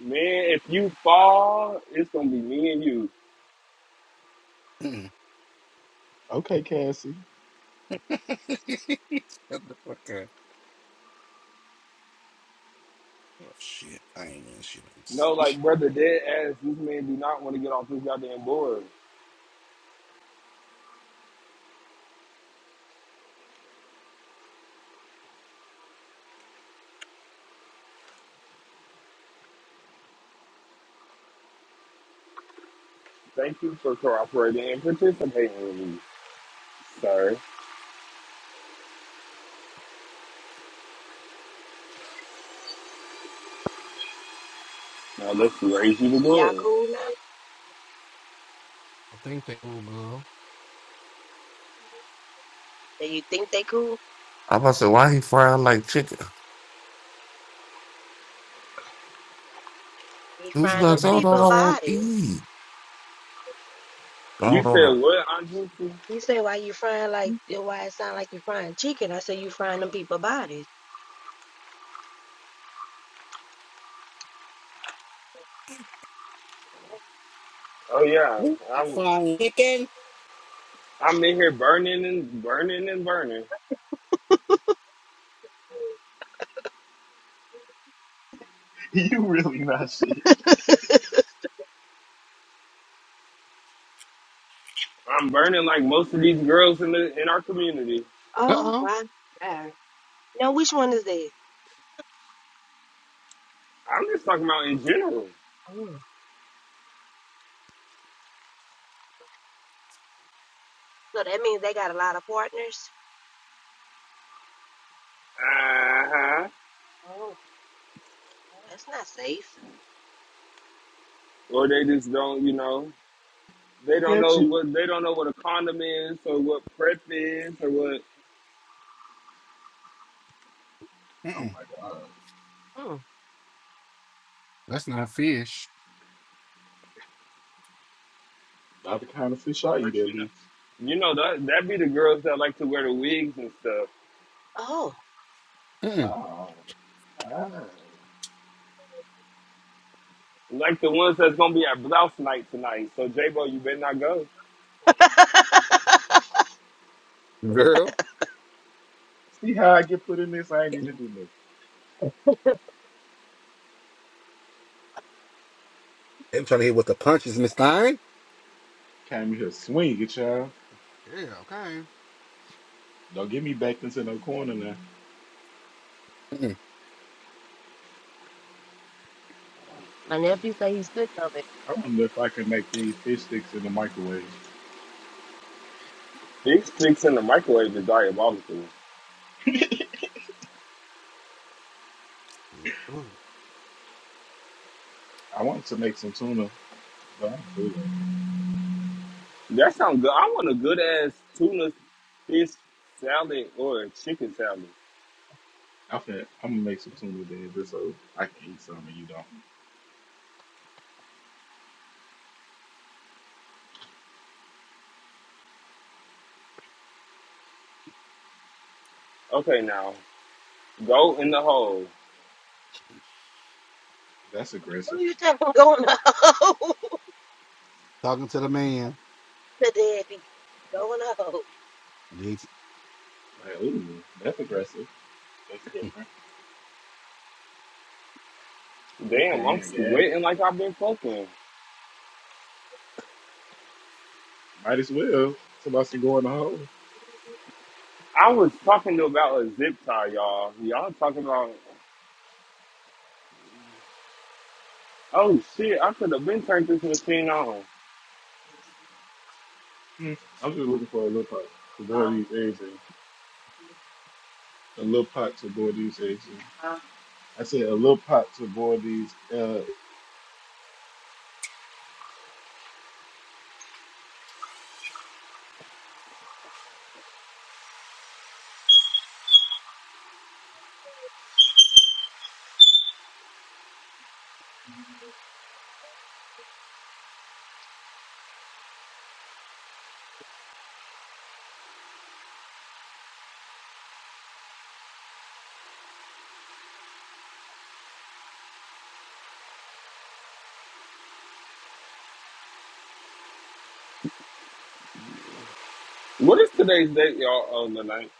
Speaker 17: Man, if you fall, it's gonna be me and you.
Speaker 5: Mm.
Speaker 13: okay, Cassie. [LAUGHS]
Speaker 5: [LAUGHS] Motherfucker. Oh, shit, I ain't even shit. Let me
Speaker 17: No,
Speaker 5: see.
Speaker 17: like brother, dead ass. This man do not want to get off this goddamn board. Thank you for cooperating and participating with me, sir. Now let's raise you the
Speaker 2: Y'all
Speaker 17: board.
Speaker 2: cool now? Do you think they cool?
Speaker 14: I'm about to say, why he frying like chicken?
Speaker 2: He frying them
Speaker 14: Goosenuts, I don't know what
Speaker 2: people
Speaker 14: I want to
Speaker 2: bodies.
Speaker 14: eat. I
Speaker 17: You
Speaker 14: don't know.
Speaker 17: said what, Anjuku?
Speaker 2: You say why you frying like why it sound like you frying chicken? I say you frying them people bodies.
Speaker 17: Oh yeah,
Speaker 5: Ooh, I
Speaker 17: I'm
Speaker 5: find chicken.
Speaker 17: I'm in here burning and burning and burning.
Speaker 13: You really not shit.
Speaker 2: [LAUGHS]
Speaker 17: I'm burning like most of these girls in the in our community.
Speaker 5: Uh
Speaker 2: Oh
Speaker 5: oh.
Speaker 2: my god. Now which one is that?
Speaker 17: I'm just talking about in general.
Speaker 2: Oh. So that means they got a lot of partners.
Speaker 17: Uh huh.
Speaker 2: Oh. That's not safe.
Speaker 17: Or they just don't, you know, they don't know
Speaker 13: catching?
Speaker 17: what they don't know what a condom is or what prep is or what
Speaker 13: Oh
Speaker 5: Mm-mm.
Speaker 13: my god,
Speaker 2: Mm.
Speaker 5: That's not fish.
Speaker 13: not the kind of fish I
Speaker 17: what
Speaker 13: eat at
Speaker 17: you know.
Speaker 13: least.
Speaker 17: You know that that be the girls that like to wear the wigs and stuff,
Speaker 2: Oh.
Speaker 5: Mm-mm.
Speaker 13: Oh, ah.
Speaker 17: like the ones that's gonna be at blouse night tonight. So J Bo, you better not go.
Speaker 2: [LAUGHS]
Speaker 5: Girl,
Speaker 13: See how I get put in this? I ain't even do nothing.
Speaker 5: they trying to hit with the punches, Miss Stein.
Speaker 13: Came here swing it, y'all.
Speaker 5: Yeah, okay.
Speaker 13: Don't get me back into no corner now.
Speaker 5: Mm-mm.
Speaker 2: My nephew say he's sick of it.
Speaker 13: I wonder if I can make these fish sticks in the microwave.
Speaker 17: These sticks in the microwave is diabolical.
Speaker 13: I wanted to make some tuna, but I don't feel like. it.
Speaker 17: That sounds good. I want a good ass tuna fish salad or a chicken salad.
Speaker 13: I'm finna- I'm gonna make some tuna then just so I can eat some and you don't.
Speaker 17: Okay, now go in the hole.
Speaker 13: That's
Speaker 2: Who
Speaker 13: aggressive.
Speaker 2: you talking about going up [LAUGHS]
Speaker 5: Talking to the man.
Speaker 2: The daddy? Going up.
Speaker 5: Jeez.
Speaker 13: Like, ooh, that's aggressive. That's different.
Speaker 17: Damn,
Speaker 13: Okay,
Speaker 17: I'm
Speaker 13: I guess.
Speaker 17: sweating like I've been fucking.
Speaker 13: Might as well. Somebody should go in the hole.
Speaker 17: I was talking about a zip tie, y'all. Y'all talking about, oh shit, I could have been turned this machine on.
Speaker 13: I'm just looking for a little pot to boil these eggs in. A little pot to boil these eggs in. I said a little pot to boil these uh,
Speaker 17: What is today's date, y'all, on the night?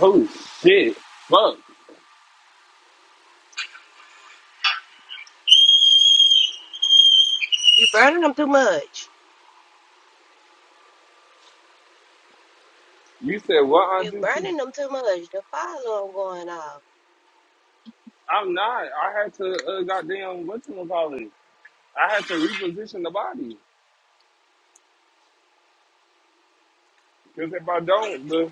Speaker 17: Oh shit, fuck.
Speaker 2: You burning them too much.
Speaker 17: You said what, Aunt
Speaker 2: You
Speaker 17: Juicy?
Speaker 2: burning them too much. The fire alarm going off.
Speaker 17: I'm not. I had to, uh, goddamn, what you gonna call it? I had to reposition the body. Because if I don't, the,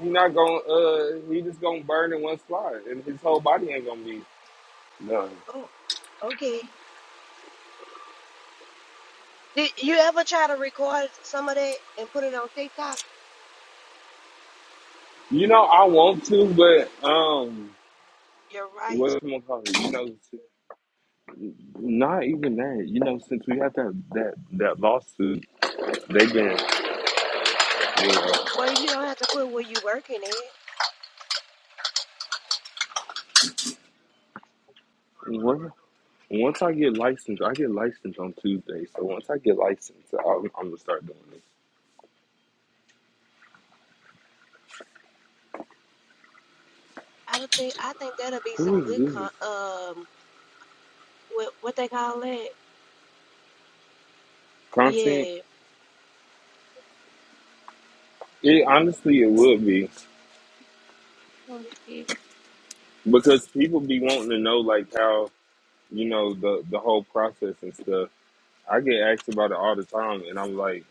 Speaker 17: he not gonna, uh, he just gonna burn in one spot. And his whole body ain't gonna be done.
Speaker 2: Oh, okay. Did you ever try to record some of that and put it on TikTok?
Speaker 17: You know, I want to, but, um,
Speaker 2: You're right.
Speaker 17: What's gonna You know, s- not even that. You know, since we had that that that lawsuit, they've been. You
Speaker 2: Well, you don't have to put where you working at.
Speaker 17: know, what- once I get licensed, I get licensed on Tuesday. So once I get licensed, I'm, I'm gonna start doing this.
Speaker 2: I don't think I think that'll be
Speaker 17: Who
Speaker 2: some
Speaker 17: is
Speaker 2: good con
Speaker 17: this
Speaker 2: um what what they call it?
Speaker 17: content?
Speaker 2: Yeah.
Speaker 17: It honestly, it would be
Speaker 2: Oh, shit.
Speaker 17: because people be wanting to know like how you know the the whole process and stuff. I get asked about it all the time, and I'm like,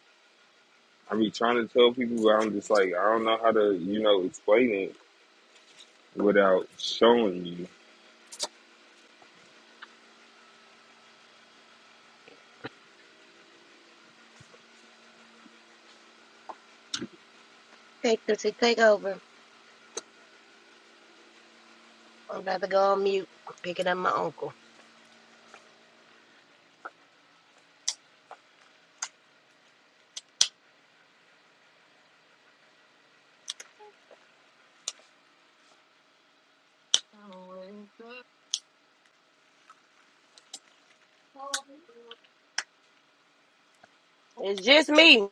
Speaker 17: I be trying to tell people, but I'm just like, I don't know how to you know explain it without showing you.
Speaker 2: Take this, take over. I'm about to go on mute. I'm Picking up my uncle. It's just me.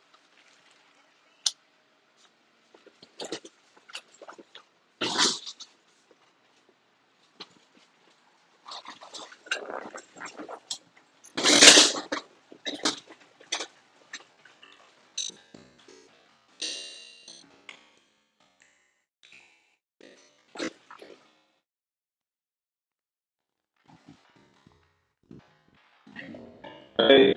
Speaker 17: Hey.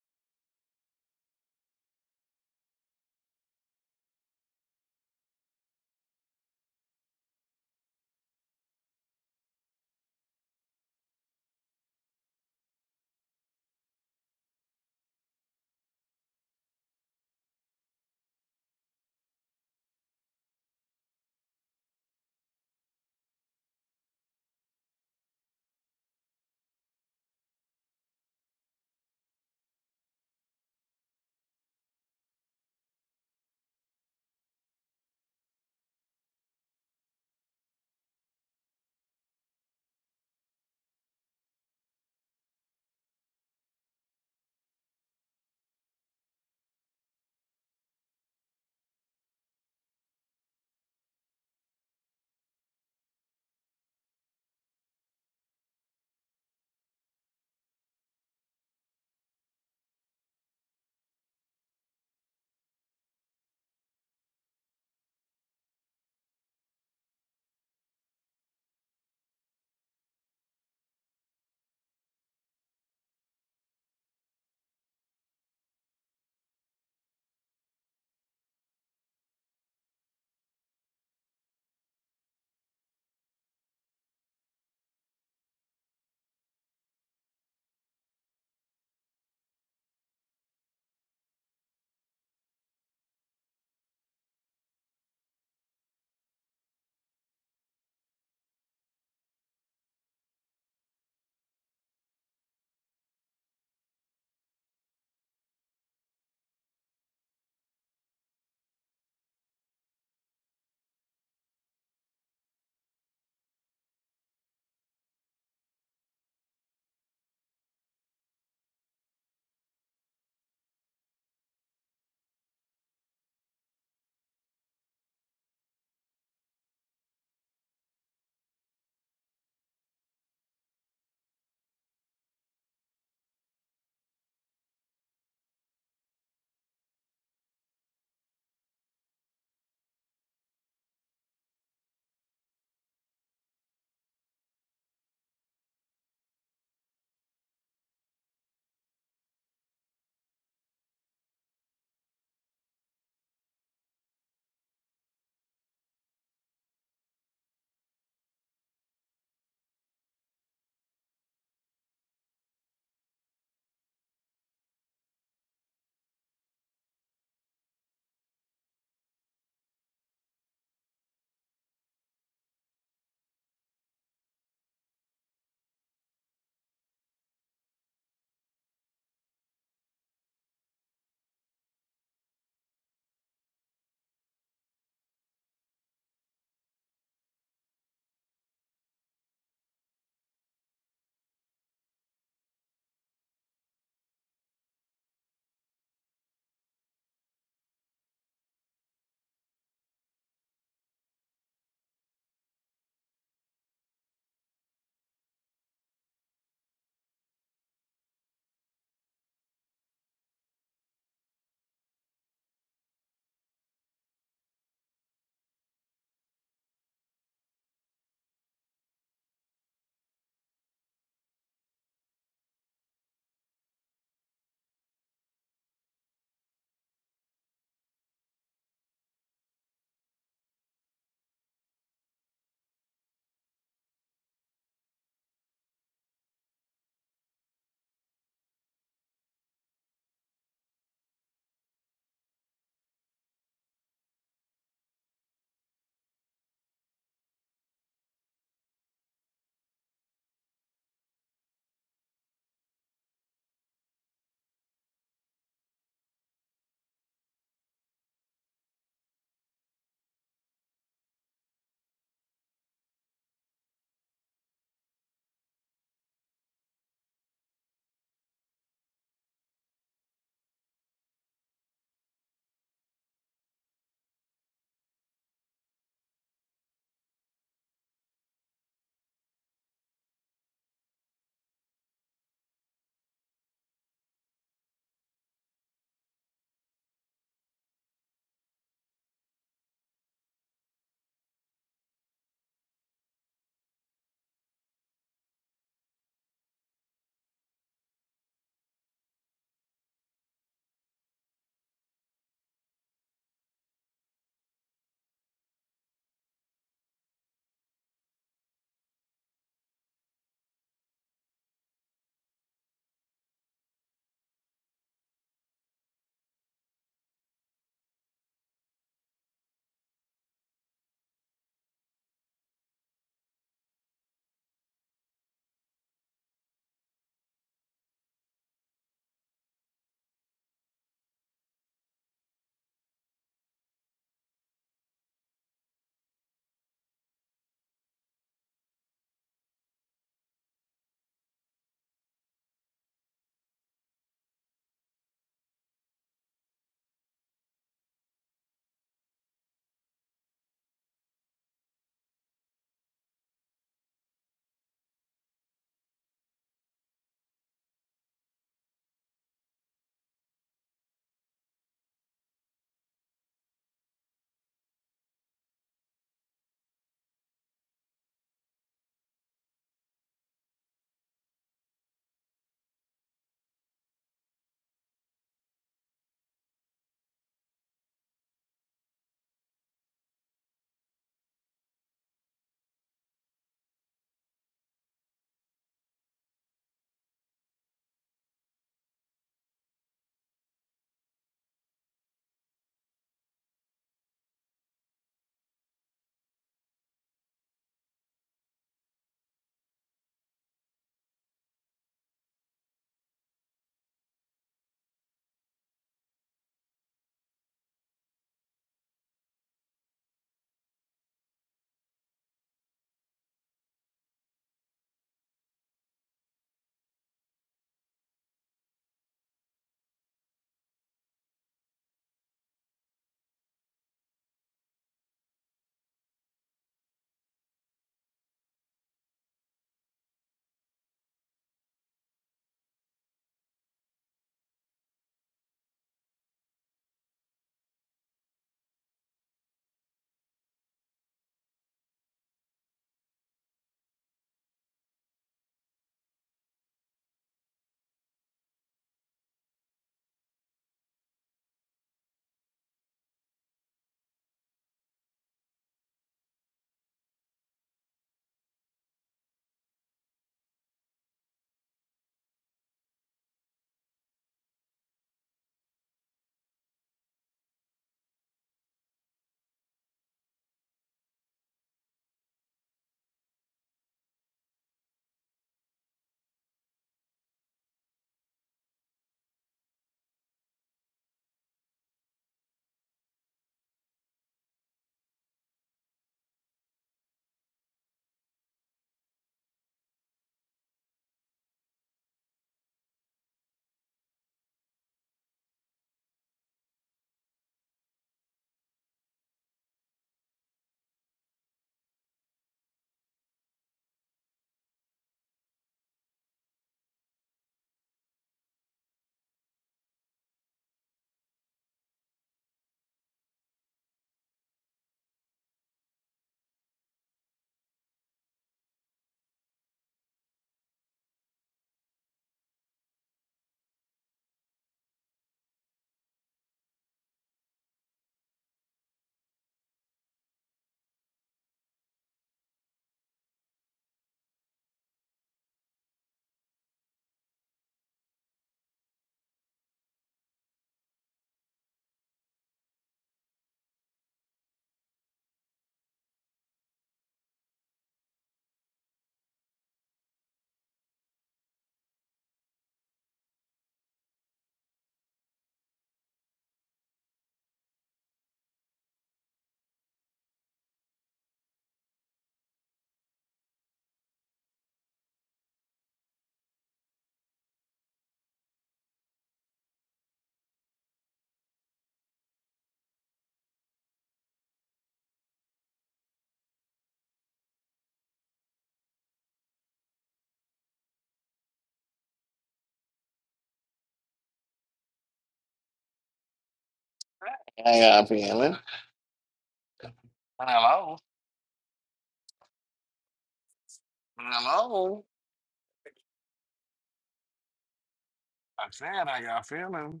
Speaker 1: I said I got feeling.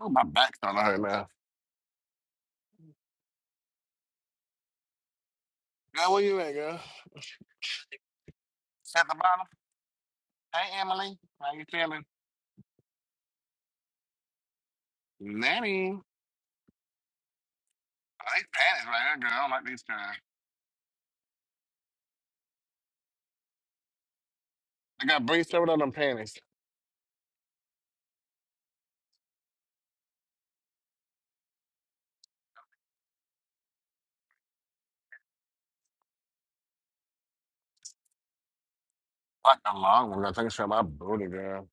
Speaker 1: Oh, my back starting to hurt now. Girl, where you at, girl? At the bottom. Hey, Emily. How you feeling? Nanny. Oh, these panties right here, girl. I don't like these guys. I got breeze over on them panties. Like a long one. I think it's from my booty, girl.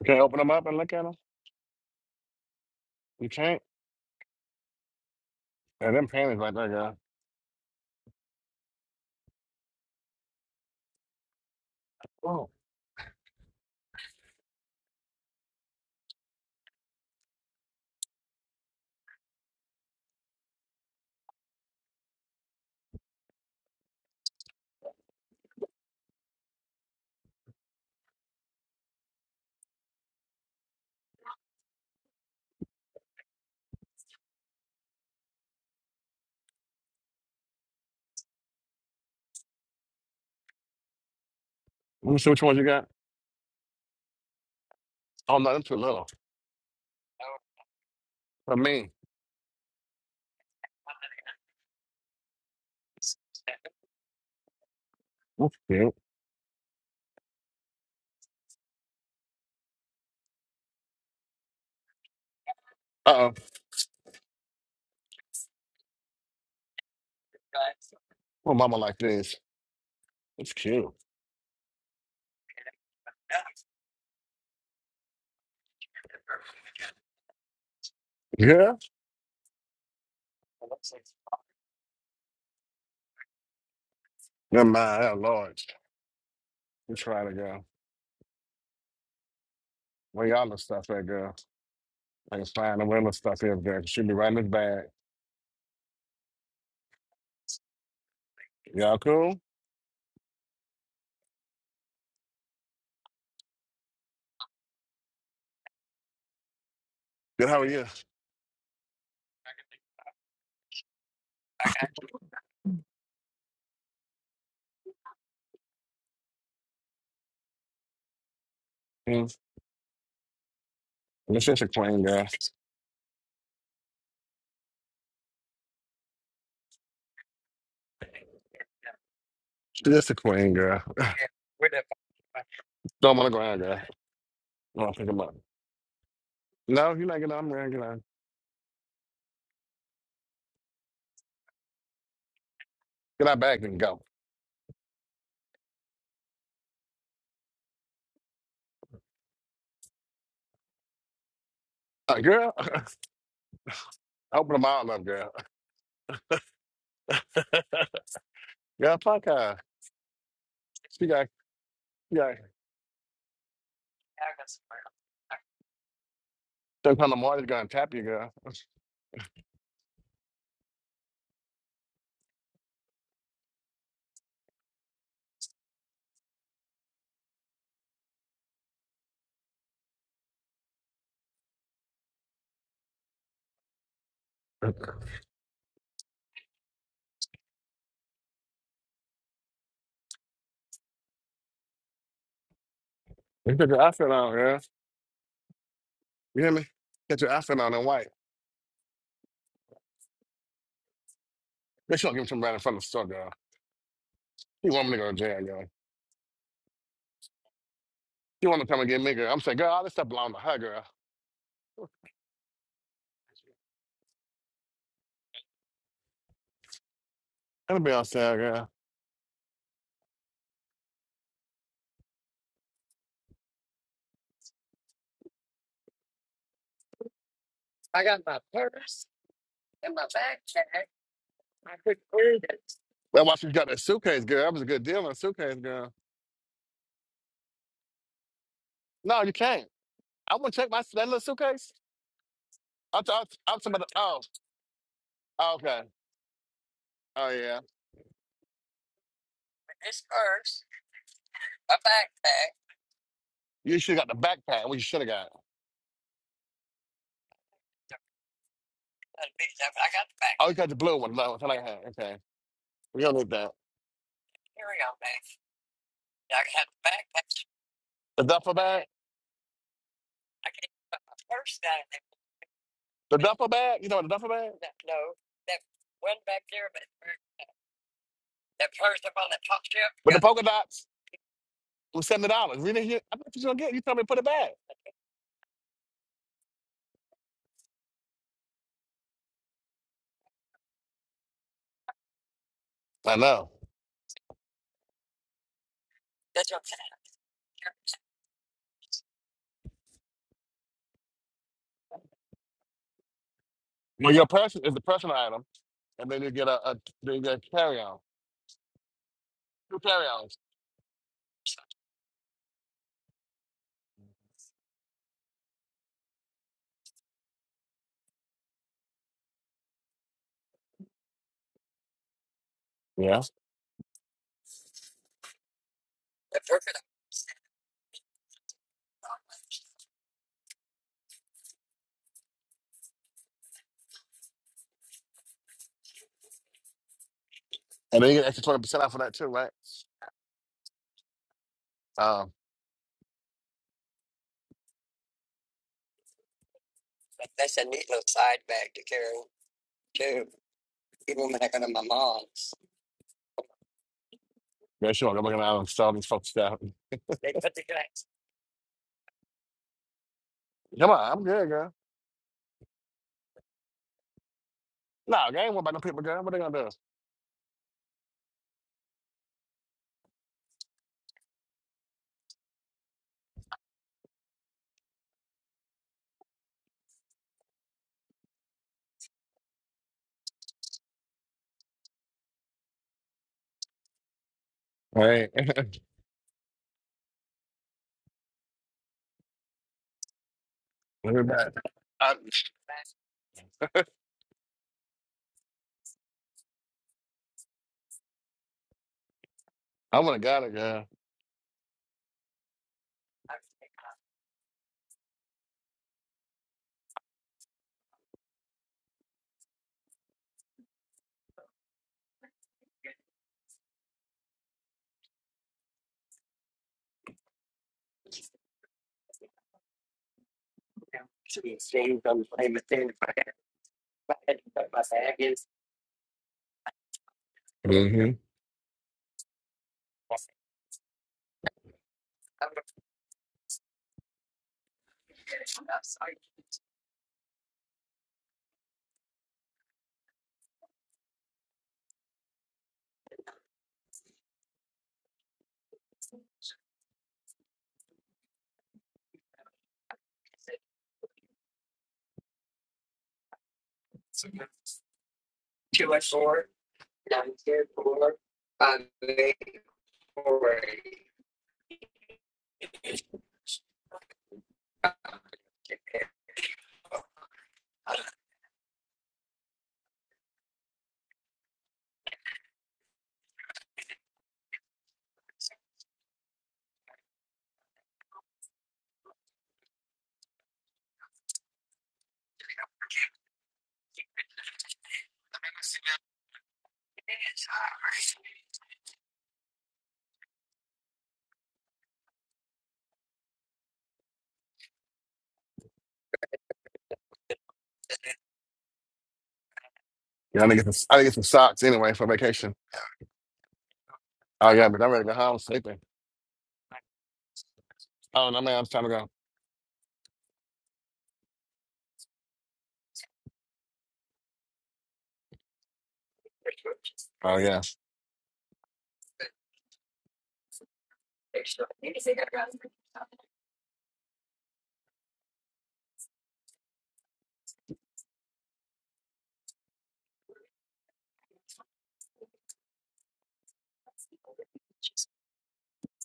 Speaker 1: You can't open them up and look at them? You can't? Yeah, them panties right there, girl. Oh, let me see which ones you got. Oh, no, them too little. For me. That's cute. Uh-oh. Oh, mama like this. It's cute. Yeah? Never mind. They're large. You try it, girl. Where y'all the stuff at, girl? I can find the where the stuff is, girl. she be right in this bag. Y'all cool? Good, how are you? Mm. This just a queen, girl. She just a queen, girl. Don't want to go out, girl. I want to pick him up. No, you're not getting out. I'm going get out. Get out back and go. Uh, girl, [LAUGHS] open them all up, girl. [LAUGHS] girl, fuck her. She got, she got, sometime the morning's going to tap you, girl. [LAUGHS] You put your outfit on, girl. You hear me? Get your outfit on and white. They should give him some right in front of the store, girl. You want me to go to jail, girl. You want to come and get me, girl? I'm saying, girl, all this stuff belong to her, girl. Let me be on sale, girl. That's why she got that suitcase, girl. That was a good deal on a suitcase, girl. No, you can't. I want to check my that little suitcase. I'm, t- I'm, t- I'm talking about the, oh, oh, okay. Oh, yeah. You should have got the backpack. What you should have got. I got the backpack. Oh, you got the blue one. No, it's like that. Okay. We don't need that. The duffel bag? The duffel bag? You know the duffel bag? With the polka dots? It was $70. We didn't hear, I thought you was going to get it. You told me to put it back. I know. Well, your person is the personal item. and then you get a, a then you get a carryout, two carry carryouts. Yeah. And then you get extra twenty percent off of that too, right? Um, yeah, sure. I'm gonna I'm these folks stuff. Come on, I'm good, girl. No, nah, I ain't worried about no people, girl. What they gonna do? All Right. [LAUGHS] Let me back. I I wanna got it, girl. Mm-hmm. Yeah, I need to get some, I need to get some socks anyway for vacation. Oh yeah, but I'm ready to go home sleeping. Oh no, man, it's time to go. Oh yeah.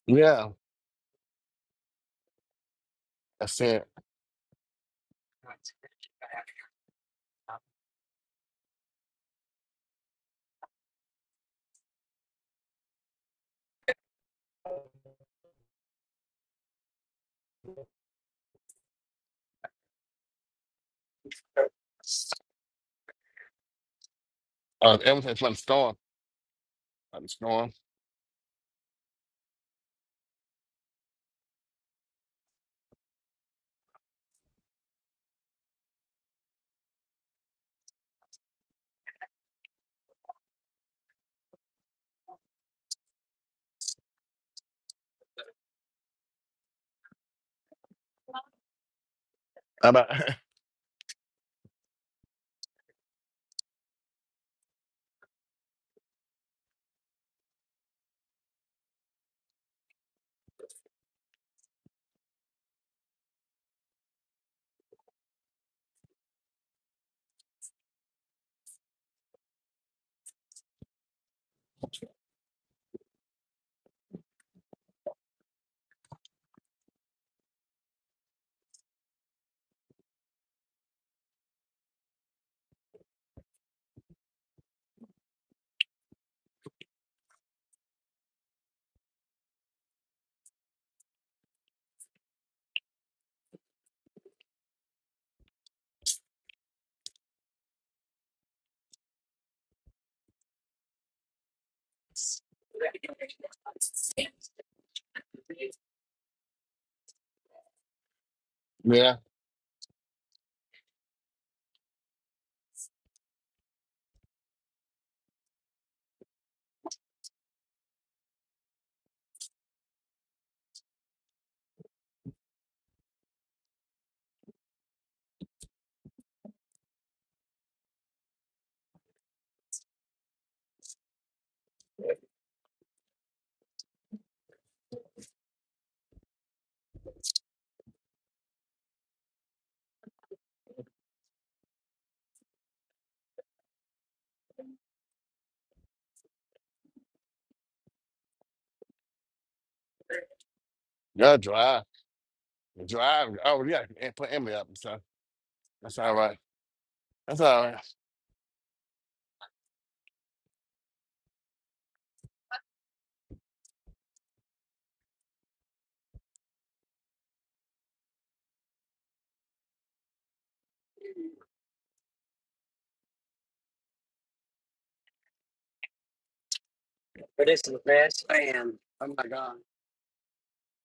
Speaker 1: Yeah, that's it. Uh, everything's been storm. I'm storm. How about [LAUGHS] yeah, yeah, dry. Drive. Oh yeah, and put Emily up. So that's all right. That's all right.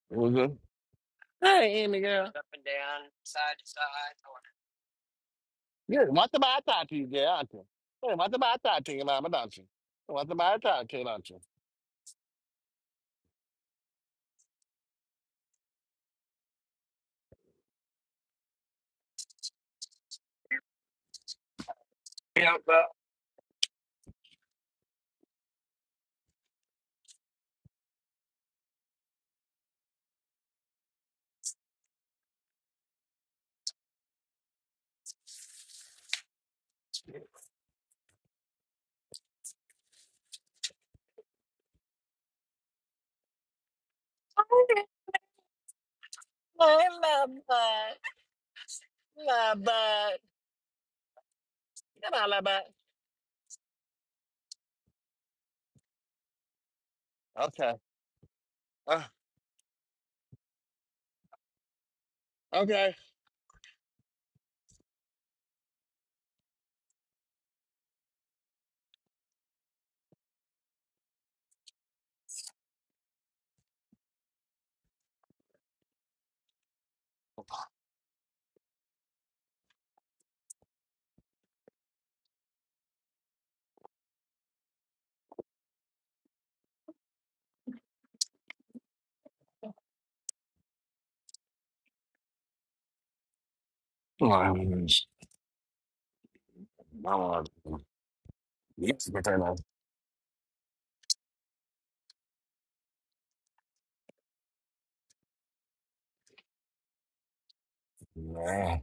Speaker 1: What's good? Hey, Emily girl. Good. What about I talk to you, girl? Aren't you? Hey, what about I talk to you, mama? Don't you? What about I talk to you, don't you? Okay. Uh, okay. Yeah.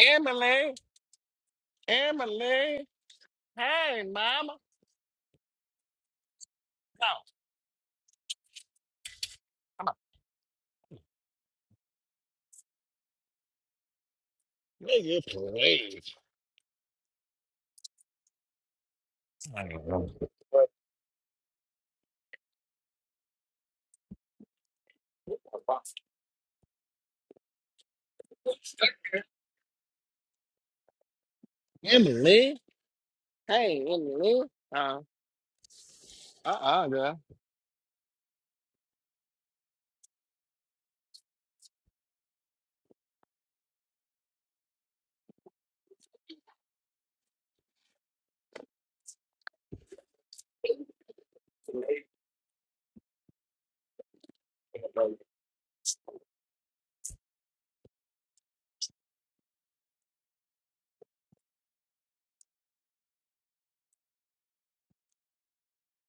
Speaker 1: Emily. Emily. Hey, mama. No. Come on. Will you please? Emily. Uh uh girl.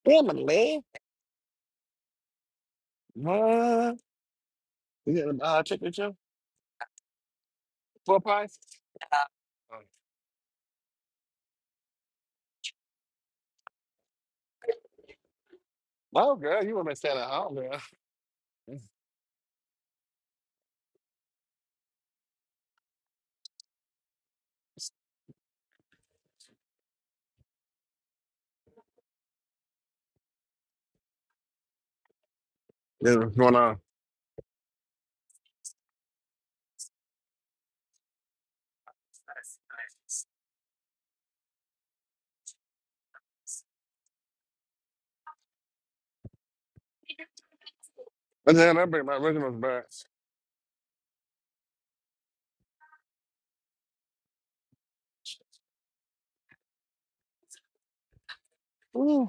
Speaker 1: Emily. What? You got a uh, ticket too? Full price? No, girl. You want to stay at home, girl. Yeah, what's going on? I just had to bring my originals back. Ooh.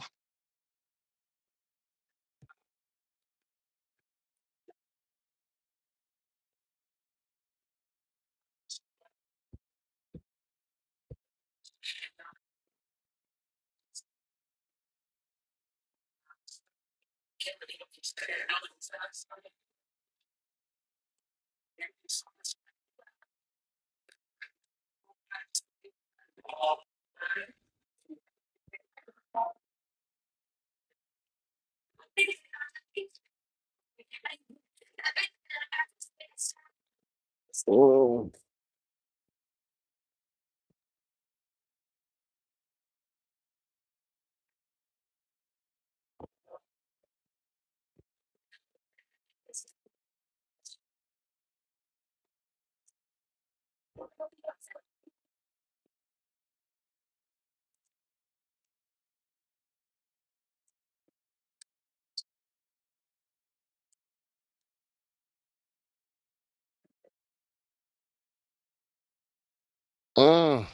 Speaker 1: Ooh. Uh,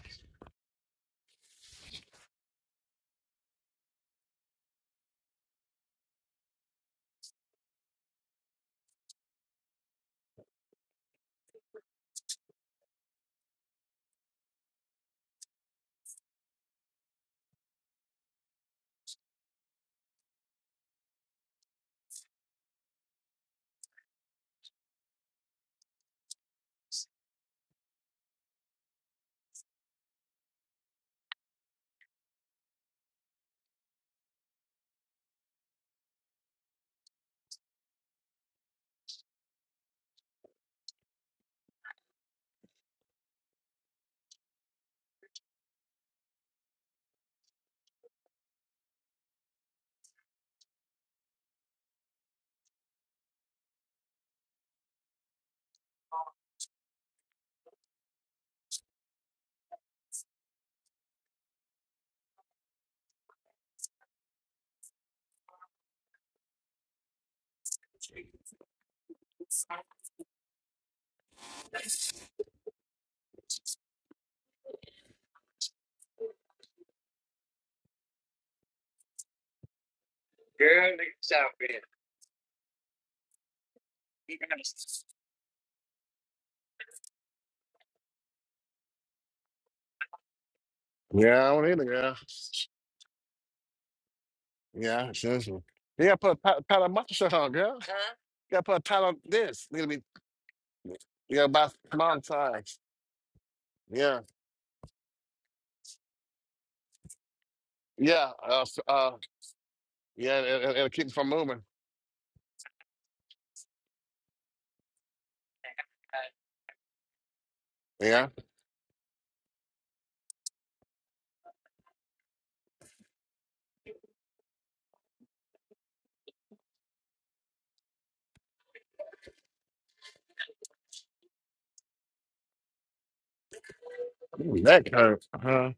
Speaker 1: yeah, I don't either, girl. Yeah, it's this one. You gotta put a pat pat on mustard shirt on, girl. You gotta put a pat on this. You gotta be, you gotta buy small size. Yeah, yeah, uh, s- uh, yeah, it, it, it'll keep you from moving. Yeah, Ooh, that hurts. Huh?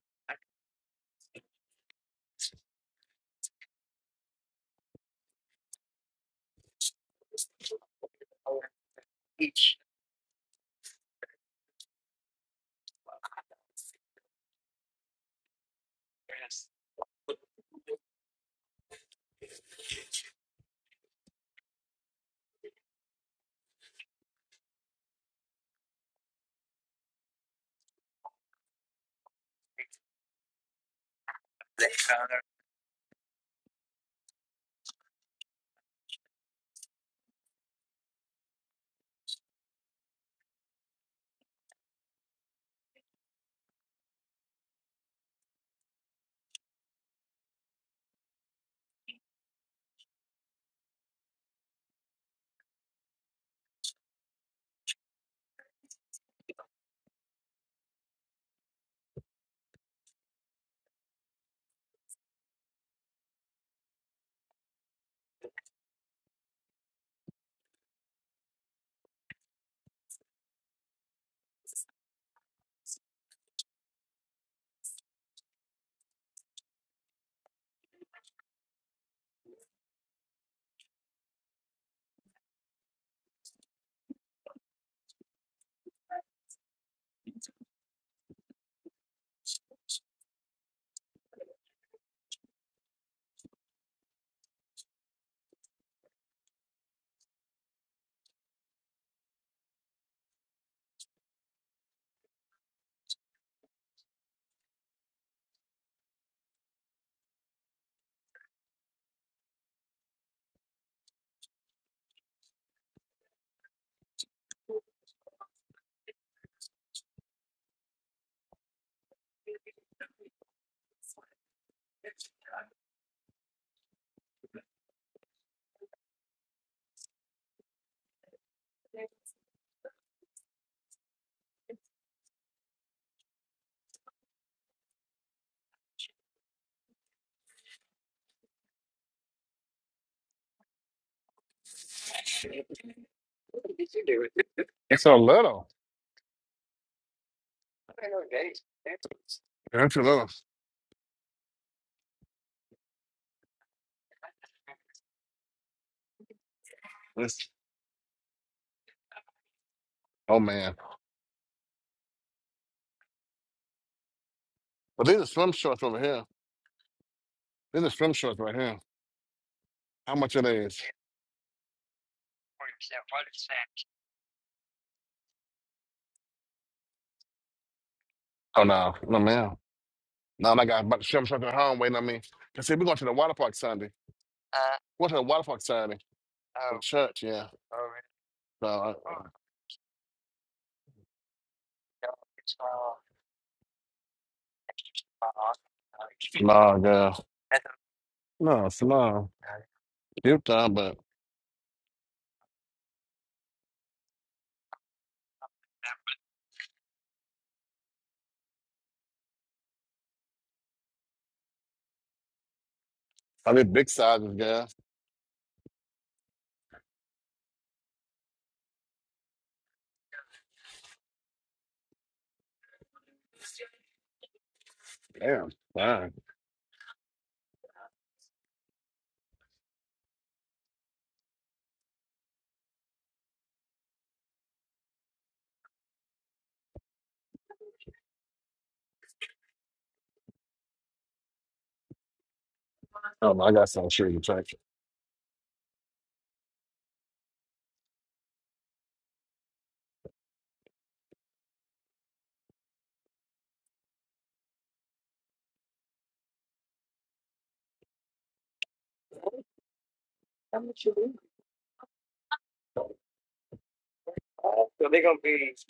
Speaker 1: It's so little. Yeah, it's a little. It's, oh man. But these are swim shorts over here. These are swim shorts right here. How much are these? Oh no, no man. No, my guy, about to show him something at home waiting on me. I said, we're going to the water park Sunday. We're going to the water park Sunday. Oh. Church, yeah. So, uh, no, girl. No, it's no. Cute time, but I did big sizes, girl. Damn, fine. Oh, no, I got some sure you check.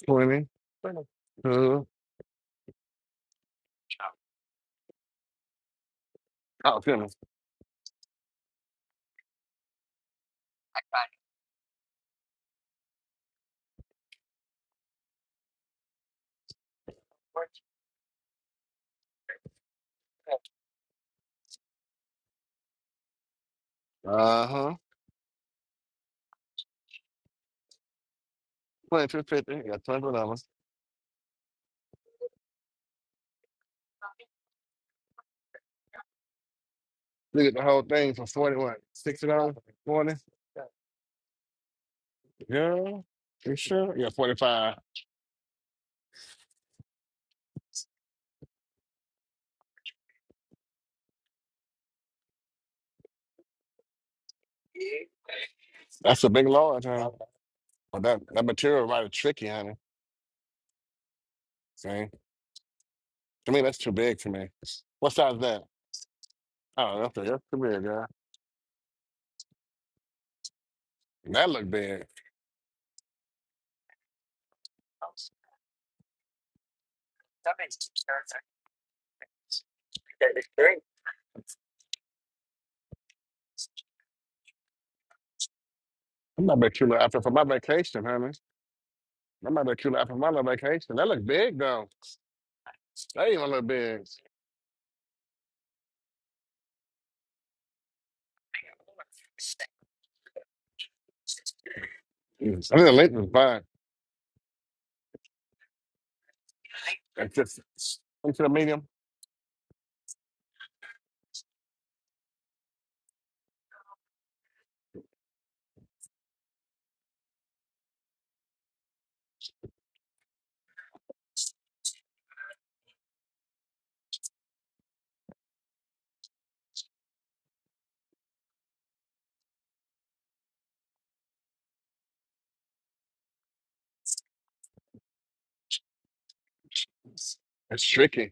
Speaker 1: 20, uh, oh, goodness. Uh-huh. 50. you got 20 dollars. You get the whole thing for 40, what, 60 dollars? 40? Girl, you sure? Yeah, 45. That's a big large, huh? But that, that material right is tricky, honey. See? I mean, that's too big for me. What size is that? Oh, that's, that's too big, girl. That look big. I'm not bet you look for my vacation, honey. I'm not bet you look for my little vacation. That look big, though. That even look big. Mm, I think the length is fine. It's just into the medium. It's tricky.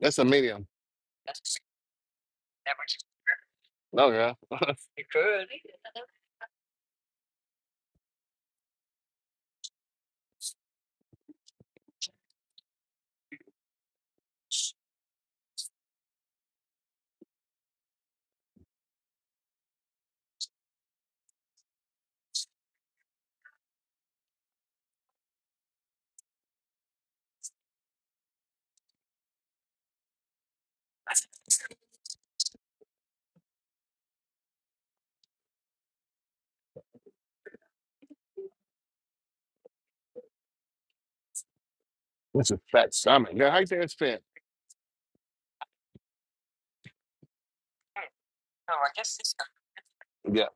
Speaker 1: That's a medium. No, girl. That's a fat stomach. Girl, how you think it's fit? Yeah.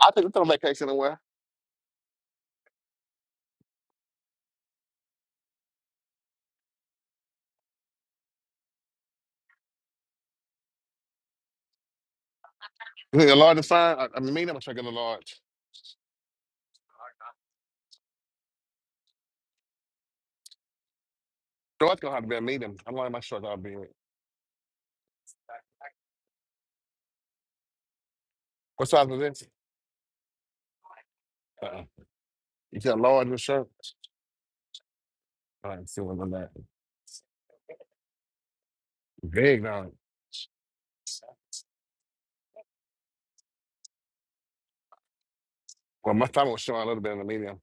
Speaker 1: I think it's on vacation somewhere. You think a large is fine? I, I mean, medium, I'm trying to get a large. Shorts gonna have to be a medium. I'm lining my shorts out big. What size is this? Uh-uh. You said large in the shirt? All right, see what I'm feeling on that. Big now. Well, my stomach was showing a little bit in the medium.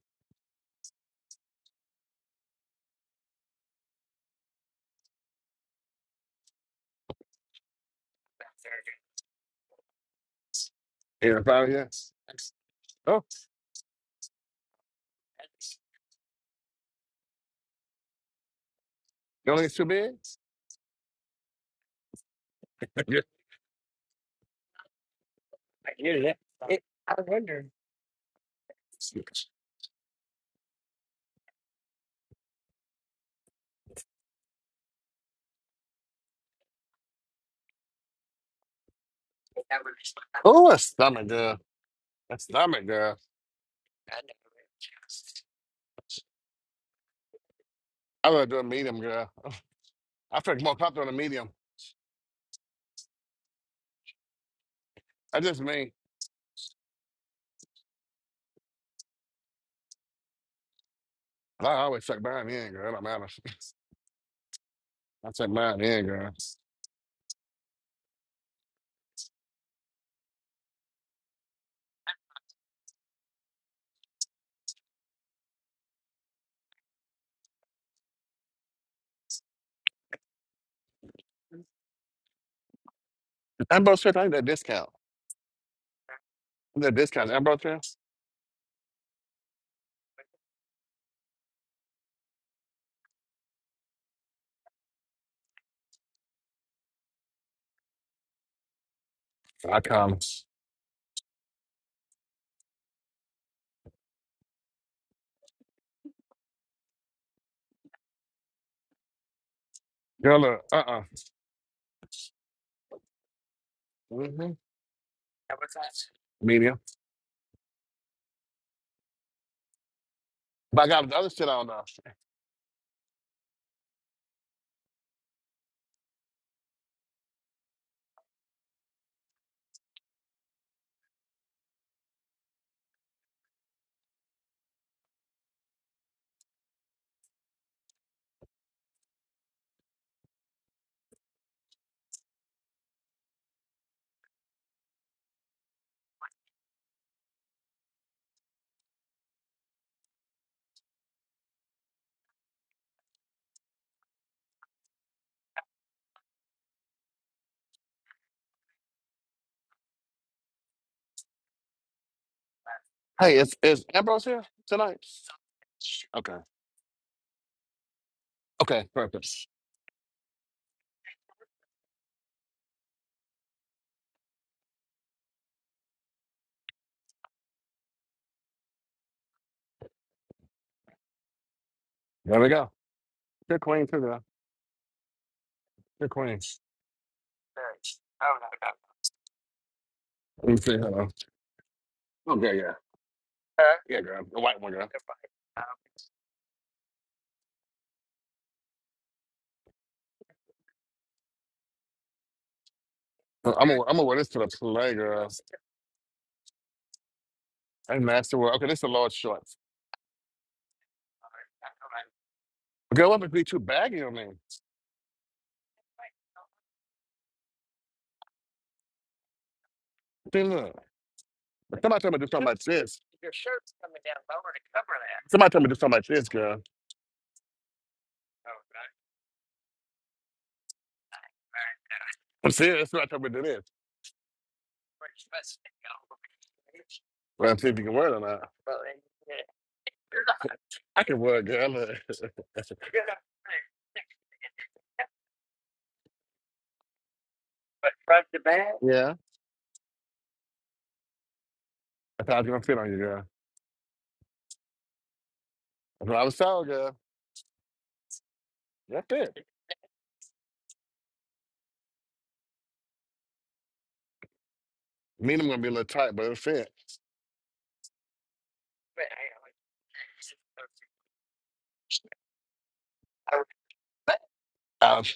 Speaker 1: Here, if I here. Oh, you don't think it's too big? [LAUGHS] Yeah. Oh, a stomach, girl. A stomach, girl. I would do a medium, girl. I feel more comfortable in a medium. I just mean, I always check mine in, girl. It don't matter. [LAUGHS] I check mine in, girl. Ambrose Church, I need that discount. That discount, Ambrose Church. I come. Girl, look, uh-uh. Mm, Medium. But I got the other shit on, though. Hey, is, is Ambrose here tonight? Okay. Okay, perfect. There we go. They're queens too, though. They're queens. Let me see. Hold on. Okay, yeah. Huh? Yeah, girl. The white one, girl. Uh, I'm gonna I'm gonna wear this to the play, girl. And master wear. Okay, this is the large shorts. Girl, I'm gonna be too baggy on me? See, look. Somebody told me to do something like this. Somebody told me to do something like this, girl. I'm serious. Somebody told me to do this. Well, I'm see if you can wear it or not. I can wear it, girl. Look. [LAUGHS] yeah. I thought I was gonna fit on you, girl. That's what I was told, girl. That fit. Me them gonna be a little tight, but it'll fit. Um, is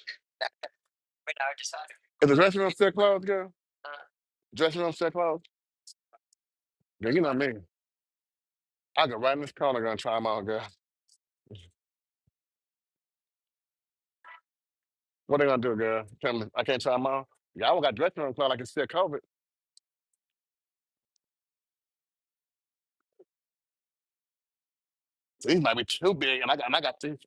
Speaker 1: the dressing room still closed, girl? Dressing room still closed? Girl, you know me. I go right in this corner, gonna try them on, girl. What they gonna do, girl? Tell me, I can't try them on. Y'all got dressing room clothes. I can still COVID. These might be too big, and I got, and I got these.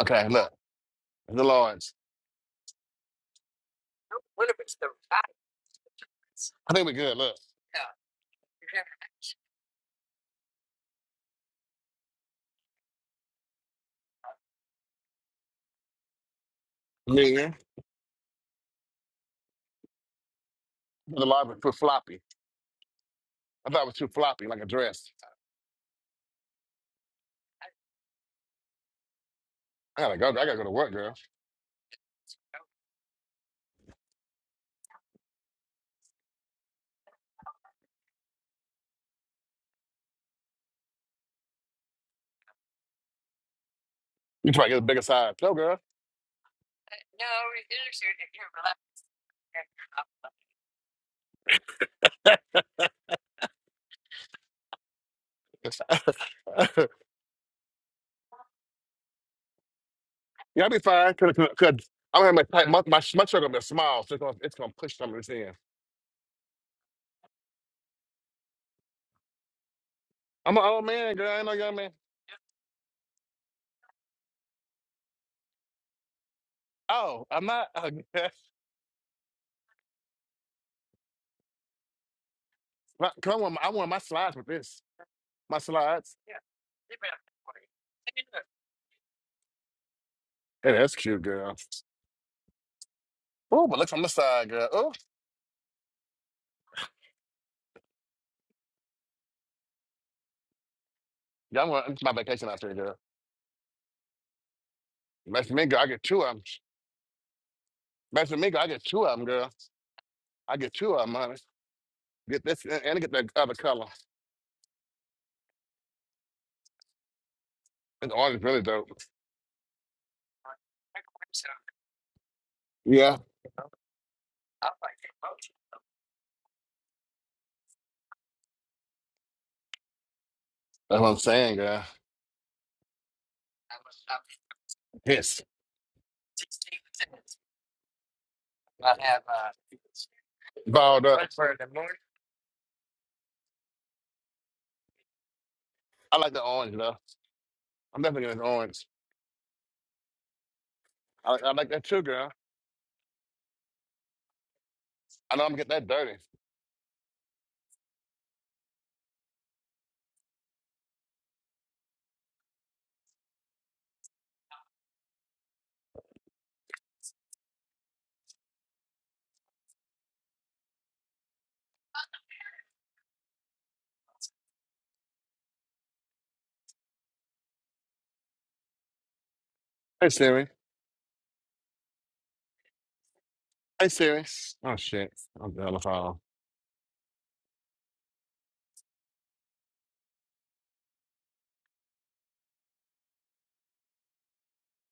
Speaker 1: Okay, look, the large. I think we good. Look, Yeah. the large was too floppy. I thought it was too floppy, like a dress. I gotta go. I gotta go to work, girl. You try to get a bigger size, no, girl. [LAUGHS] yeah, i be fine. Cause, cause, 'cause I'm gonna have my tight. My my, my shirt gonna be small, so it's gonna, it's gonna push some of this in. I'm an old man, girl. I ain't no young man. Oh, I'm not. [LAUGHS] Uh, I want I want my slides with this. my slides. Hey, that's cute, girl. Oh, but look from the side, girl. Oh, y'all want it's my vacation out there, girl. Nice to girl. I get two of them. Nice to girl. I get two of them, girl. I get two of them, honey. Get this and, and get that other color. This orange is really dope. Yeah, that's what I'm saying, girl. Yes, balled up. That's for the morning. I like the orange though. I'm definitely getting this orange. I like, I like that too, girl. I know I'm gonna get that dirty. Hey Siri. Hey Siri. Oh shit. I'm done with all.